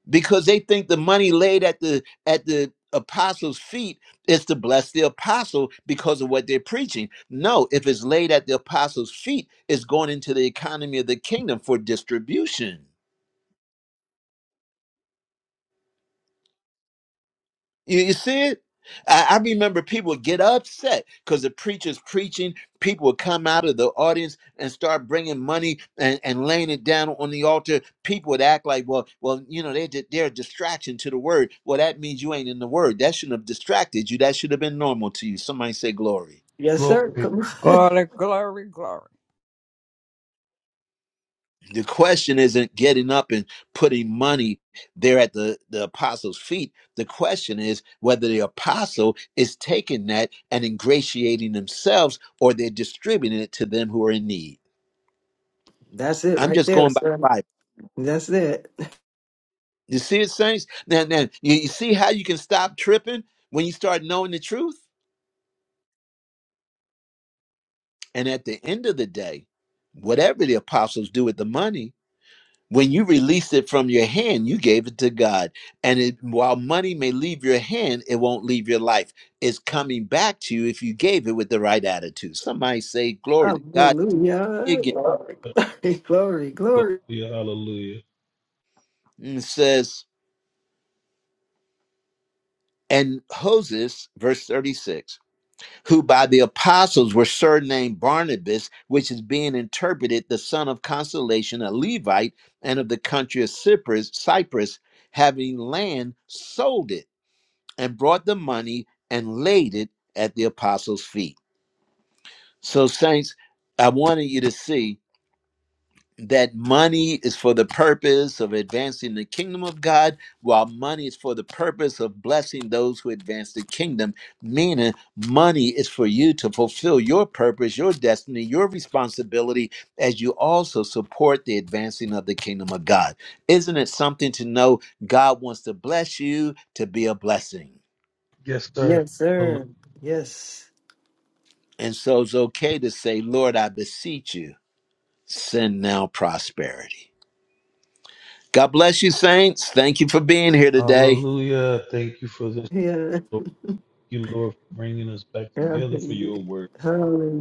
Speaker 1: because they think the money laid at the at the apostles' feet is to bless the apostle because of what they're preaching. No, if it's laid at the apostles' feet, it's going into the economy of the kingdom for distribution. You, you see it? I, I remember people would get upset because the preacher's preaching. People would come out of the audience and start bringing money and, and laying it down on the altar. People would act like, well, well, you know, they, di- they're a distraction to the word. Well, that means you ain't in the word. That shouldn't have distracted you. That should have been normal to you. Somebody say glory.
Speaker 4: Yes, sir.
Speaker 3: Glory.
Speaker 4: Come on.
Speaker 6: Glory, glory, glory.
Speaker 1: The question isn't getting up and putting money there at the, the apostles' feet. The question is whether the apostle is taking that and ingratiating themselves or they're distributing it to them who are in need.
Speaker 4: That's it
Speaker 1: I'm
Speaker 4: right
Speaker 1: just
Speaker 4: there,
Speaker 1: going by
Speaker 4: sir.
Speaker 1: the Bible.
Speaker 4: That's it.
Speaker 1: You see it, saints? Now, now you, you see how you can stop tripping when you start knowing the truth? And at the end of the day, whatever the apostles do with the money, When you release it from your hand, you gave it to God. And it, while money may leave your hand, it won't leave your life. It's coming back to you if you gave it with the right attitude. Somebody say, Glory to God.
Speaker 4: Hallelujah.
Speaker 1: Again,
Speaker 4: Glory, glory, glory.
Speaker 3: Hallelujah. Hallelujah.
Speaker 1: and it says, and Hoses, verse 36, who by the apostles were surnamed Barnabas, which is being interpreted the son of consolation, a Levite, and of the country of Cyprus, Cyprus having land, sold it and brought the money and laid it at the apostles' feet. So, saints, I wanted you to see that money is for the purpose of advancing the kingdom of God, while money is for the purpose of blessing those who advance the kingdom. Meaning, money is for you to fulfill your purpose, your destiny, your responsibility, as you also support the advancing of the kingdom of God. Isn't it something to know God wants to bless you to be a blessing?
Speaker 3: Yes, sir.
Speaker 4: Yes,
Speaker 3: Hallelu-
Speaker 4: sir. Yes.
Speaker 1: And so it's okay to say, Lord, I beseech you, send now prosperity. God bless you, saints. Thank you for being here today.
Speaker 3: Hallelujah. Thank you for this.
Speaker 4: Yeah.
Speaker 3: Lord. Thank you, Lord, for bringing us back together for
Speaker 4: Hallelujah.
Speaker 3: your word.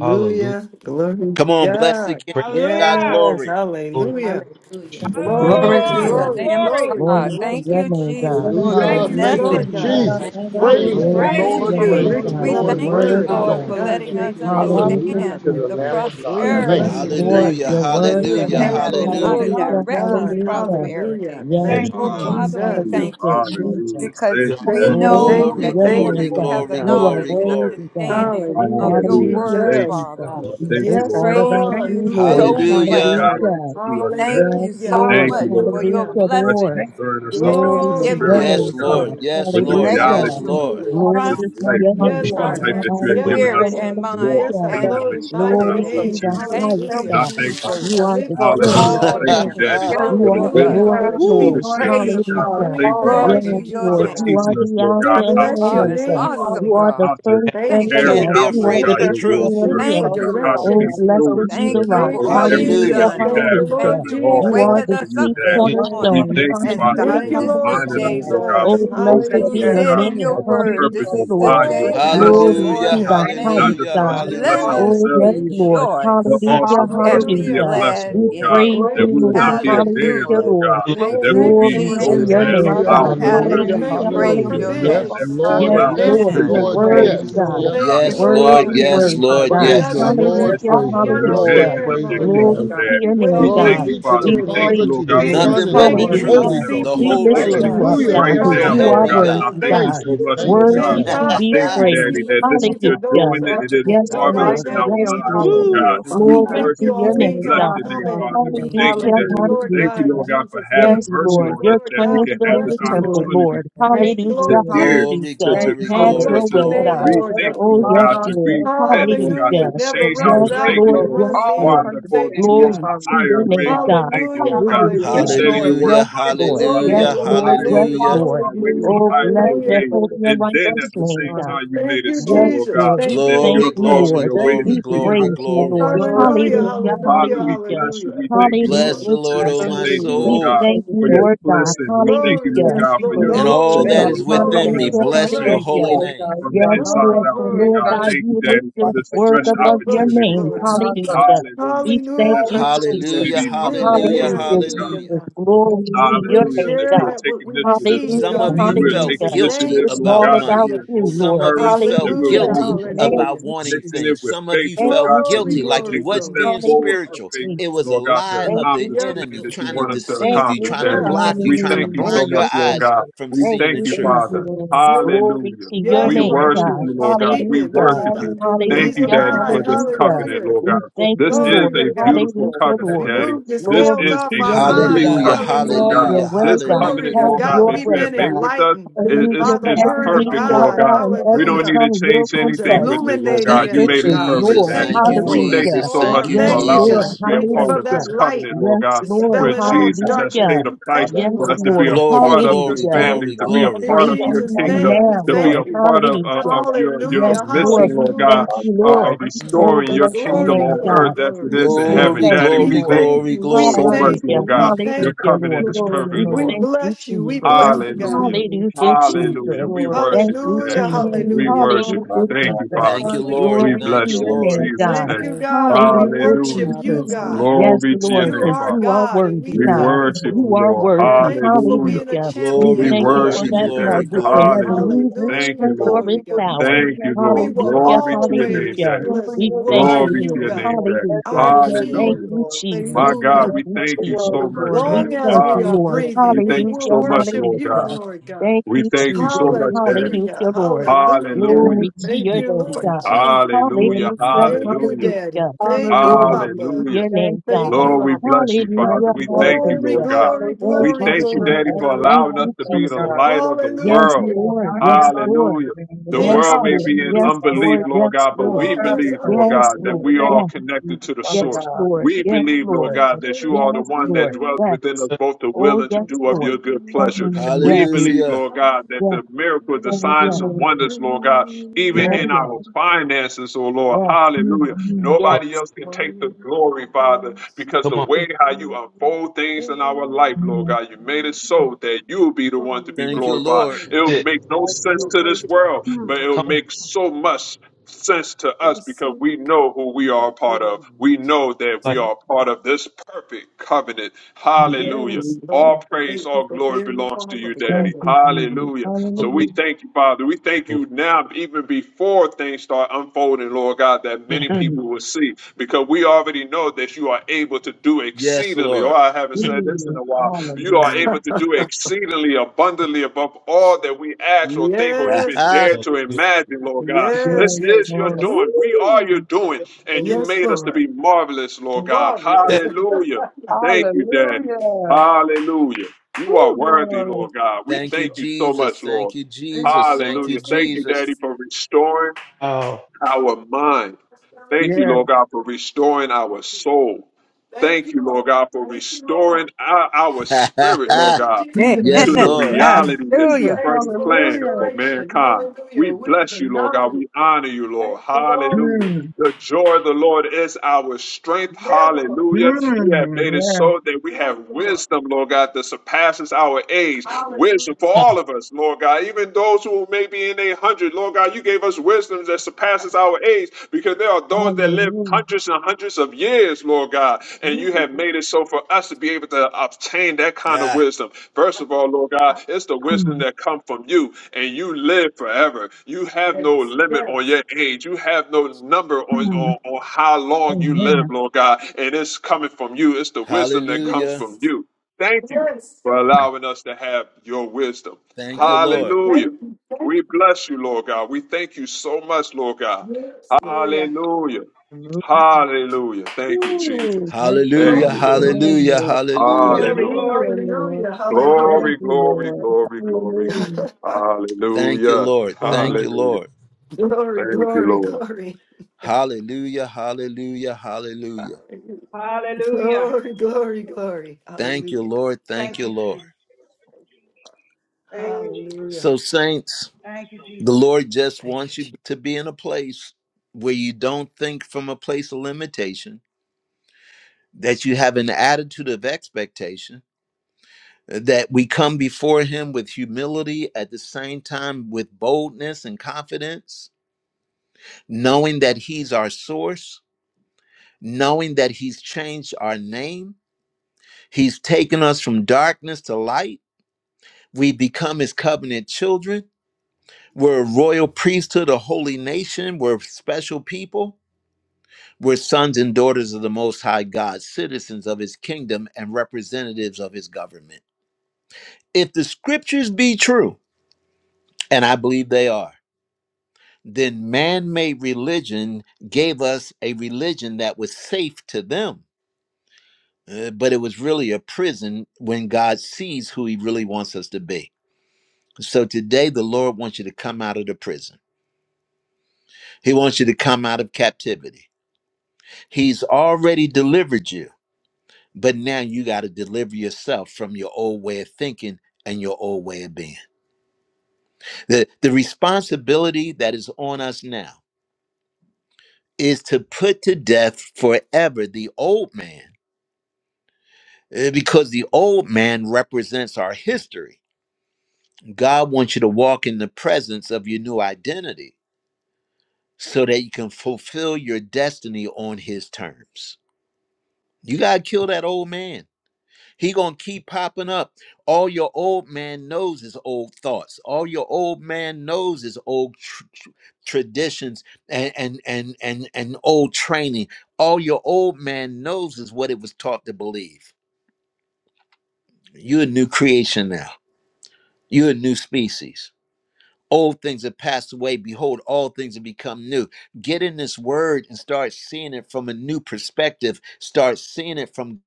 Speaker 3: Hallelujah.
Speaker 4: Glory. to
Speaker 1: Come on, bless the
Speaker 4: God.
Speaker 1: King.
Speaker 3: Praise
Speaker 1: Give God
Speaker 10: Hallelujah.
Speaker 4: Yes.
Speaker 1: glory.
Speaker 3: the Lord
Speaker 9: Hallelujah.
Speaker 4: Hallelujah.
Speaker 3: that you
Speaker 7: Hallelujah.
Speaker 3: have
Speaker 10: Hallelujah,
Speaker 3: already
Speaker 6: Glory
Speaker 4: Glory,
Speaker 6: to
Speaker 10: Lord.
Speaker 2: Hallelujah.
Speaker 6: the
Speaker 7: Hallelujah.
Speaker 4: glory,
Speaker 6: Lamb of
Speaker 10: Glory.
Speaker 4: glory. We
Speaker 6: God.
Speaker 2: Glory to
Speaker 4: bless
Speaker 6: Thank
Speaker 2: your
Speaker 7: Glory.
Speaker 6: you,
Speaker 4: you.
Speaker 2: name,
Speaker 6: Jesus,
Speaker 2: God.
Speaker 4: We
Speaker 6: for this
Speaker 5: Hallelujah.
Speaker 10: Thank
Speaker 4: thank
Speaker 7: Thank
Speaker 10: you,
Speaker 2: Hallelujah,
Speaker 4: you,
Speaker 7: you,
Speaker 5: Thank you,
Speaker 7: Lord.
Speaker 10: Jesus.
Speaker 6: message,
Speaker 4: Lord
Speaker 9: Thank
Speaker 6: Lord.
Speaker 4: God.
Speaker 2: Jesus.
Speaker 9: God.
Speaker 5: Jesus.
Speaker 7: Thank you,
Speaker 6: We
Speaker 9: Hallelujah.
Speaker 5: Praise the
Speaker 4: Hallelujah.
Speaker 2: Glory
Speaker 10: Thank
Speaker 4: Thank
Speaker 2: to
Speaker 10: you,
Speaker 4: you
Speaker 6: praise
Speaker 5: Lord.
Speaker 2: your
Speaker 4: for the
Speaker 6: you.
Speaker 5: Praise
Speaker 2: name,
Speaker 9: Glory
Speaker 5: the
Speaker 10: Jesus.
Speaker 4: richness
Speaker 2: God.
Speaker 6: We
Speaker 9: to
Speaker 4: of
Speaker 2: Your
Speaker 9: the
Speaker 4: the
Speaker 5: Lord.
Speaker 9: Lord.
Speaker 6: thank
Speaker 5: Praise
Speaker 6: you,
Speaker 2: word,
Speaker 4: word.
Speaker 9: God.
Speaker 5: the
Speaker 4: Oh,
Speaker 7: Lord.
Speaker 6: Lord,
Speaker 4: my
Speaker 2: God.
Speaker 9: Thank
Speaker 6: for
Speaker 5: Lord.
Speaker 9: you,
Speaker 4: God.
Speaker 6: letting
Speaker 7: Hallelujah.
Speaker 6: us
Speaker 4: Thank
Speaker 9: Jesus.
Speaker 4: you,
Speaker 7: Thank you.
Speaker 4: Lord
Speaker 2: Hallelujah,
Speaker 5: Hallelujah
Speaker 9: Hallelujah.
Speaker 6: understand
Speaker 4: God.
Speaker 5: to
Speaker 9: Father.
Speaker 5: the
Speaker 7: You're
Speaker 6: the
Speaker 2: Jesus.
Speaker 5: Lamb of
Speaker 7: worthy.
Speaker 4: We
Speaker 5: God.
Speaker 4: are
Speaker 7: Yes,
Speaker 9: Thank you,
Speaker 5: Thank
Speaker 2: Yes,
Speaker 6: prosperity
Speaker 5: you.
Speaker 4: blessing
Speaker 9: Lord.
Speaker 7: Lord.
Speaker 4: you.
Speaker 5: Thank
Speaker 2: Lord.
Speaker 6: that
Speaker 7: Thank
Speaker 1: Hallelujah,
Speaker 5: you.
Speaker 6: you
Speaker 2: Your
Speaker 5: Thank you.
Speaker 6: want us
Speaker 4: We
Speaker 2: word,
Speaker 6: to
Speaker 4: are
Speaker 1: hallelujah,
Speaker 9: Thank
Speaker 2: God.
Speaker 7: you,
Speaker 9: you,
Speaker 6: have
Speaker 4: thankful.
Speaker 6: and
Speaker 9: Lord.
Speaker 6: how
Speaker 7: Jesus.
Speaker 6: to
Speaker 1: hallelujah.
Speaker 4: Glory to
Speaker 2: Hallelujah.
Speaker 6: direct
Speaker 4: God.
Speaker 6: this
Speaker 9: Hallelujah,
Speaker 7: Hallelujah.
Speaker 9: Father.
Speaker 2: Hallelujah.
Speaker 9: God.
Speaker 7: Yes,
Speaker 6: prosperity.
Speaker 4: Hallelujah.
Speaker 7: thank you.
Speaker 2: Yes,
Speaker 4: Thank
Speaker 3: heaven.
Speaker 9: Thank
Speaker 4: you,
Speaker 6: Oh,
Speaker 9: you,
Speaker 2: Lord.
Speaker 6: Father,
Speaker 9: Jesus.
Speaker 6: we
Speaker 4: Jesus.
Speaker 11: Hallelujah.
Speaker 7: Thank
Speaker 6: thank
Speaker 7: you,
Speaker 2: Hallelujah,
Speaker 6: you
Speaker 9: Lord.
Speaker 11: Hallelujah.
Speaker 2: Jesus.
Speaker 6: because
Speaker 11: Thank
Speaker 3: Hallelujah.
Speaker 11: you,
Speaker 6: we
Speaker 4: Thank
Speaker 3: Hallelujah.
Speaker 11: Daddy,
Speaker 4: you,
Speaker 11: for
Speaker 2: Glory
Speaker 6: know
Speaker 9: Hallelujah.
Speaker 4: thank
Speaker 2: to
Speaker 11: allowing
Speaker 1: Glory,
Speaker 11: us
Speaker 4: you,
Speaker 6: that
Speaker 11: to
Speaker 2: your
Speaker 6: you
Speaker 11: be
Speaker 7: Lord.
Speaker 4: thank
Speaker 6: want
Speaker 11: a
Speaker 1: glory,
Speaker 4: you,
Speaker 2: name,
Speaker 6: us
Speaker 11: part
Speaker 6: to
Speaker 11: of
Speaker 2: God.
Speaker 4: Lord
Speaker 6: have
Speaker 11: the
Speaker 6: the
Speaker 1: glory,
Speaker 4: God.
Speaker 2: You are
Speaker 11: covenant,
Speaker 1: glory,
Speaker 6: knowledge and
Speaker 11: Lord God.
Speaker 2: worthy,
Speaker 1: glory.
Speaker 2: God.
Speaker 6: understanding of
Speaker 4: Hallelujah,
Speaker 6: your
Speaker 9: Thank
Speaker 11: Hallelujah.
Speaker 2: Hallelujah,
Speaker 11: I
Speaker 6: word,
Speaker 11: Thank you,
Speaker 4: Jesus.
Speaker 6: Father.
Speaker 2: Jesus.
Speaker 11: Father.
Speaker 3: Lord,
Speaker 11: I
Speaker 9: you.
Speaker 11: Thank
Speaker 7: Hallelujah.
Speaker 6: We
Speaker 11: you,
Speaker 2: It's
Speaker 4: Yes,
Speaker 11: Lord
Speaker 2: all
Speaker 11: God, that
Speaker 6: praise
Speaker 2: about
Speaker 11: you
Speaker 9: Thank
Speaker 4: Lord,
Speaker 11: have
Speaker 2: you,
Speaker 4: we
Speaker 9: you
Speaker 6: you
Speaker 9: for your
Speaker 2: Lord.
Speaker 4: thank
Speaker 11: unfolded
Speaker 6: so
Speaker 4: you,
Speaker 9: support
Speaker 11: these
Speaker 6: much,
Speaker 4: God.
Speaker 1: Hallelujah.
Speaker 9: for
Speaker 6: Lord.
Speaker 2: Hallelujah.
Speaker 11: realities to
Speaker 6: We
Speaker 11: us,
Speaker 7: Hallelujah. Thank you.
Speaker 6: thank
Speaker 11: Daddy.
Speaker 2: Yes,
Speaker 6: you
Speaker 4: Hallelujah,
Speaker 6: so
Speaker 2: Lord.
Speaker 11: Thank you,
Speaker 6: much
Speaker 9: possibly
Speaker 11: Lord
Speaker 6: for
Speaker 11: God,
Speaker 6: your
Speaker 4: hallelujah.
Speaker 11: for
Speaker 2: Hallelujah,
Speaker 11: refreshing and
Speaker 2: Lord.
Speaker 9: thank
Speaker 6: blessings
Speaker 11: stirring us
Speaker 9: you
Speaker 11: up
Speaker 6: that
Speaker 11: in
Speaker 2: Glory
Speaker 11: our
Speaker 6: you've
Speaker 2: to
Speaker 4: Glory,
Speaker 9: for
Speaker 6: given
Speaker 2: your
Speaker 11: spirit,
Speaker 4: glory,
Speaker 1: Yes,
Speaker 11: Lord
Speaker 2: name,
Speaker 6: us
Speaker 11: God,
Speaker 1: Lord.
Speaker 2: God.
Speaker 6: to
Speaker 4: glory. A
Speaker 1: Yes,
Speaker 11: with the
Speaker 6: be
Speaker 4: new
Speaker 9: for
Speaker 1: Lord.
Speaker 4: man,
Speaker 9: talking
Speaker 6: able
Speaker 4: a
Speaker 1: Yes,
Speaker 2: Hallelujah.
Speaker 9: to
Speaker 7: Hallelujah.
Speaker 11: realities,
Speaker 6: to
Speaker 9: me.
Speaker 11: oh
Speaker 4: new
Speaker 1: Lord.
Speaker 11: Lord,
Speaker 4: man.
Speaker 11: of
Speaker 9: thoughts
Speaker 11: this
Speaker 9: this
Speaker 2: Glory to
Speaker 6: prosper,
Speaker 11: life,
Speaker 9: one
Speaker 2: your
Speaker 11: oh
Speaker 9: month
Speaker 7: Glory
Speaker 2: name,
Speaker 4: Yes,
Speaker 9: ago
Speaker 11: Lord,
Speaker 4: I
Speaker 11: the
Speaker 9: or
Speaker 7: to
Speaker 2: God.
Speaker 11: life
Speaker 6: prosper
Speaker 11: that
Speaker 9: another
Speaker 4: thank
Speaker 6: in
Speaker 4: you.
Speaker 11: you have
Speaker 3: where
Speaker 4: Yes,
Speaker 11: given
Speaker 4: I
Speaker 2: Hallelujah,
Speaker 6: spirit
Speaker 11: us
Speaker 9: possible.
Speaker 6: and
Speaker 4: praise you.
Speaker 6: mind
Speaker 11: more
Speaker 4: Yes, I
Speaker 2: hallelujah.
Speaker 6: and
Speaker 9: Again,
Speaker 6: in
Speaker 9: it's
Speaker 11: abundantly,
Speaker 4: glorify
Speaker 11: Lord
Speaker 9: strip
Speaker 4: your
Speaker 6: soul,
Speaker 11: God,
Speaker 2: Glory
Speaker 9: us
Speaker 6: Lord.
Speaker 2: to
Speaker 11: through
Speaker 9: from
Speaker 4: name.
Speaker 2: the
Speaker 11: Jesus.
Speaker 6: Thank
Speaker 2: highest
Speaker 6: you,
Speaker 11: And
Speaker 4: Hallelujah.
Speaker 9: selfish
Speaker 11: I
Speaker 2: God.
Speaker 9: and
Speaker 11: thank
Speaker 7: you.
Speaker 11: you,
Speaker 9: started
Speaker 4: I
Speaker 2: You
Speaker 6: Jesus,
Speaker 11: Father.
Speaker 2: are
Speaker 9: out
Speaker 2: the
Speaker 4: lift
Speaker 6: for
Speaker 4: you
Speaker 9: strip
Speaker 4: up,
Speaker 11: Hallelujah.
Speaker 9: us
Speaker 2: King,
Speaker 11: I
Speaker 6: all
Speaker 9: from
Speaker 4: Lord
Speaker 11: thank
Speaker 6: that
Speaker 2: King.
Speaker 11: you,
Speaker 4: God.
Speaker 6: you've
Speaker 11: Daddy,
Speaker 6: done
Speaker 2: You
Speaker 11: for
Speaker 9: jealousy,
Speaker 11: the
Speaker 2: are
Speaker 6: for
Speaker 7: Hallelujah.
Speaker 2: the
Speaker 9: Father
Speaker 6: us.
Speaker 4: Hallelujah,
Speaker 11: wisdom
Speaker 2: Lord of
Speaker 11: for
Speaker 9: God,
Speaker 4: hallelujah.
Speaker 6: We
Speaker 7: Hallelujah.
Speaker 1: Woo!
Speaker 2: Lords.
Speaker 9: Lord,
Speaker 11: stewardship,
Speaker 9: you
Speaker 11: Lord
Speaker 6: praise you.
Speaker 11: God.
Speaker 9: supply
Speaker 11: I
Speaker 2: Hallelujah.
Speaker 4: We
Speaker 11: thank
Speaker 9: all
Speaker 11: you,
Speaker 9: our
Speaker 6: Glory
Speaker 4: praise
Speaker 11: Father,
Speaker 6: to
Speaker 4: you,
Speaker 2: Yes,
Speaker 9: needs,
Speaker 6: your
Speaker 11: for
Speaker 2: Lord.
Speaker 9: Father
Speaker 6: name,
Speaker 9: God.
Speaker 2: You
Speaker 4: Jesus.
Speaker 7: Thank
Speaker 2: are
Speaker 11: teaching
Speaker 2: the
Speaker 11: us, Lord
Speaker 9: Father
Speaker 4: We
Speaker 2: Alpha
Speaker 9: God,
Speaker 11: God,
Speaker 6: because
Speaker 2: and
Speaker 11: how
Speaker 2: the
Speaker 6: you
Speaker 9: help
Speaker 11: to
Speaker 4: bless
Speaker 9: us
Speaker 6: are
Speaker 4: your
Speaker 11: do
Speaker 9: be
Speaker 6: an
Speaker 11: so,
Speaker 2: Omega.
Speaker 4: name,
Speaker 11: Father.
Speaker 2: You
Speaker 6: awesome
Speaker 4: Lord
Speaker 9: cautious.
Speaker 2: are
Speaker 4: God.
Speaker 2: the
Speaker 6: God.
Speaker 11: how to
Speaker 3: There
Speaker 2: first
Speaker 4: Thank
Speaker 2: and
Speaker 6: Thank
Speaker 1: You
Speaker 2: the
Speaker 4: you,
Speaker 6: you
Speaker 11: carry
Speaker 1: can't
Speaker 2: last.
Speaker 1: be
Speaker 4: Lord
Speaker 6: so
Speaker 11: out,
Speaker 3: is
Speaker 2: You
Speaker 3: no
Speaker 6: much,
Speaker 2: are
Speaker 11: Lord
Speaker 1: afraid
Speaker 9: Look
Speaker 3: lack.
Speaker 4: King.
Speaker 2: the
Speaker 1: of
Speaker 11: God,
Speaker 6: Lord.
Speaker 1: the
Speaker 9: us
Speaker 11: your will
Speaker 2: beginning
Speaker 11: on
Speaker 1: truth.
Speaker 2: and
Speaker 9: over,
Speaker 4: Thank
Speaker 11: earth,
Speaker 4: you
Speaker 2: the
Speaker 4: for
Speaker 11: Lord
Speaker 6: Thank
Speaker 2: end.
Speaker 11: God.
Speaker 6: you,
Speaker 9: cautious,
Speaker 11: How
Speaker 6: Lord.
Speaker 11: to
Speaker 9: Father
Speaker 2: Oh,
Speaker 11: be
Speaker 9: God,
Speaker 4: directions,
Speaker 9: so
Speaker 4: Lord.
Speaker 9: we
Speaker 2: blessed
Speaker 11: stewards,
Speaker 2: be the
Speaker 11: Lord
Speaker 6: Thank
Speaker 9: can
Speaker 6: you
Speaker 11: God,
Speaker 2: rock.
Speaker 9: move
Speaker 6: for
Speaker 4: Thank you,
Speaker 11: over
Speaker 9: in,
Speaker 6: all you've
Speaker 11: everything
Speaker 2: Hallelujah,
Speaker 11: that
Speaker 1: Hallelujah.
Speaker 4: Jesus.
Speaker 11: we
Speaker 6: done,
Speaker 9: Father God.
Speaker 6: Lord.
Speaker 4: Thank
Speaker 11: have
Speaker 4: you,
Speaker 11: because
Speaker 2: hallelujah.
Speaker 6: Thank
Speaker 4: Lord
Speaker 11: it
Speaker 6: you
Speaker 11: all
Speaker 6: for
Speaker 2: You
Speaker 9: Hallelujah.
Speaker 4: Jesus.
Speaker 2: are
Speaker 6: waking
Speaker 11: belongs
Speaker 2: the
Speaker 11: to
Speaker 6: us
Speaker 11: you,
Speaker 6: up
Speaker 2: chief
Speaker 7: you.
Speaker 6: this
Speaker 3: There
Speaker 11: Daddy.
Speaker 3: is no distribution. Hallelujah. You don't have to even scales, Lord. Thank you, Lord.
Speaker 11: We
Speaker 6: morning
Speaker 2: cornerstone.
Speaker 3: Thank you
Speaker 11: thank you,
Speaker 6: and
Speaker 3: for
Speaker 11: Father,
Speaker 2: Hallelujah,
Speaker 4: Thank
Speaker 11: for
Speaker 6: starting
Speaker 4: you,
Speaker 6: this
Speaker 4: Lord
Speaker 6: new
Speaker 11: reminding us,
Speaker 6: day,
Speaker 2: hallelujah.
Speaker 11: Lord God,
Speaker 6: Lord.
Speaker 11: of
Speaker 4: Jesus.
Speaker 2: Oh,
Speaker 11: the
Speaker 2: blessed
Speaker 11: focus,
Speaker 6: And
Speaker 2: be
Speaker 6: you
Speaker 11: Lord
Speaker 2: your
Speaker 4: Hallelujah.
Speaker 6: said
Speaker 11: God,
Speaker 6: in
Speaker 2: name.
Speaker 6: your
Speaker 11: of the
Speaker 6: word,
Speaker 11: purpose
Speaker 6: this
Speaker 2: Hallelujah,
Speaker 11: of
Speaker 6: is the
Speaker 11: why
Speaker 2: Lord.
Speaker 11: you
Speaker 6: day
Speaker 11: are
Speaker 4: Glory,
Speaker 6: that the
Speaker 11: blessing
Speaker 4: glory,
Speaker 11: us,
Speaker 2: Glory to
Speaker 6: Lord
Speaker 1: Hallelujah,
Speaker 11: Lord
Speaker 4: glory,
Speaker 6: has
Speaker 2: the
Speaker 11: God.
Speaker 4: glory.
Speaker 11: Not
Speaker 6: made.
Speaker 2: highest
Speaker 11: just
Speaker 1: hallelujah,
Speaker 11: for us to
Speaker 4: Thank
Speaker 2: God.
Speaker 4: you,
Speaker 11: bless
Speaker 6: Let
Speaker 1: hallelujah.
Speaker 4: Lord.
Speaker 6: us
Speaker 2: Oh,
Speaker 11: ourselves,
Speaker 2: yes,
Speaker 4: Thank you,
Speaker 2: Lord.
Speaker 4: God.
Speaker 11: but
Speaker 6: rejoice
Speaker 3: the mind,
Speaker 11: also
Speaker 2: Hallelujah,
Speaker 11: for us
Speaker 6: and
Speaker 11: to
Speaker 9: Hallelujah.
Speaker 6: be
Speaker 11: be a
Speaker 4: Hallelujah.
Speaker 9: Thank you.
Speaker 2: hallelujah.
Speaker 11: blessing,
Speaker 6: glad
Speaker 2: We
Speaker 11: Lord
Speaker 4: Hallelujah.
Speaker 6: in
Speaker 4: We
Speaker 11: God.
Speaker 6: it.
Speaker 2: praise
Speaker 3: the
Speaker 11: That
Speaker 4: praise
Speaker 2: you,
Speaker 9: Glory
Speaker 11: we
Speaker 4: you,
Speaker 9: to
Speaker 11: will
Speaker 2: Lord.
Speaker 11: not
Speaker 9: your
Speaker 11: be
Speaker 4: Jesus.
Speaker 11: a
Speaker 9: name,
Speaker 11: dam,
Speaker 2: Hallelujah,
Speaker 9: Lord.
Speaker 6: Hallelujah.
Speaker 11: Lord
Speaker 2: Lord.
Speaker 11: God,
Speaker 3: ability.
Speaker 11: but
Speaker 6: Thank
Speaker 9: Glory
Speaker 11: there will
Speaker 6: you,
Speaker 9: to
Speaker 4: Thank you
Speaker 11: be
Speaker 9: your
Speaker 2: Glory
Speaker 4: for
Speaker 9: name,
Speaker 4: the
Speaker 2: to
Speaker 6: Jesus.
Speaker 11: those
Speaker 9: Father
Speaker 2: your
Speaker 11: that
Speaker 2: name,
Speaker 9: God,
Speaker 4: advancement
Speaker 5: Hallelujah,
Speaker 4: of the
Speaker 9: that
Speaker 11: allow
Speaker 2: God.
Speaker 9: you
Speaker 11: water
Speaker 9: pour
Speaker 4: kingdom.
Speaker 9: out
Speaker 5: hallelujah,
Speaker 11: to
Speaker 2: Hallelujah,
Speaker 9: and
Speaker 6: Hallelujah.
Speaker 4: Thank
Speaker 9: give
Speaker 4: you
Speaker 11: flow,
Speaker 4: for
Speaker 6: Praise
Speaker 9: some
Speaker 5: hallelujah.
Speaker 11: Lord
Speaker 6: your
Speaker 9: people,
Speaker 2: hallelujah.
Speaker 11: God,
Speaker 6: name.
Speaker 5: Yes,
Speaker 11: that
Speaker 9: Father
Speaker 4: provisions
Speaker 9: God,
Speaker 4: to
Speaker 5: Lord,
Speaker 2: Yes,
Speaker 9: that
Speaker 11: allow
Speaker 5: yes,
Speaker 4: advance
Speaker 2: Lord,
Speaker 4: the
Speaker 9: chooses
Speaker 6: Amen.
Speaker 9: to
Speaker 2: you're
Speaker 11: provision to
Speaker 5: Lord,
Speaker 4: kingdom.
Speaker 11: flow
Speaker 9: praise,
Speaker 2: worthy,
Speaker 11: through
Speaker 5: yes,
Speaker 11: us,
Speaker 9: Lord.
Speaker 2: God.
Speaker 11: Lord
Speaker 5: yes,
Speaker 4: Thank
Speaker 11: God.
Speaker 4: you,
Speaker 9: And
Speaker 1: Yes,
Speaker 5: Lord.
Speaker 9: that's
Speaker 4: Lord
Speaker 2: Worthy,
Speaker 9: the
Speaker 1: Lord.
Speaker 4: God.
Speaker 9: end
Speaker 11: Hallelujah
Speaker 1: Yes,
Speaker 11: for the
Speaker 2: worthy,
Speaker 9: result,
Speaker 1: Lord.
Speaker 4: We
Speaker 2: God.
Speaker 5: Praise
Speaker 9: Father
Speaker 4: got
Speaker 5: the
Speaker 11: advancing of
Speaker 4: a
Speaker 9: God.
Speaker 7: Thank you.
Speaker 1: Yes.
Speaker 7: Thank
Speaker 11: your
Speaker 5: Lord,
Speaker 9: That
Speaker 7: you.
Speaker 2: Hallelujah,
Speaker 11: mission,
Speaker 4: direction.
Speaker 5: praise
Speaker 9: all
Speaker 11: for
Speaker 4: We
Speaker 5: the
Speaker 11: the
Speaker 9: glory
Speaker 5: Lord,
Speaker 2: hallelujah.
Speaker 9: goes
Speaker 11: advancing
Speaker 4: understand,
Speaker 11: of
Speaker 9: to
Speaker 5: praise
Speaker 11: your
Speaker 5: the
Speaker 9: you,
Speaker 4: Lord God,
Speaker 3: Hallelujah.
Speaker 9: Father
Speaker 11: kingdom,
Speaker 7: Thank
Speaker 5: Lord.
Speaker 2: Glory
Speaker 7: you. Thank you.
Speaker 2: to
Speaker 9: God.
Speaker 2: your
Speaker 11: Daddy.
Speaker 4: what it
Speaker 2: name,
Speaker 9: So
Speaker 11: We
Speaker 5: Glory
Speaker 9: you,
Speaker 2: God.
Speaker 11: thank you,
Speaker 5: be
Speaker 4: means
Speaker 5: to
Speaker 11: Father.
Speaker 5: the
Speaker 2: We
Speaker 4: to
Speaker 11: We thank
Speaker 9: Lord,
Speaker 5: Father,
Speaker 11: you,
Speaker 2: praise
Speaker 4: advance.
Speaker 5: to
Speaker 11: Lord
Speaker 3: It's
Speaker 5: the
Speaker 2: you,
Speaker 11: God,
Speaker 9: speak
Speaker 11: for
Speaker 7: Thank
Speaker 2: Lord.
Speaker 4: We
Speaker 11: these
Speaker 5: Son,
Speaker 9: this,
Speaker 1: Nothing
Speaker 5: and to
Speaker 1: but
Speaker 4: thank
Speaker 11: doors,
Speaker 5: the
Speaker 1: the
Speaker 4: you.
Speaker 9: Lord,
Speaker 11: Lord,
Speaker 4: We
Speaker 11: Lord,
Speaker 5: Holy
Speaker 1: truth,
Speaker 2: Hallelujah.
Speaker 11: that
Speaker 9: dominate, us,
Speaker 11: are
Speaker 5: Ghost.
Speaker 1: the
Speaker 4: beseech
Speaker 11: even
Speaker 2: We
Speaker 9: Lord,
Speaker 4: you,
Speaker 1: whole
Speaker 2: lift
Speaker 9: let
Speaker 4: Lord
Speaker 9: us
Speaker 11: opening
Speaker 1: truth.
Speaker 2: you
Speaker 9: do
Speaker 4: God.
Speaker 2: up,
Speaker 9: your
Speaker 5: Hallelujah to
Speaker 4: Send
Speaker 2: God,
Speaker 5: the
Speaker 11: right
Speaker 9: best,
Speaker 2: because
Speaker 1: So
Speaker 9: Lord.
Speaker 11: now,
Speaker 5: Lamb
Speaker 2: you
Speaker 5: of
Speaker 1: help
Speaker 2: are
Speaker 11: Lord
Speaker 1: me
Speaker 11: God.
Speaker 5: God.
Speaker 4: prosperity
Speaker 11: And
Speaker 2: worthy,
Speaker 4: to
Speaker 11: I
Speaker 1: God.
Speaker 11: thank you
Speaker 4: advance
Speaker 2: God.
Speaker 5: Thank
Speaker 4: it.
Speaker 11: so
Speaker 5: you,
Speaker 11: much,
Speaker 9: Glory, to
Speaker 5: thank
Speaker 9: you,
Speaker 11: Lord
Speaker 5: you,
Speaker 11: God.
Speaker 9: Father
Speaker 2: Worthy
Speaker 4: Send
Speaker 5: thank
Speaker 9: God.
Speaker 5: you.
Speaker 2: to
Speaker 11: I
Speaker 2: be
Speaker 11: thank you,
Speaker 4: prosperity to
Speaker 2: praised.
Speaker 4: meet
Speaker 11: Daddy,
Speaker 9: Hallelujah,
Speaker 4: the
Speaker 11: that this
Speaker 9: Father
Speaker 11: is
Speaker 9: God.
Speaker 4: needs
Speaker 2: Hallelujah.
Speaker 11: your
Speaker 4: of those
Speaker 11: doing
Speaker 4: that
Speaker 9: Let
Speaker 4: are,
Speaker 11: it. It
Speaker 9: us
Speaker 11: is
Speaker 2: Yes,
Speaker 9: see
Speaker 7: you.
Speaker 4: are
Speaker 9: our life
Speaker 4: right
Speaker 2: Lord.
Speaker 11: marvelous in
Speaker 9: will
Speaker 4: now
Speaker 11: our
Speaker 9: be
Speaker 2: Yes,
Speaker 9: on
Speaker 4: needing.
Speaker 11: eyes,
Speaker 9: top of
Speaker 2: Lord.
Speaker 11: Lord
Speaker 9: the
Speaker 7: Thank
Speaker 11: God.
Speaker 9: hill,
Speaker 7: you.
Speaker 1: Woo!
Speaker 9: Father
Speaker 4: We
Speaker 11: We
Speaker 7: Hallelujah.
Speaker 2: Glory
Speaker 9: God.
Speaker 4: thank
Speaker 2: to
Speaker 4: you.
Speaker 11: worship
Speaker 4: All
Speaker 2: your
Speaker 11: you.
Speaker 9: That it
Speaker 11: We
Speaker 4: things
Speaker 2: name,
Speaker 11: bless
Speaker 4: are in
Speaker 2: God.
Speaker 9: cannot
Speaker 11: your
Speaker 9: be
Speaker 11: name,
Speaker 9: on,
Speaker 4: common.
Speaker 11: Father.
Speaker 9: Lord.
Speaker 11: We
Speaker 7: Thank
Speaker 4: We
Speaker 11: thank you,
Speaker 2: Hallelujah,
Speaker 4: thank you,
Speaker 11: Daddy.
Speaker 9: Hallelujah.
Speaker 4: Lord
Speaker 11: Thank
Speaker 4: God,
Speaker 11: you,
Speaker 4: in
Speaker 2: hallelujah.
Speaker 11: Lord God, for
Speaker 4: Jesus'
Speaker 11: having
Speaker 9: Thank
Speaker 4: name.
Speaker 2: Yes,
Speaker 9: you,
Speaker 11: mercy
Speaker 2: Lord,
Speaker 9: Lord.
Speaker 11: on us
Speaker 2: your
Speaker 4: Lord
Speaker 11: that we
Speaker 2: train
Speaker 4: God,
Speaker 11: can
Speaker 4: we
Speaker 2: fills
Speaker 11: have
Speaker 9: Thank
Speaker 11: this
Speaker 2: the
Speaker 4: bless
Speaker 7: you.
Speaker 4: you
Speaker 9: you,
Speaker 2: temple,
Speaker 4: for
Speaker 9: Lord.
Speaker 4: it.
Speaker 11: opportunity
Speaker 2: Lord.
Speaker 9: Thank
Speaker 4: Thank you,
Speaker 9: you,
Speaker 11: to
Speaker 2: Hallelujah,
Speaker 4: Lord
Speaker 9: Lord.
Speaker 11: hear,
Speaker 1: Glory,
Speaker 4: Jesus.
Speaker 11: to,
Speaker 2: hallelujah.
Speaker 9: Thank
Speaker 11: to
Speaker 1: glory,
Speaker 9: you,
Speaker 11: come,
Speaker 2: Have
Speaker 9: Lord.
Speaker 11: to,
Speaker 1: glory,
Speaker 2: your
Speaker 4: Bless your
Speaker 11: to
Speaker 2: way,
Speaker 9: Father
Speaker 4: name,
Speaker 1: glory.
Speaker 2: God.
Speaker 9: God,
Speaker 4: Lord
Speaker 9: let
Speaker 11: rethink,
Speaker 9: us
Speaker 4: God.
Speaker 7: Lord, Lord, Lord, Lord, thank you, Lord, just say thank you, Lord, just thank you, Lord,
Speaker 2: Oh,
Speaker 11: Lord
Speaker 2: yes,
Speaker 9: remind
Speaker 11: God, to
Speaker 2: Lord.
Speaker 9: ourselves
Speaker 11: repent,
Speaker 9: to be
Speaker 11: Lord God,
Speaker 4: Hallelujah.
Speaker 2: Hallelujah.
Speaker 11: to
Speaker 4: Never
Speaker 9: thankful
Speaker 11: change
Speaker 9: and
Speaker 11: our
Speaker 2: Yes,
Speaker 4: runs out, but
Speaker 2: Lord,
Speaker 11: thinking,
Speaker 4: it
Speaker 9: grateful in
Speaker 11: Lord,
Speaker 2: yes,
Speaker 4: runs
Speaker 9: all
Speaker 4: in.
Speaker 2: Lord.
Speaker 4: We
Speaker 11: Father, for
Speaker 4: thank you,
Speaker 9: circumstances,
Speaker 11: towards
Speaker 2: Glory
Speaker 4: God.
Speaker 11: the
Speaker 9: Father,
Speaker 2: to your
Speaker 11: higher
Speaker 9: Father
Speaker 2: name,
Speaker 11: ways
Speaker 9: God.
Speaker 11: of
Speaker 2: God.
Speaker 11: thinking,
Speaker 4: Hallelujah.
Speaker 11: Lord God.
Speaker 9: Hallelujah.
Speaker 11: You
Speaker 9: That
Speaker 2: Hallelujah.
Speaker 4: Hallelujah.
Speaker 11: said in
Speaker 9: knowing
Speaker 11: your
Speaker 9: this
Speaker 1: Hallelujah,
Speaker 11: words,
Speaker 2: Yes,
Speaker 11: my
Speaker 9: is
Speaker 11: thoughts
Speaker 2: Lord.
Speaker 9: your
Speaker 11: are, are,
Speaker 4: Glory,
Speaker 2: Yes,
Speaker 1: hallelujah,
Speaker 9: will,
Speaker 11: are
Speaker 9: Lord.
Speaker 4: glory,
Speaker 2: Lord.
Speaker 11: higher
Speaker 2: Yes,
Speaker 11: than
Speaker 4: glory,
Speaker 11: your
Speaker 1: hallelujah.
Speaker 11: thoughts,
Speaker 2: Lord.
Speaker 4: glory,
Speaker 11: my ways
Speaker 9: Hallelujah.
Speaker 11: are
Speaker 4: glory.
Speaker 2: Oh,
Speaker 11: higher than
Speaker 2: bless
Speaker 9: Thank
Speaker 11: your
Speaker 2: your
Speaker 9: you,
Speaker 4: Hallelujah.
Speaker 11: ways.
Speaker 9: Lord.
Speaker 2: holy and
Speaker 11: And then
Speaker 9: Thank
Speaker 11: at
Speaker 2: righteous
Speaker 9: you,
Speaker 11: the
Speaker 2: name,
Speaker 11: same
Speaker 2: God.
Speaker 9: Father.
Speaker 11: time, you
Speaker 4: Thank
Speaker 11: made it
Speaker 4: you,
Speaker 11: so,
Speaker 2: Yes,
Speaker 9: Thank
Speaker 11: Lord
Speaker 4: Jesus.
Speaker 9: you.
Speaker 11: God,
Speaker 2: Lord. We
Speaker 4: Thank
Speaker 11: that
Speaker 4: you,
Speaker 2: thank
Speaker 11: your
Speaker 1: Glory,
Speaker 4: Lord
Speaker 2: you,
Speaker 4: God.
Speaker 11: thoughts and
Speaker 1: glory,
Speaker 2: Lord.
Speaker 11: your
Speaker 9: Thank
Speaker 11: ways
Speaker 1: glory,
Speaker 2: We
Speaker 9: you,
Speaker 11: can be
Speaker 1: glory,
Speaker 11: our
Speaker 9: Jesus.
Speaker 2: praise you,
Speaker 11: own
Speaker 1: glory.
Speaker 2: Lord.
Speaker 11: as
Speaker 9: Lord,
Speaker 11: well,
Speaker 9: to
Speaker 4: Hallelujah.
Speaker 11: Lord.
Speaker 9: your name.
Speaker 2: Hallelujah,
Speaker 4: Hallelujah.
Speaker 11: Father, we
Speaker 2: hallelujah.
Speaker 11: bless you.
Speaker 4: Hallelujah.
Speaker 11: We thank
Speaker 4: Thank
Speaker 11: you
Speaker 4: you,
Speaker 9: Hallelujah.
Speaker 11: so
Speaker 1: Bless
Speaker 4: Lord.
Speaker 11: much,
Speaker 1: the
Speaker 2: Hallelujah,
Speaker 1: Lord,
Speaker 11: Daddy.
Speaker 1: O
Speaker 11: We
Speaker 2: Jesus.
Speaker 1: my
Speaker 11: thank
Speaker 9: Hallelujah.
Speaker 11: you, Lord
Speaker 2: We
Speaker 9: Thank you
Speaker 1: soul,
Speaker 11: God,
Speaker 9: for
Speaker 4: Mm.
Speaker 2: thank
Speaker 9: this
Speaker 2: you,
Speaker 11: for
Speaker 9: day
Speaker 11: your
Speaker 2: Lord
Speaker 9: today.
Speaker 2: God.
Speaker 11: blessing. We thank you,
Speaker 4: Glory,
Speaker 9: Thank
Speaker 11: Lord
Speaker 2: Hallelujah.
Speaker 4: yes,
Speaker 11: God,
Speaker 9: you,
Speaker 11: for
Speaker 4: Lord.
Speaker 2: We
Speaker 11: your
Speaker 9: Lord.
Speaker 1: and
Speaker 4: All
Speaker 2: lift
Speaker 4: was
Speaker 1: all
Speaker 11: for
Speaker 2: you
Speaker 4: in
Speaker 9: Thank
Speaker 1: that
Speaker 2: up.
Speaker 11: for
Speaker 9: you,
Speaker 4: us.
Speaker 1: is
Speaker 9: Father
Speaker 4: Glory.
Speaker 1: within
Speaker 11: helping
Speaker 4: We
Speaker 1: me.
Speaker 9: God.
Speaker 11: us
Speaker 2: Hallelujah,
Speaker 11: to
Speaker 4: will
Speaker 11: be
Speaker 1: Bless your
Speaker 4: bless
Speaker 9: Thank you,
Speaker 4: you.
Speaker 2: hallelujah.
Speaker 1: holy
Speaker 9: Father
Speaker 11: transformed
Speaker 1: name.
Speaker 9: God.
Speaker 11: from
Speaker 9: You
Speaker 11: the
Speaker 9: are
Speaker 2: Yes,
Speaker 9: no
Speaker 11: inside
Speaker 4: Glory,
Speaker 2: Lord.
Speaker 9: longer
Speaker 11: out,
Speaker 2: For
Speaker 11: Lord
Speaker 4: glory,
Speaker 9: the
Speaker 2: Lord
Speaker 11: God.
Speaker 4: God.
Speaker 2: God,
Speaker 9: thirsty,
Speaker 11: Thank you,
Speaker 2: you
Speaker 9: you are
Speaker 2: lift
Speaker 11: Daddy, for
Speaker 2: your
Speaker 9: thirsty,
Speaker 11: this
Speaker 9: but you
Speaker 2: word
Speaker 11: fresh
Speaker 4: We
Speaker 9: Christian
Speaker 4: will
Speaker 2: above your
Speaker 9: not
Speaker 4: bless you,
Speaker 11: opportunity,
Speaker 2: name.
Speaker 4: Lord.
Speaker 11: Lord.
Speaker 9: in our
Speaker 2: Hallelujah.
Speaker 9: thirst.
Speaker 11: Hallelujah.
Speaker 2: We
Speaker 11: And
Speaker 2: thank
Speaker 4: Hallelujah.
Speaker 11: as
Speaker 2: you,
Speaker 11: the
Speaker 9: Hallelujah.
Speaker 1: Hallelujah,
Speaker 2: Jesus.
Speaker 4: We
Speaker 11: opportunity comes
Speaker 4: will
Speaker 1: hallelujah,
Speaker 11: towards us,
Speaker 4: advance the
Speaker 2: Hallelujah,
Speaker 11: Lord
Speaker 9: Hallelujah.
Speaker 11: God.
Speaker 4: kingdom,
Speaker 1: hallelujah.
Speaker 2: Jesus.
Speaker 4: God.
Speaker 2: Glory
Speaker 4: We
Speaker 2: to your
Speaker 9: Hallelujah.
Speaker 4: will
Speaker 11: Hallelujah.
Speaker 2: name,
Speaker 11: That
Speaker 4: share
Speaker 11: we
Speaker 2: God.
Speaker 11: will
Speaker 4: that
Speaker 11: take
Speaker 4: what we
Speaker 11: initiative,
Speaker 4: receive,
Speaker 11: Lord.
Speaker 1: Some
Speaker 2: Hallelujah,
Speaker 1: of
Speaker 4: God.
Speaker 1: you
Speaker 11: That
Speaker 4: In
Speaker 11: we will
Speaker 9: Hallelujah.
Speaker 11: take
Speaker 1: felt
Speaker 2: hallelujah.
Speaker 4: Jesus'
Speaker 1: guilty
Speaker 11: initiative,
Speaker 4: name,
Speaker 2: It's
Speaker 4: we
Speaker 9: Thank
Speaker 11: Lord
Speaker 1: about
Speaker 9: you,
Speaker 2: all
Speaker 11: God.
Speaker 4: bless
Speaker 9: thank
Speaker 11: That
Speaker 4: you,
Speaker 2: about
Speaker 11: we
Speaker 1: money.
Speaker 4: God.
Speaker 11: will go
Speaker 2: you,
Speaker 11: with
Speaker 1: Some
Speaker 2: Lord.
Speaker 1: of
Speaker 11: courage.
Speaker 1: you
Speaker 11: That
Speaker 1: felt
Speaker 11: we will
Speaker 4: Hallelujah,
Speaker 2: Hallelujah.
Speaker 11: go
Speaker 1: guilty
Speaker 11: with
Speaker 9: you,
Speaker 11: the
Speaker 9: thank you.
Speaker 2: Thank
Speaker 11: hope,
Speaker 4: hallelujah.
Speaker 1: about
Speaker 2: you,
Speaker 1: wanting
Speaker 11: mixing it
Speaker 1: things.
Speaker 11: with
Speaker 2: Jesus.
Speaker 1: Some of
Speaker 11: faith,
Speaker 1: you
Speaker 2: Thank
Speaker 11: Lord
Speaker 1: felt
Speaker 11: God.
Speaker 2: you,
Speaker 11: That we
Speaker 4: Glory,
Speaker 1: guilty
Speaker 11: will
Speaker 1: like
Speaker 2: Jesus.
Speaker 1: you
Speaker 4: glory,
Speaker 11: take the
Speaker 1: wasn't
Speaker 11: step
Speaker 4: glory.
Speaker 1: being
Speaker 11: forward of
Speaker 2: Hallelujah,
Speaker 1: spiritual.
Speaker 11: faith,
Speaker 1: It
Speaker 2: Jesus.
Speaker 1: was a
Speaker 11: Lord God, to
Speaker 1: lie
Speaker 9: Jesus.
Speaker 2: Thank
Speaker 1: of
Speaker 2: you,
Speaker 1: the
Speaker 11: accomplish the
Speaker 4: Yes,
Speaker 11: thing
Speaker 1: enemy
Speaker 4: Lord
Speaker 11: that
Speaker 2: Jesus.
Speaker 11: you
Speaker 1: trying to
Speaker 11: want us
Speaker 4: Jesus.
Speaker 11: to
Speaker 2: Thank
Speaker 1: deceive you,
Speaker 2: you,
Speaker 11: accomplish,
Speaker 1: trying to
Speaker 4: Yes,
Speaker 11: Daddy.
Speaker 2: Jesus.
Speaker 1: block you,
Speaker 11: We
Speaker 1: trying to
Speaker 11: thank you
Speaker 9: Hallelujah.
Speaker 2: Thank
Speaker 11: so
Speaker 1: blind your
Speaker 2: you,
Speaker 11: much, Lord
Speaker 1: eyes
Speaker 11: God.
Speaker 2: Jesus.
Speaker 1: from
Speaker 11: We
Speaker 2: Thank
Speaker 1: seeing
Speaker 11: thank
Speaker 1: the
Speaker 2: you,
Speaker 11: you,
Speaker 9: Thank
Speaker 1: truth.
Speaker 9: you,
Speaker 11: Father.
Speaker 2: Jesus.
Speaker 9: Lord.
Speaker 4: yes,
Speaker 2: Glory
Speaker 11: Hallelujah.
Speaker 2: to your
Speaker 4: yes,
Speaker 11: We
Speaker 2: name,
Speaker 4: Lord.
Speaker 11: worship
Speaker 2: God.
Speaker 11: you,
Speaker 9: Hallelujah.
Speaker 11: Lord
Speaker 7: thank
Speaker 11: God.
Speaker 4: Speak
Speaker 11: We
Speaker 4: it, Lord.
Speaker 2: Hallelujah.
Speaker 4: of
Speaker 11: worship
Speaker 4: God.
Speaker 11: you.
Speaker 9: Hallelujah,
Speaker 11: Thank
Speaker 4: He's
Speaker 11: you,
Speaker 2: Hallelujah.
Speaker 9: Father
Speaker 11: Daddy, for
Speaker 4: alive.
Speaker 9: God.
Speaker 11: this
Speaker 2: Hallelujah.
Speaker 9: Give
Speaker 11: covenant,
Speaker 9: us
Speaker 4: Hallelujah.
Speaker 11: Lord
Speaker 9: the
Speaker 2: We
Speaker 11: God.
Speaker 2: thank
Speaker 9: glory.
Speaker 11: This
Speaker 2: you,
Speaker 11: is
Speaker 4: Glory
Speaker 2: Lord.
Speaker 9: Give
Speaker 4: to
Speaker 11: a
Speaker 9: us the
Speaker 4: God.
Speaker 11: beautiful
Speaker 9: glory.
Speaker 2: Hallelujah,
Speaker 11: covenant,
Speaker 2: Lord.
Speaker 11: Daddy.
Speaker 4: Remove the
Speaker 11: This
Speaker 4: scales
Speaker 2: Glory
Speaker 11: is
Speaker 2: to
Speaker 4: off
Speaker 11: a
Speaker 4: our
Speaker 2: your name,
Speaker 9: Every
Speaker 11: complete
Speaker 4: eyes.
Speaker 2: God.
Speaker 1: Hallelujah,
Speaker 11: covenant,
Speaker 9: morning in
Speaker 11: Lord
Speaker 2: Have
Speaker 11: God.
Speaker 4: Hallelujah.
Speaker 9: our
Speaker 1: hallelujah,
Speaker 2: your
Speaker 9: office,
Speaker 2: way,
Speaker 11: This
Speaker 2: God.
Speaker 4: Glory
Speaker 11: covenant,
Speaker 1: hallelujah.
Speaker 4: to
Speaker 2: Have
Speaker 11: Lord
Speaker 9: Father
Speaker 11: God,
Speaker 4: God.
Speaker 2: your
Speaker 11: that
Speaker 9: God.
Speaker 4: We've
Speaker 11: you
Speaker 2: way,
Speaker 11: have
Speaker 4: been
Speaker 11: made
Speaker 2: God.
Speaker 11: with us
Speaker 4: enlightened
Speaker 9: Let
Speaker 11: is,
Speaker 9: us be
Speaker 11: is,
Speaker 4: by
Speaker 2: Hallelujah. For
Speaker 4: the
Speaker 11: is
Speaker 2: every
Speaker 4: word
Speaker 9: reminded
Speaker 4: of
Speaker 2: knee
Speaker 9: on the
Speaker 11: perfect,
Speaker 2: shall
Speaker 9: day
Speaker 11: Lord
Speaker 4: God.
Speaker 9: we
Speaker 2: bow
Speaker 11: God.
Speaker 2: and
Speaker 9: go
Speaker 11: We
Speaker 2: every
Speaker 9: forward
Speaker 11: don't
Speaker 9: to
Speaker 11: need
Speaker 4: Hallelujah.
Speaker 11: to
Speaker 2: tongue will
Speaker 11: change
Speaker 9: school,
Speaker 4: It's
Speaker 9: not
Speaker 11: anything
Speaker 2: confess.
Speaker 11: with
Speaker 9: me,
Speaker 11: it, Lord
Speaker 4: illuminating
Speaker 11: God.
Speaker 1: Thank
Speaker 11: You
Speaker 4: in
Speaker 2: Jesus
Speaker 1: you,
Speaker 4: us,
Speaker 11: made it
Speaker 2: is
Speaker 4: God. We
Speaker 11: perfect,
Speaker 1: Jesus.
Speaker 2: Lord.
Speaker 9: Father
Speaker 4: thank
Speaker 11: Daddy.
Speaker 1: Thank
Speaker 4: you
Speaker 1: you,
Speaker 11: And
Speaker 9: God.
Speaker 11: we
Speaker 4: for it.
Speaker 10: Hallelujah.
Speaker 11: thank you
Speaker 2: Hallelujah.
Speaker 1: Jesus.
Speaker 11: so
Speaker 9: Thank
Speaker 11: much
Speaker 1: Thank
Speaker 10: Lord.
Speaker 1: you,
Speaker 9: you,
Speaker 2: Yes,
Speaker 11: for
Speaker 4: Thank
Speaker 9: Lord.
Speaker 4: you,
Speaker 11: allowing us
Speaker 2: Lord.
Speaker 4: God.
Speaker 11: to
Speaker 9: I'm
Speaker 1: Jesus.
Speaker 11: be
Speaker 9: not
Speaker 11: a
Speaker 4: Thank you
Speaker 9: where
Speaker 11: part
Speaker 4: for
Speaker 9: this
Speaker 11: of this
Speaker 4: that
Speaker 2: Hallelujah.
Speaker 9: is
Speaker 4: light
Speaker 11: covenant, Lord
Speaker 2: Yes,
Speaker 11: God,
Speaker 2: Lord.
Speaker 11: where
Speaker 9: against
Speaker 4: dispelling
Speaker 9: that
Speaker 4: all
Speaker 11: Jesus has
Speaker 9: pastor.
Speaker 2: Hallelujah.
Speaker 4: darkness.
Speaker 11: paid a
Speaker 4: We
Speaker 11: price
Speaker 4: thank you,
Speaker 2: Yes,
Speaker 7: thank
Speaker 11: for
Speaker 7: you, Lord,
Speaker 9: Hallelujah,
Speaker 11: us
Speaker 4: Lord
Speaker 11: to
Speaker 9: Father
Speaker 4: God.
Speaker 11: be
Speaker 2: Lord.
Speaker 11: a
Speaker 4: In
Speaker 9: God.
Speaker 1: Glory,
Speaker 11: part of
Speaker 4: Jesus'
Speaker 11: this
Speaker 1: glory,
Speaker 4: name.
Speaker 2: Hallelujah.
Speaker 9: Let us
Speaker 11: family,
Speaker 1: glory,
Speaker 11: to
Speaker 9: walk
Speaker 11: be
Speaker 2: We
Speaker 11: a
Speaker 9: out
Speaker 1: glory.
Speaker 4: In
Speaker 9: this
Speaker 11: part
Speaker 2: praise
Speaker 11: of
Speaker 9: walk,
Speaker 2: you
Speaker 11: your
Speaker 4: Jesus'
Speaker 9: Father
Speaker 2: even
Speaker 11: kingdom,
Speaker 9: God,
Speaker 4: name, we
Speaker 9: with
Speaker 2: now,
Speaker 11: to
Speaker 9: our
Speaker 11: be
Speaker 4: thank
Speaker 2: Lord.
Speaker 11: a
Speaker 4: you.
Speaker 9: children,
Speaker 11: part of, uh,
Speaker 9: Father
Speaker 2: Hallelujah.
Speaker 11: of
Speaker 9: God.
Speaker 11: your, your
Speaker 2: Yes,
Speaker 7: thank
Speaker 4: Hallelujah.
Speaker 2: Lord.
Speaker 11: mission,
Speaker 9: Thank
Speaker 2: We
Speaker 11: Lord
Speaker 9: you,
Speaker 11: God,
Speaker 4: Hallelujah.
Speaker 2: thank you,
Speaker 9: Father
Speaker 11: uh,
Speaker 9: God,
Speaker 2: Lord.
Speaker 11: of
Speaker 9: in the
Speaker 7: you,
Speaker 2: Oh,
Speaker 9: midst
Speaker 11: restoring
Speaker 9: of the
Speaker 11: your
Speaker 2: bless the
Speaker 9: storm,
Speaker 11: kingdom
Speaker 4: Glory,
Speaker 2: name,
Speaker 11: on
Speaker 9: Lord.
Speaker 4: glory,
Speaker 2: God.
Speaker 11: earth as it
Speaker 4: glory.
Speaker 9: Thank
Speaker 11: is
Speaker 9: you,
Speaker 11: in
Speaker 7: thank you,
Speaker 2: We
Speaker 7: thank you,
Speaker 11: heaven.
Speaker 9: Jesus.
Speaker 1: Glory,
Speaker 7: Father,
Speaker 2: thank
Speaker 11: Daddy,
Speaker 2: you,
Speaker 11: we
Speaker 4: We
Speaker 1: glory,
Speaker 2: Lord.
Speaker 11: thank you
Speaker 4: thank
Speaker 1: glory,
Speaker 4: you. We
Speaker 1: glory.
Speaker 11: so
Speaker 7: Lord,
Speaker 11: much,
Speaker 4: thank you.
Speaker 2: Hallelujah.
Speaker 11: Lord
Speaker 4: We
Speaker 11: God.
Speaker 9: Hallelujah.
Speaker 7: we love
Speaker 11: Your
Speaker 4: thank
Speaker 2: Hallelujah,
Speaker 4: you.
Speaker 2: Lord.
Speaker 11: covenant is
Speaker 7: you,
Speaker 9: Glory,
Speaker 2: We
Speaker 11: perfect,
Speaker 4: We
Speaker 11: Lord.
Speaker 9: Lord.
Speaker 2: thank you,
Speaker 4: bless you.
Speaker 7: we thank you, we
Speaker 4: We
Speaker 2: Jesus.
Speaker 4: bless
Speaker 9: Thank
Speaker 7: honor
Speaker 4: you,
Speaker 7: you,
Speaker 9: you,
Speaker 7: we
Speaker 4: God.
Speaker 11: Hallelujah.
Speaker 9: Jesus.
Speaker 2: Hallelujah, Jesus.
Speaker 9: Ooh,
Speaker 11: Hallelujah. We
Speaker 9: Lord.
Speaker 2: Thank
Speaker 11: worship you,
Speaker 2: you,
Speaker 4: Hallelujah.
Speaker 11: Daddy.
Speaker 7: love
Speaker 9: Everyone
Speaker 2: Jesus.
Speaker 9: in
Speaker 11: We
Speaker 9: this
Speaker 4: Hallelujah.
Speaker 11: worship
Speaker 9: room,
Speaker 2: Hallelujah,
Speaker 11: you.
Speaker 9: Father
Speaker 11: Thank
Speaker 9: God,
Speaker 11: you,
Speaker 9: that
Speaker 2: Jesus.
Speaker 7: you,
Speaker 1: Thank
Speaker 7: we
Speaker 11: Father.
Speaker 1: you,
Speaker 9: heard this
Speaker 1: Lord.
Speaker 7: worship
Speaker 11: We
Speaker 2: Glory
Speaker 7: you,
Speaker 9: message,
Speaker 1: Thank
Speaker 2: to
Speaker 11: bless
Speaker 1: you,
Speaker 2: your
Speaker 11: you
Speaker 9: Lord,
Speaker 11: in
Speaker 1: Lord.
Speaker 9: Father,
Speaker 2: name,
Speaker 11: Jesus'
Speaker 9: in
Speaker 2: God.
Speaker 4: Thank you,
Speaker 11: name.
Speaker 7: oh,
Speaker 4: God. We
Speaker 2: Hallelujah,
Speaker 4: worship
Speaker 11: Hallelujah.
Speaker 9: the
Speaker 4: you,
Speaker 2: Jesus.
Speaker 9: name
Speaker 7: hallelujah,
Speaker 9: of
Speaker 4: God.
Speaker 2: Yes,
Speaker 11: Glory
Speaker 9: Jesus,
Speaker 11: to your
Speaker 2: Lord,
Speaker 9: Father
Speaker 4: You
Speaker 11: name,
Speaker 2: because
Speaker 9: God,
Speaker 7: hallelujah,
Speaker 4: are
Speaker 2: you
Speaker 11: Father.
Speaker 2: are
Speaker 4: God, and
Speaker 2: worthy,
Speaker 4: we
Speaker 11: We
Speaker 9: yes,
Speaker 4: thank
Speaker 2: God.
Speaker 4: you
Speaker 11: worship
Speaker 9: Lord.
Speaker 4: for
Speaker 11: you,
Speaker 2: You
Speaker 4: it.
Speaker 2: are
Speaker 11: Lord.
Speaker 9: yes,
Speaker 2: worthy.
Speaker 4: Thank you
Speaker 9: and
Speaker 4: for
Speaker 9: these
Speaker 11: Hallelujah.
Speaker 4: being a
Speaker 9: people
Speaker 2: Hallelujah.
Speaker 7: we thank you, Lord, we
Speaker 9: be
Speaker 7: thank you, thank you, Lord, thank you, thank you, Lord, thank you, thank you, thank you,
Speaker 2: We
Speaker 9: their
Speaker 11: We
Speaker 1: Glory,
Speaker 4: champion,
Speaker 7: Lord,
Speaker 2: thank you for
Speaker 1: glory,
Speaker 4: glory.
Speaker 11: worship
Speaker 9: ancestors
Speaker 2: that
Speaker 11: you,
Speaker 9: for their
Speaker 1: glory,
Speaker 2: blood
Speaker 11: Daddy.
Speaker 2: which will
Speaker 9: family,
Speaker 1: glory.
Speaker 2: never
Speaker 9: Father,
Speaker 11: Hallelujah.
Speaker 2: lose its
Speaker 11: Thank
Speaker 4: Hallelujah,
Speaker 11: you,
Speaker 2: strength
Speaker 9: for
Speaker 2: or
Speaker 9: the
Speaker 11: Lord.
Speaker 4: glory,
Speaker 2: its
Speaker 9: people
Speaker 4: God.
Speaker 9: you put
Speaker 2: power.
Speaker 9: in
Speaker 11: Thank
Speaker 9: their
Speaker 11: you,
Speaker 4: We
Speaker 9: life,
Speaker 11: Lord.
Speaker 4: will
Speaker 9: Lord,
Speaker 2: Hallelujah.
Speaker 11: Glory
Speaker 9: Father
Speaker 11: to
Speaker 9: God,
Speaker 11: your name,
Speaker 4: always
Speaker 2: Hallelujah.
Speaker 11: Daddy.
Speaker 9: whoever
Speaker 4: bless
Speaker 2: We
Speaker 4: and
Speaker 9: you
Speaker 2: thank you,
Speaker 9: assign
Speaker 4: worship
Speaker 11: Glory
Speaker 9: them
Speaker 11: to
Speaker 4: you,
Speaker 2: Lord.
Speaker 11: your
Speaker 9: to,
Speaker 4: God,
Speaker 11: name,
Speaker 9: Lord,
Speaker 11: Daddy.
Speaker 9: let
Speaker 2: Hallelujah.
Speaker 9: them
Speaker 4: our
Speaker 9: be their
Speaker 2: Thank
Speaker 9: life,
Speaker 11: Hallelujah.
Speaker 4: King.
Speaker 2: you,
Speaker 9: Lord,
Speaker 2: Jesus.
Speaker 9: let
Speaker 11: My
Speaker 9: them
Speaker 11: God,
Speaker 2: Thank
Speaker 4: Hallelujah.
Speaker 11: we
Speaker 2: you,
Speaker 9: represent the
Speaker 11: thank you
Speaker 2: Jesus.
Speaker 11: so
Speaker 9: world,
Speaker 11: much,
Speaker 9: Lord, in
Speaker 2: We
Speaker 4: Long
Speaker 11: Daddy.
Speaker 9: Jesus'
Speaker 4: as
Speaker 2: thank you,
Speaker 11: Ah,
Speaker 4: we are
Speaker 9: name,
Speaker 2: Lord.
Speaker 9: Lord,
Speaker 11: we
Speaker 4: breathing, we
Speaker 11: thank you
Speaker 4: will
Speaker 2: Hallelujah.
Speaker 11: so
Speaker 9: I
Speaker 11: much,
Speaker 4: worship
Speaker 11: Lord
Speaker 4: you,
Speaker 11: God.
Speaker 2: Hallelujah.
Speaker 4: Lord God.
Speaker 2: Thank
Speaker 11: We
Speaker 2: you,
Speaker 11: thank you
Speaker 9: forgive
Speaker 11: so
Speaker 2: Jesus.
Speaker 9: you.
Speaker 11: much, Daddy.
Speaker 7: thank
Speaker 2: Hallelujah,
Speaker 4: Hallelujah.
Speaker 2: Lord.
Speaker 4: Hallelujah.
Speaker 9: thank
Speaker 2: Glory
Speaker 11: Hallelujah.
Speaker 9: you,
Speaker 2: to
Speaker 4: Thank
Speaker 2: your
Speaker 4: you,
Speaker 9: Jesus,
Speaker 2: name,
Speaker 4: Lord
Speaker 2: God.
Speaker 7: you,
Speaker 4: Jesus.
Speaker 9: yes,
Speaker 11: Hallelujah.
Speaker 7: Lord, thank
Speaker 2: Hallelujah.
Speaker 9: Lord.
Speaker 7: you.
Speaker 4: Thank you,
Speaker 11: Hallelujah.
Speaker 4: Daddy.
Speaker 2: Hallelujah.
Speaker 4: Thank you,
Speaker 9: hallelujah,
Speaker 2: Glory to
Speaker 4: Papa.
Speaker 11: Hallelujah.
Speaker 2: your
Speaker 9: thank
Speaker 2: name,
Speaker 9: you,
Speaker 2: God.
Speaker 4: Thank
Speaker 9: Lord.
Speaker 4: you,
Speaker 11: Lord, we
Speaker 4: Abba.
Speaker 11: bless you,
Speaker 9: Thank
Speaker 11: Father.
Speaker 2: Hallelujah.
Speaker 9: you,
Speaker 11: We
Speaker 9: Lord,
Speaker 11: thank
Speaker 9: that
Speaker 11: you,
Speaker 4: Glory,
Speaker 9: you
Speaker 11: Lord
Speaker 2: Hallelujah.
Speaker 11: God.
Speaker 9: chose
Speaker 4: glory,
Speaker 9: us,
Speaker 2: Thank
Speaker 11: We
Speaker 4: glory,
Speaker 2: you,
Speaker 9: Father
Speaker 11: thank you,
Speaker 9: God,
Speaker 4: glory,
Speaker 11: Daddy,
Speaker 2: Jesus.
Speaker 9: at
Speaker 11: for
Speaker 9: this
Speaker 4: glory.
Speaker 2: Thank
Speaker 11: allowing us
Speaker 2: you,
Speaker 9: moment,
Speaker 11: to be
Speaker 9: Father
Speaker 11: the
Speaker 2: Jesus.
Speaker 9: God.
Speaker 11: light of the
Speaker 2: Yes,
Speaker 9: We
Speaker 11: world.
Speaker 4: Hallelujah.
Speaker 9: are
Speaker 2: Lord.
Speaker 9: not here
Speaker 2: Yes,
Speaker 9: by
Speaker 2: Lord.
Speaker 11: Hallelujah.
Speaker 9: accident,
Speaker 11: The
Speaker 9: Lord.
Speaker 4: Thank
Speaker 2: Yes,
Speaker 11: world
Speaker 4: you,
Speaker 11: may
Speaker 2: Lord.
Speaker 11: be in
Speaker 9: Hallelujah,
Speaker 2: Yes,
Speaker 9: Father
Speaker 4: Jesus.
Speaker 11: unbelief,
Speaker 2: Lord.
Speaker 9: God.
Speaker 11: Lord
Speaker 2: Yes,
Speaker 11: God,
Speaker 4: How
Speaker 11: but
Speaker 9: We
Speaker 2: Lord.
Speaker 11: we
Speaker 4: long
Speaker 9: have the
Speaker 4: as
Speaker 11: believe,
Speaker 4: I
Speaker 11: Lord
Speaker 9: purpose,
Speaker 2: Yes,
Speaker 4: am
Speaker 11: God,
Speaker 9: Lord.
Speaker 11: that
Speaker 2: Lord.
Speaker 11: we
Speaker 2: Yes,
Speaker 9: Thank
Speaker 4: breathing,
Speaker 11: are
Speaker 9: you,
Speaker 11: connected
Speaker 9: Jesus,
Speaker 11: to the
Speaker 9: Father
Speaker 2: Yes,
Speaker 11: source.
Speaker 9: God.
Speaker 4: I
Speaker 2: Lord.
Speaker 11: We
Speaker 2: Yes,
Speaker 4: will
Speaker 11: believe, Lord
Speaker 2: Lord.
Speaker 4: always
Speaker 11: God, that
Speaker 4: worship
Speaker 11: you
Speaker 2: Yes,
Speaker 11: are the one that
Speaker 2: Lord.
Speaker 11: dwells
Speaker 4: you.
Speaker 2: Yes.
Speaker 11: within us, both the will
Speaker 2: Oh,
Speaker 11: and to
Speaker 2: yes,
Speaker 4: As
Speaker 11: do of
Speaker 2: Lord.
Speaker 11: your
Speaker 4: long
Speaker 11: good pleasure.
Speaker 3: That's,
Speaker 9: Hallelujah,
Speaker 11: We
Speaker 2: Yes.
Speaker 11: believe,
Speaker 9: Jesus.
Speaker 1: Hallelujah.
Speaker 4: as
Speaker 11: Lord God, that
Speaker 2: Yes.
Speaker 11: the
Speaker 4: I
Speaker 11: miracles, the
Speaker 9: Thank you,
Speaker 2: Yes.
Speaker 11: signs
Speaker 4: am
Speaker 11: and
Speaker 9: Lord.
Speaker 11: wonders, Lord God,
Speaker 3: that's
Speaker 11: even
Speaker 2: Oh,
Speaker 9: Yes,
Speaker 3: it.
Speaker 11: in
Speaker 4: breathing.
Speaker 2: yes.
Speaker 11: our
Speaker 9: Lord.
Speaker 11: finances, oh Lord,
Speaker 2: Yes.
Speaker 11: hallelujah
Speaker 9: Mm, mm,
Speaker 2: Yes.
Speaker 11: Nobody else
Speaker 3: Hallelujah.
Speaker 11: can take the
Speaker 4: Holy
Speaker 11: glory, Father,
Speaker 4: Spirit,
Speaker 11: because
Speaker 3: Come
Speaker 11: the
Speaker 3: on.
Speaker 11: way how you unfold things in our life, Lord
Speaker 9: mm,
Speaker 11: God, you made it
Speaker 9: Lord.
Speaker 2: Yes.
Speaker 11: so that you'll be the one to
Speaker 4: Glory,
Speaker 11: be
Speaker 1: Thank you,
Speaker 4: glory,
Speaker 11: glorified.
Speaker 1: Lord.
Speaker 4: glory.
Speaker 3: That's
Speaker 11: It'll
Speaker 3: it.
Speaker 11: make no sense
Speaker 4: Father,
Speaker 9: Hallelujah.
Speaker 11: to this
Speaker 4: worship. you.
Speaker 11: world,
Speaker 9: Mm,
Speaker 11: but
Speaker 4: Lord,
Speaker 11: it'll
Speaker 3: Come
Speaker 2: Yes.
Speaker 3: on.
Speaker 11: make so much sense to us because
Speaker 4: Receive
Speaker 11: we
Speaker 4: the
Speaker 11: know who we are a part of. We
Speaker 4: covenant.
Speaker 11: know that we
Speaker 3: Like,
Speaker 11: are a part of this perfect covenant.
Speaker 9: mm,
Speaker 11: Hallelujah.
Speaker 4: Yes,
Speaker 9: mm.
Speaker 11: All
Speaker 4: Lord.
Speaker 11: praise,
Speaker 4: Thank you
Speaker 11: all
Speaker 4: for
Speaker 11: glory
Speaker 4: being the
Speaker 11: belongs to
Speaker 4: part of
Speaker 11: you,
Speaker 4: the
Speaker 11: Daddy.
Speaker 9: Thank
Speaker 4: covenant.
Speaker 9: you, Jesus.
Speaker 11: Hallelujah. So we
Speaker 9: Hallelujah.
Speaker 3: hallelujah,
Speaker 11: thank you, Father. We thank
Speaker 3: Lord.
Speaker 11: you now, even before things start unfolding, Lord God, that many
Speaker 3: Mm,
Speaker 9: Mm,
Speaker 11: people will see, because we already know that you are able to do
Speaker 1: Yes,
Speaker 11: exceedingly. Oh,
Speaker 1: Lord.
Speaker 11: I haven't
Speaker 3: mm,
Speaker 11: said this in
Speaker 9: mm,
Speaker 11: a while. You are
Speaker 9: Hallelujah.
Speaker 11: able to do exceedingly abundantly above all that we ask or think or
Speaker 1: Ha
Speaker 4: Yes,
Speaker 11: even
Speaker 1: ha.
Speaker 4: yes,
Speaker 11: dare to
Speaker 4: yes.
Speaker 3: hallelujah.
Speaker 11: imagine, Lord God.
Speaker 4: Yes,
Speaker 11: This
Speaker 9: Yes,
Speaker 4: yes,
Speaker 11: is your
Speaker 9: Lord.
Speaker 4: yes.
Speaker 11: doing. We are your
Speaker 9: Ooh.
Speaker 11: doing,
Speaker 3: Hallelujah.
Speaker 11: and you
Speaker 3: Hallelujah.
Speaker 4: Yes,
Speaker 11: made us to
Speaker 4: Lord.
Speaker 11: be marvelous, Lord God.
Speaker 4: Lord, yes.
Speaker 3: That's it.
Speaker 4: Lord.
Speaker 11: Hallelujah. Thank you, Daddy.
Speaker 9: Hallelujah.
Speaker 11: Hallelujah. You are
Speaker 9: Ooh,
Speaker 11: worthy,
Speaker 9: Lord.
Speaker 11: Lord God. We
Speaker 1: Thank you,
Speaker 11: thank you so
Speaker 1: Jesus.
Speaker 11: much, Lord.
Speaker 1: Thank you,
Speaker 4: Thank you,
Speaker 1: Jesus. Thank
Speaker 4: Lord
Speaker 1: you,
Speaker 11: Hallelujah. Thank you,
Speaker 1: Jesus.
Speaker 11: Daddy,
Speaker 4: Jesus.
Speaker 11: for restoring
Speaker 3: Wow.
Speaker 11: our mind. Thank
Speaker 4: Restoration.
Speaker 11: you,
Speaker 9: Yes.
Speaker 11: Lord God, for restoring our soul.
Speaker 4: Thank
Speaker 11: Thank
Speaker 4: you,
Speaker 11: you, Lord
Speaker 4: Lord.
Speaker 11: God, for
Speaker 4: Thank you, Lord.
Speaker 11: restoring our, our
Speaker 1: Ha ha
Speaker 11: spirit,
Speaker 4: Thank
Speaker 11: Lord
Speaker 1: ha.
Speaker 4: you,
Speaker 11: God,
Speaker 6: Amen.
Speaker 9: Mm,
Speaker 4: Jesus.
Speaker 11: to
Speaker 1: Yes,
Speaker 11: the
Speaker 9: Lord.
Speaker 1: Lord.
Speaker 9: Thank you,
Speaker 11: reality that you
Speaker 9: Jesus.
Speaker 6: Hallelujah.
Speaker 4: Thank you
Speaker 11: first
Speaker 4: for
Speaker 11: planned
Speaker 9: Hallelujah.
Speaker 11: for
Speaker 4: restoration.
Speaker 11: mankind.
Speaker 4: Hallelujah.
Speaker 11: We bless
Speaker 4: Wisdom,
Speaker 11: you, Lord God.
Speaker 4: knowledge.
Speaker 11: We honor you,
Speaker 4: Thank
Speaker 11: Lord.
Speaker 4: you, Lord.
Speaker 11: Hallelujah.
Speaker 9: Mm.
Speaker 11: The joy of the Lord is our strength.
Speaker 4: Yeah, Lord. Yeah,
Speaker 11: Hallelujah.
Speaker 4: Lord.
Speaker 11: You have
Speaker 9: Mm.
Speaker 11: made it
Speaker 9: Yes.
Speaker 11: so that we
Speaker 4: Yes,
Speaker 11: have
Speaker 4: Lord.
Speaker 11: wisdom, Lord God, that surpasses our age.
Speaker 4: Hallelujah.
Speaker 11: Wisdom for
Speaker 3: Mm,
Speaker 11: all of us, Lord God. Even those who may be in their hundred, Lord God, you gave us wisdom that surpasses our age because there are those that live
Speaker 9: Hallelujah.
Speaker 11: hundreds and hundreds of years, Lord God oh God. And you have
Speaker 4: You.
Speaker 11: made it so for us to be able to obtain that kind of
Speaker 1: Ah,
Speaker 11: wisdom. First of all, Lord God, it's the wisdom
Speaker 9: Mm.
Speaker 11: that comes from you, and you live forever. You have no
Speaker 4: Yes,
Speaker 11: limit on
Speaker 4: yes,
Speaker 11: your age. You have no number on,
Speaker 9: Mm.
Speaker 11: on, on how long you live,
Speaker 9: Amen.
Speaker 11: Lord God. And it's coming from you. It's the wisdom that comes
Speaker 1: hallelujah.
Speaker 11: from
Speaker 4: yes,
Speaker 11: you. Thank you
Speaker 4: yes.
Speaker 11: for allowing us to have your wisdom.
Speaker 1: Thank you,
Speaker 4: Thank you,
Speaker 1: Lord.
Speaker 11: Hallelujah.
Speaker 4: thank you, thank
Speaker 11: We bless you, Lord God. We thank you so much, Lord God.
Speaker 4: you. Yes, Lord.
Speaker 10: Hallelujah.
Speaker 11: Hallelujah.
Speaker 9: Hallelujah.
Speaker 11: Hallelujah. Thank you,
Speaker 9: Ooh,
Speaker 11: Jesus.
Speaker 9: thank you,
Speaker 11: Thank
Speaker 1: Hallelujah.
Speaker 11: you,
Speaker 4: Glory,
Speaker 11: Lord.
Speaker 4: glory.
Speaker 1: Hallelujah.
Speaker 9: Hallelujah.
Speaker 1: Hallelujah.
Speaker 10: Glory,
Speaker 11: Hallelujah.
Speaker 10: glory.
Speaker 9: Hallelujah, Lord.
Speaker 4: Hallelujah, hallelujah.
Speaker 9: Thank
Speaker 11: Glory,
Speaker 9: you,
Speaker 11: glory,
Speaker 9: Lord.
Speaker 11: glory, glory,
Speaker 9: Hallelujah.
Speaker 11: glory.
Speaker 1: Thank you,
Speaker 11: Hallelujah.
Speaker 1: Lord. Thank
Speaker 3: hallelujah.
Speaker 1: you,
Speaker 11: Hallelujah.
Speaker 1: Lord.
Speaker 4: glory,
Speaker 11: Thank
Speaker 4: glory,
Speaker 11: you,
Speaker 4: glory.
Speaker 1: Hallelujah. Hallelujah. Hallelujah.
Speaker 10: Hallelujah.
Speaker 4: Glory, glory, glory.
Speaker 1: Thank you,
Speaker 4: Hallelujah.
Speaker 1: Lord. Thank
Speaker 10: Thank
Speaker 1: you,
Speaker 10: you,
Speaker 1: Lord.
Speaker 10: Jesus. Thank you, Jesus.
Speaker 4: Hallelujah.
Speaker 1: So, saints.
Speaker 10: Thank you,
Speaker 1: The
Speaker 10: Jesus.
Speaker 1: Lord just
Speaker 4: Thank you,
Speaker 1: wants you
Speaker 4: Jesus.
Speaker 1: to be in a place where you don't think from a place of limitation, that you have an attitude of expectation, uh, that we come before Him with humility, at the same time with boldness and confidence, knowing that He's our source, knowing that He's changed our name, He's taken us from darkness to light. We become His covenant children. We're a royal priesthood, a holy nation. We're a special people We're sons and daughters of the Most High God, citizens of His kingdom, and representatives of His government. If the scriptures be true, and I believe they are, then man made religion gave us a religion that was safe to them, uh, but it was really a prison when God sees who He really wants us to be. So today, the Lord wants you to come out of the prison, He wants you to come out of captivity. He's already delivered you But now you got to deliver yourself from your old way of thinking and your old way of being. The, the responsibility that is on us now is to put to death forever the old man eh, because the old man represents our history. God wants you to walk in the presence of your new identity so that you can fulfill your destiny on his terms. You got to kill that old man He gonna keep popping up. All your old man knows is old thoughts. All your old man knows is old tr- tr- traditions and and and and and old training. All your old man knows is what it was taught to believe. You're a new creation now. You're a new species. Old things have passed away. Behold, all things have become new. Get in this word and start seeing it from a new perspective. Start seeing it from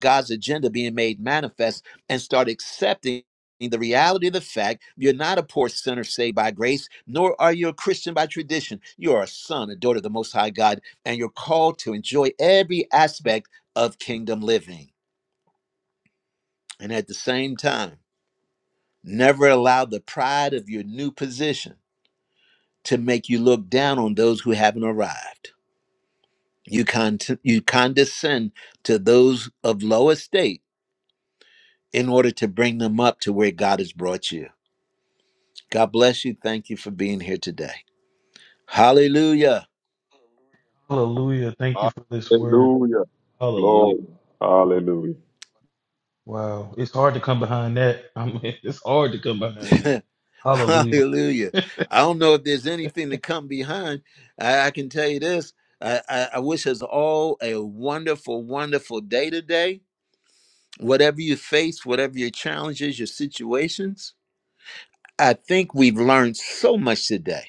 Speaker 1: God's agenda being made manifest and start accepting the reality of the fact you're not a poor sinner saved by grace, nor are you a Christian by tradition. You are a son, a daughter of the Most High God, and you're called to enjoy every aspect of kingdom living. And at the same time, never allow the pride of your new position to make you look down on those who haven't arrived. You, con- you condescend to those of low estate in order to bring them up to where God has brought you. God bless you. Thank you for being here today. Hallelujah.
Speaker 3: Hallelujah. Thank you
Speaker 11: Lord.
Speaker 3: for this word.
Speaker 11: Hallelujah.
Speaker 3: Hallelujah.
Speaker 11: Glory. Hallelujah.
Speaker 3: Wow. It's hard to come behind that. I mean, it's hard to come behind that. Hallelujah.
Speaker 1: Hallelujah. I don't know if there's anything to come behind. I, I can tell you this. I, I, I wish us all a wonderful, wonderful day today. Whatever you face, whatever your challenges, your situations, I think we've learned so much today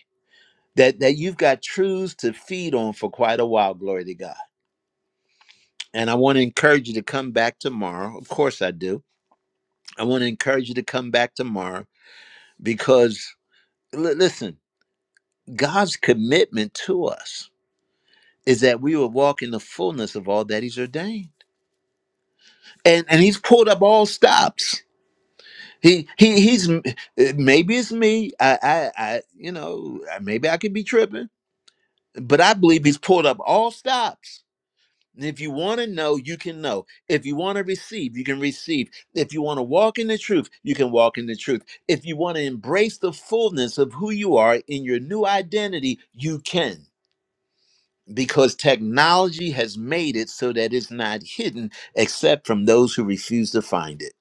Speaker 1: that, that you've got truths to feed on for quite a while. Glory to God. And I want to encourage you to come back tomorrow. Of course, I do I want to encourage you to come back tomorrow because l- listen, God's commitment to us is that we will walk in the fullness of all that He's ordained, and and He's pulled up all stops. He he he's eh, maybe it's me. I I, I you know maybe I could be tripping, but I believe He's pulled up all stops If you want to know, you can know. If you want to receive, you can receive. If you want to walk in the truth, you can walk in the truth. If you want to embrace the fullness of who you are in your new identity, you can. Because technology has made it so that it's not hidden except from those who refuse to find it.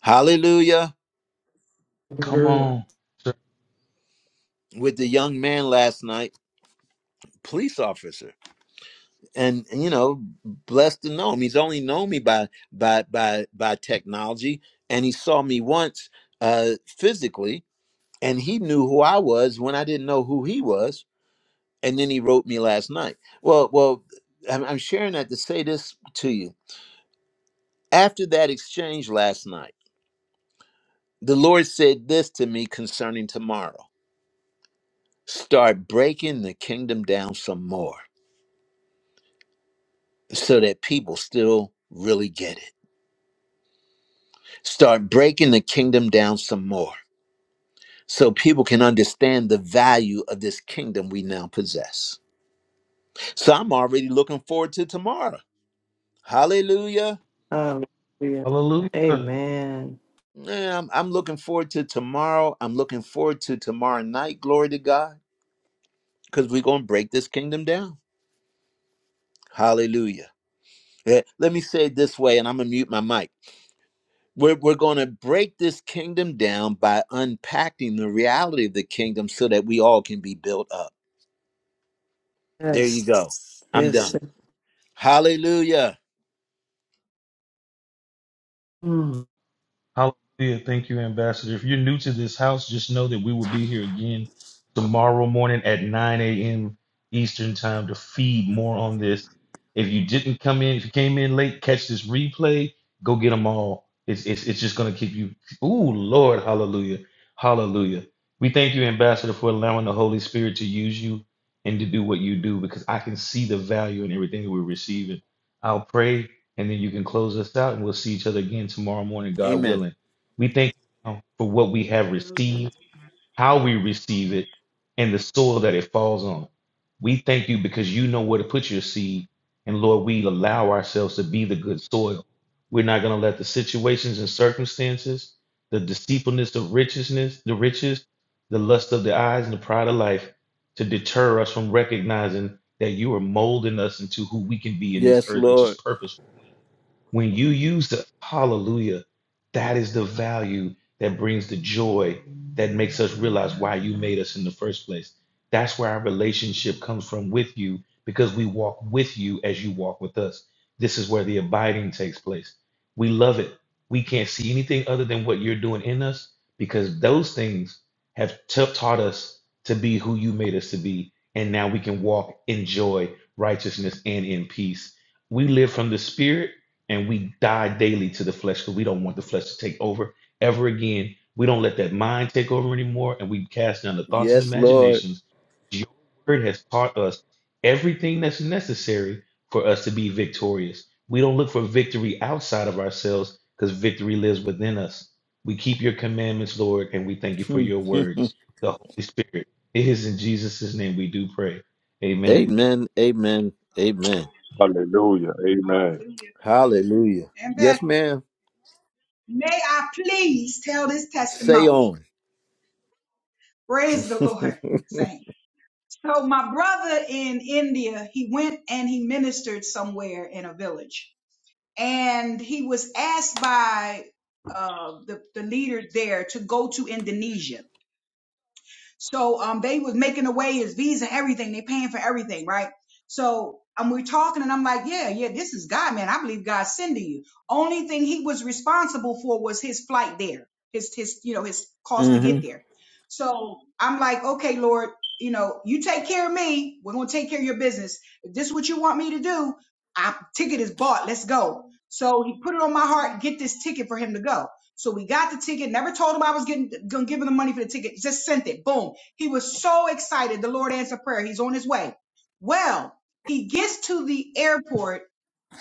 Speaker 1: Hallelujah.
Speaker 3: Come
Speaker 4: Hallelujah.
Speaker 3: on. sir.
Speaker 1: With the young man last night, police officer and, and, you know blessed to know him he's only known me by by by by technology and he saw me once uh physically and he knew who i was when i didn't know who he was and then he wrote me last night well well i'm, I'm sharing that to say this to you after that exchange last night the lord said this to me concerning tomorrow start breaking the kingdom down some more so that people still really get it start breaking the kingdom down some more so people can understand the value of this kingdom we now possess. So I'm already looking forward to tomorrow. Hallelujah.
Speaker 4: Hallelujah.
Speaker 3: Hallelujah.
Speaker 4: Amen.
Speaker 1: Man, I'm, I'm looking forward to tomorrow. I'm looking forward to tomorrow night. Glory to God. Because we're going to break this kingdom down. Hallelujah. Yeah, Let me say it this way, and I'm going to mute my mic. We're, we're going to break this kingdom down by unpacking the reality of the kingdom so that we all can be built up. There you go.
Speaker 4: Yes.
Speaker 1: I'm
Speaker 4: Yes.
Speaker 1: done. Hallelujah.
Speaker 4: Mm.
Speaker 3: Hallelujah. Thank you, Ambassador. If you're new to this house, just know that we will be here again tomorrow morning at 9 a.m. Eastern Time to feed more on this. If you didn't come in, if you came in late, catch this replay. Go get them all. It's, it's, it's just going to keep you. Ooh, Lord. Hallelujah. Hallelujah. We thank you, Ambassador, for allowing the Holy Spirit to use you and to do what you do because I can see the value in everything that we're receiving. I'll pray and then you can close us out, and we'll see each other again tomorrow morning, God
Speaker 1: Amen.
Speaker 3: willing. We thank you now for what we have
Speaker 10: Hallelujah.
Speaker 3: received, how we receive it, and the soil that it falls on. We thank you because you know where to put your seed, and Lord, we allow ourselves to be the good soil. We're not going to let the situations and circumstances, the deceitfulness of richness, the riches, the lust of the eyes, and the pride of life, to deter us from recognizing that you are molding us into who we can be in this
Speaker 1: Yes,
Speaker 3: earth, which is
Speaker 1: Lord.
Speaker 3: purposeful when you use the hallelujah, that is the value that brings the joy that makes us realize why you made us in the first place. That's where our relationship comes from with you because we walk with you as you walk with us. This is where the abiding takes place. We love it. We can't see anything other than what you're doing in us because those things have ta- taught us to be who you made us to be. And now we can walk in joy, righteousness, and in peace. We live from the Spirit and we die daily to the flesh because we don't want the flesh to take over ever again. We don't let that mind take over anymore, and we cast down the thoughts and
Speaker 1: Yes, Lord.
Speaker 3: imaginations. Your word has taught us everything that's necessary for us to be victorious. We don't look for victory outside of ourselves because victory lives within us. We keep your commandments, Lord, and we thank you for
Speaker 1: Hmm.
Speaker 3: your word, the Holy Spirit. It is in Jesus' name we do pray. Amen.
Speaker 1: amen. Amen. Amen.
Speaker 10: Hallelujah.
Speaker 11: Hallelujah. Amen.
Speaker 10: Hallelujah.
Speaker 1: Hallelujah. Yes,
Speaker 10: Ambassador,
Speaker 1: ma'am.
Speaker 10: May I please tell this
Speaker 1: Say
Speaker 10: testimony?
Speaker 1: on.
Speaker 10: Praise the Lord, saints. So my brother in India, he went and he ministered somewhere in a village. and he was asked by uh, the, the leader there to go to Indonesia. So um, they was making away his visa, everything. They paying for everything, right? So um, we're talking, and I'm like, yeah, yeah, this is God, man. I believe God's sending you. Only thing he was responsible for was his flight there, his his you know his cost to
Speaker 1: hmm
Speaker 10: get there. So I'm like, okay, Lord, you know, you take care of me. We're gonna take care of your business. If this is what you want me to do, I ticket is bought. Let's go. So he put it on my heart, get this ticket for him to go. So we got the ticket. Never told him I was getting gonna give him the money for the ticket. Just sent it. Boom. He was so excited. The Lord answered prayer. He's on his way. Well, he gets to the airport,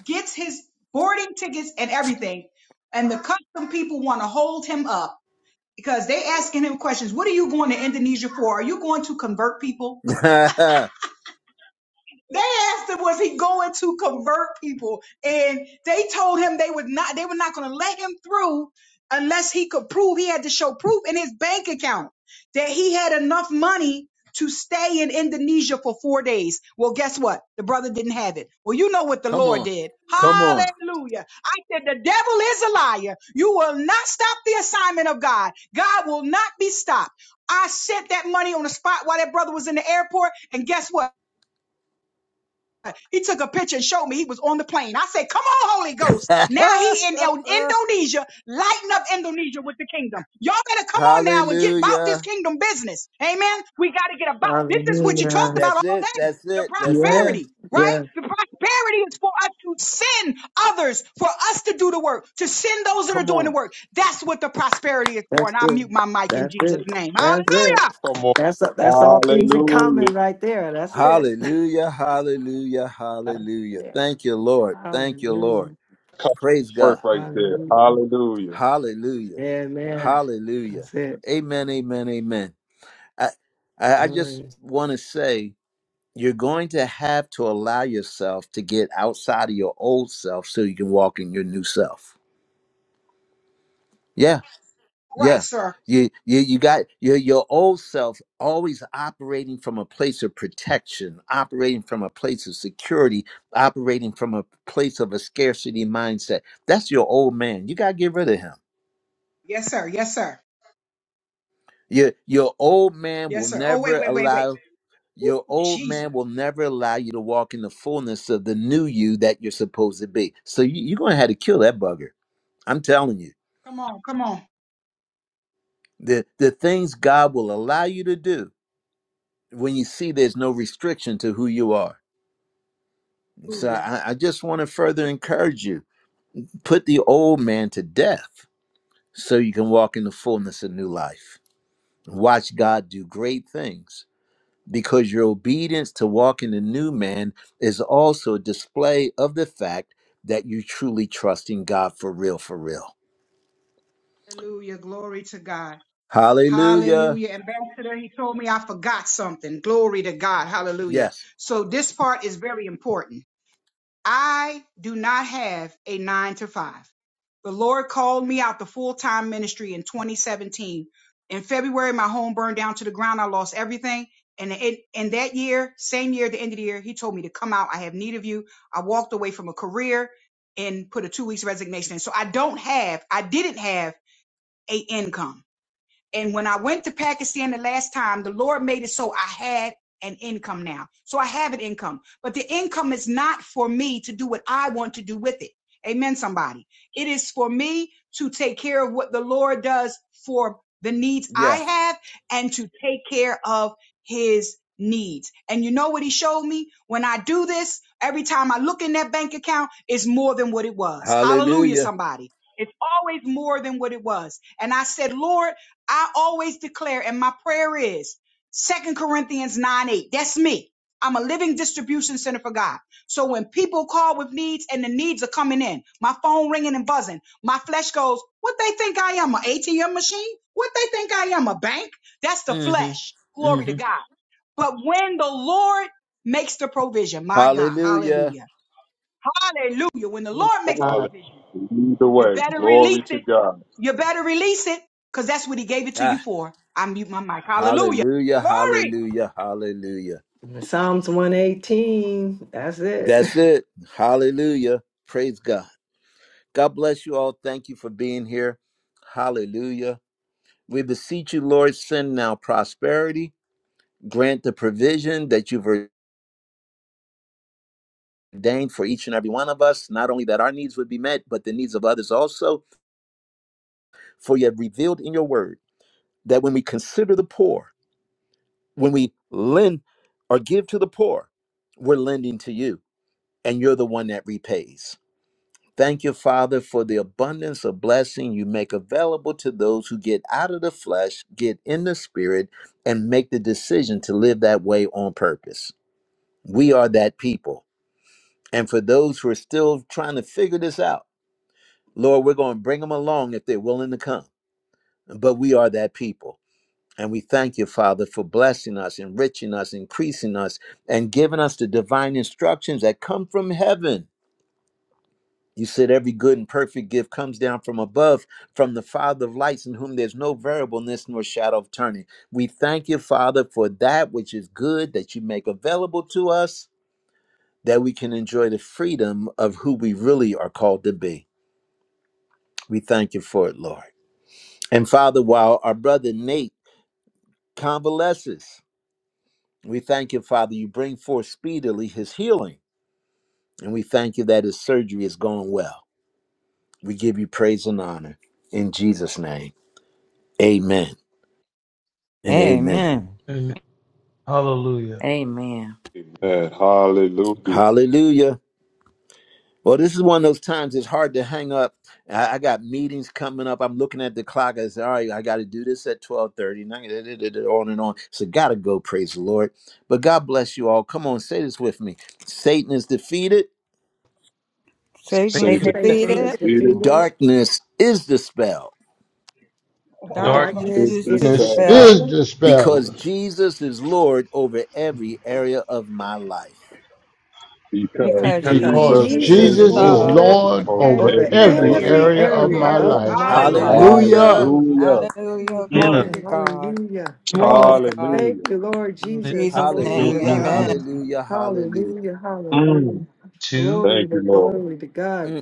Speaker 10: gets his boarding tickets and everything, and the custom people want to hold him up because they asking him questions. What are you going to Indonesia for? Are you going to convert people? They asked him, was he going to convert people? And they told him they would not, they were not going to let him through unless he could prove he had to show proof in his bank account that he had enough money to stay in Indonesia for four days. Well, guess what? The brother didn't have it. Well, you know what the
Speaker 1: Come
Speaker 10: Lord
Speaker 1: on.
Speaker 10: did.
Speaker 1: Come on.
Speaker 10: Hallelujah. I said, the devil is a liar. You will not stop the assignment of God. God will not be stopped. I sent that money on the spot while that brother was in the airport. And guess what? He took a picture and showed me he was on the plane. I said, "Come on, Holy Ghost!" Now he in El- Indonesia, lighting up Indonesia with the kingdom. Y'all better come on now and get about this
Speaker 1: Hallelujah.
Speaker 10: kingdom business. Amen. We got to get about. This is what you
Speaker 4: Hallelujah.
Speaker 10: talked about
Speaker 1: That's
Speaker 10: all
Speaker 1: it.
Speaker 10: day.
Speaker 1: That's
Speaker 10: The
Speaker 1: it. That's it.
Speaker 4: Yes.
Speaker 10: prosperity, right?
Speaker 4: Yeah.
Speaker 10: The prosperity is for us to send others, for us to do the work, to send those that are
Speaker 1: Come
Speaker 10: doing the
Speaker 1: on.
Speaker 10: work. That's what the prosperity is for.
Speaker 4: That's
Speaker 10: And I mute
Speaker 4: good.
Speaker 10: my mic in
Speaker 4: That's
Speaker 10: Jesus'
Speaker 4: it.
Speaker 10: name.
Speaker 4: That's it.
Speaker 10: Hallelujah.
Speaker 11: Come on.
Speaker 4: That's that's all things in common
Speaker 11: Hallelujah.
Speaker 4: right there. That's it.
Speaker 1: Hallelujah. Hallelujah.
Speaker 4: That's
Speaker 1: Hallelujah.
Speaker 4: it.
Speaker 1: Thank you, Lord. Thank you,
Speaker 4: Hallelujah.
Speaker 1: Lord.
Speaker 11: Come
Speaker 1: Praise God.
Speaker 11: first right there.
Speaker 4: Hallelujah.
Speaker 11: Hallelujah.
Speaker 1: Hallelujah.
Speaker 4: Amen.
Speaker 1: Hallelujah.
Speaker 4: That's it.
Speaker 1: Amen. Amen. Amen. I, I I just
Speaker 4: Glory.
Speaker 1: want to say you're going to have to allow yourself to get outside of your old self so you can walk in your new self. Yeah,
Speaker 10: Right,
Speaker 1: yeah.
Speaker 10: sir.
Speaker 1: You you you got your your old self always operating from a place of protection, operating from a place of security, operating from a place of a scarcity mindset. That's your old man. You gotta get rid of him.
Speaker 10: Yes, sir. Yes, sir.
Speaker 1: Your your old man will
Speaker 10: Yes, sir. Oh, wait,
Speaker 1: never
Speaker 10: wait, wait, wait.
Speaker 1: allow Your old
Speaker 10: Jesus.
Speaker 1: man will never allow you to walk in the fullness of the new you that you're supposed to be. So you, you're going to have to kill that bugger. I'm telling you.
Speaker 10: Come on, come on.
Speaker 1: The, the things God will allow you to do when you see there's no restriction to who you are. So
Speaker 10: Hallelujah.
Speaker 1: I, I just want to further encourage you put the old man to death so you can walk in the fullness of new life. Watch God do great things because your obedience to walk in the new man is also a display of the fact that you truly trust in God for real, for real.
Speaker 10: Hallelujah. Glory to God.
Speaker 1: Hallelujah.
Speaker 10: Hallelujah. Ambassador, he told me I forgot something. Glory to God. Hallelujah.
Speaker 1: Yes.
Speaker 10: So this part is very important. I do not have a nine to five. The Lord called me out to full time ministry in 2017. In February, my home burned down to the ground. I lost everything. And it, and that year, same year, the end of the year, he told me to come out. I have need of you. I walked away from a career and put a two weeks resignation in. So I don't have, I didn't have a income. And when I went to Pakistan the last time, the Lord made it so I had an income now. So I have an income, but the income is not for me to do what I want to do with it. Amen, somebody. It is for me to take care of what the Lord does for the needs I
Speaker 1: Yes.
Speaker 10: have and to take care of his needs. And you know what he showed me? When I do this, every time I look in that bank account, it's more than what it was. Hallelujah,
Speaker 1: Hallelujah.
Speaker 10: somebody. It's always more than what it was. And I said, Lord, I always declare, and my prayer is Second Corinthians 9 8. That's me. I'm a living distribution center for God. So when people call with needs and the needs are coming in, my phone ringing and buzzing, my flesh goes, What they think I am? An ATM machine? What they think I am? A bank? That's the
Speaker 1: hmm
Speaker 10: flesh. Glory to
Speaker 1: hmm
Speaker 10: God. But when the Lord makes the provision, my God,
Speaker 1: Hallelujah.
Speaker 10: hallelujah. Hallelujah. When the
Speaker 2: Yes.
Speaker 10: Lord makes the
Speaker 2: Yes.
Speaker 11: Hallelujah.
Speaker 10: provision.
Speaker 11: Lead the
Speaker 10: You
Speaker 11: way.
Speaker 10: better release
Speaker 11: Glory to
Speaker 10: it.
Speaker 11: God.
Speaker 10: You better release it because that's what he gave it to you
Speaker 1: Ah,
Speaker 10: for. I mute my mic. Hallelujah.
Speaker 1: hallelujah.
Speaker 10: Glory.
Speaker 1: Hallelujah. Hallelujah.
Speaker 4: Psalms 118. That's it.
Speaker 1: That's it. Hallelujah. Praise God. God bless you all. Thank you for being here. Hallelujah. We beseech you, Lord, send now prosperity grant the provision that you've ordained for each and every one of us, not only that our needs would be met, but the needs of others also. For you have revealed in your word that when we consider the poor, when we lend or give to the poor, we're lending to you, and you're the one that repays. Thank you, Father, for the abundance of blessing you make available to those who get out of the flesh, get in the spirit, and make the decision to live that way on purpose. We are that people And for those who are still trying to figure this out, Lord, we're going to bring them along if they're willing to come. But we are that people. And we thank you, Father, for blessing us, enriching us, increasing us, and giving us the divine instructions that come from heaven. You said every good and perfect gift comes down from above, from the Father of lights, in whom there's no variableness nor shadow of turning. We thank you, Father, for that which is good that you make available to us, that we can enjoy the freedom of who we really are called to be. We thank you for it, Lord. And Father, while our brother Nate convalesces, we thank you, Father, you bring forth speedily his healing. And we thank you that his surgery is going well. We give you praise and honor in Jesus' name. Amen and amen.
Speaker 6: Amen.
Speaker 3: Amen. Hallelujah.
Speaker 7: Amen.
Speaker 11: Amen. Hallelujah.
Speaker 1: Hallelujah. Well, this is one of those times it's hard to hang up. I, I got meetings coming up. I'm looking at the clock. I said, all right, I got to do this at 1230, and I da- da- da- da- on and on. So got to go, praise the Lord. But God bless you all. Come on, say this with me. Satan is defeated.
Speaker 6: Satan is
Speaker 3: Satan,
Speaker 7: Amen.
Speaker 11: Satan
Speaker 7: It's
Speaker 4: Satan
Speaker 7: Defeated
Speaker 6: defeated.
Speaker 4: is
Speaker 11: defeated.
Speaker 4: defeated,
Speaker 1: Darkness is dispelled
Speaker 3: dark,
Speaker 6: Darkness
Speaker 4: darkness
Speaker 6: used
Speaker 4: is
Speaker 6: to
Speaker 5: This
Speaker 6: spell
Speaker 5: is
Speaker 4: dispelled,
Speaker 1: because
Speaker 5: dispelled
Speaker 1: Jesus is Lord over every area of my life.
Speaker 11: because
Speaker 10: Because
Speaker 6: because
Speaker 3: because
Speaker 4: because
Speaker 10: Jesus
Speaker 5: because
Speaker 11: Jesus
Speaker 6: Jesus
Speaker 10: is
Speaker 6: is
Speaker 4: Jesus
Speaker 11: is
Speaker 4: is
Speaker 5: Jesus is
Speaker 11: Lord
Speaker 10: Lord
Speaker 6: love
Speaker 4: Lord
Speaker 6: over
Speaker 5: Lord
Speaker 11: over
Speaker 5: over
Speaker 10: over
Speaker 4: over
Speaker 6: every
Speaker 11: every
Speaker 10: every
Speaker 5: every
Speaker 6: Lord,
Speaker 11: area
Speaker 4: every
Speaker 6: over
Speaker 10: area
Speaker 5: area
Speaker 10: of
Speaker 11: of
Speaker 5: of
Speaker 10: my
Speaker 6: every
Speaker 4: area
Speaker 11: my
Speaker 5: my
Speaker 6: area
Speaker 10: life.
Speaker 4: of
Speaker 11: life.
Speaker 5: life.
Speaker 4: my
Speaker 6: of my life.
Speaker 4: life.
Speaker 10: Hallelujah.
Speaker 5: Hallelujah.
Speaker 1: Hallelujah.
Speaker 4: Mhm.
Speaker 11: Hallelujah.
Speaker 6: Hallelujah.
Speaker 4: Every
Speaker 3: we uh,
Speaker 6: Glory
Speaker 4: Corner,
Speaker 11: Mm.
Speaker 6: to God.
Speaker 4: hallelujah.
Speaker 3: you
Speaker 6: Praise
Speaker 3: all
Speaker 6: God.
Speaker 4: Thank
Speaker 11: Hallelujah.
Speaker 4: you, Lord
Speaker 6: In
Speaker 3: didn't
Speaker 4: Jesus.
Speaker 6: Jesus'
Speaker 4: Glory
Speaker 11: Mm,
Speaker 6: name,
Speaker 4: to
Speaker 1: Hallelujah.
Speaker 11: mm,
Speaker 6: amen.
Speaker 4: God.
Speaker 11: mm,
Speaker 1: Hallelujah. Hallelujah.
Speaker 4: Hallelujah, hallelujah.
Speaker 11: mm.
Speaker 4: Glory
Speaker 11: Thank you,
Speaker 4: to
Speaker 11: Lord.
Speaker 4: glory to God.
Speaker 1: Mm.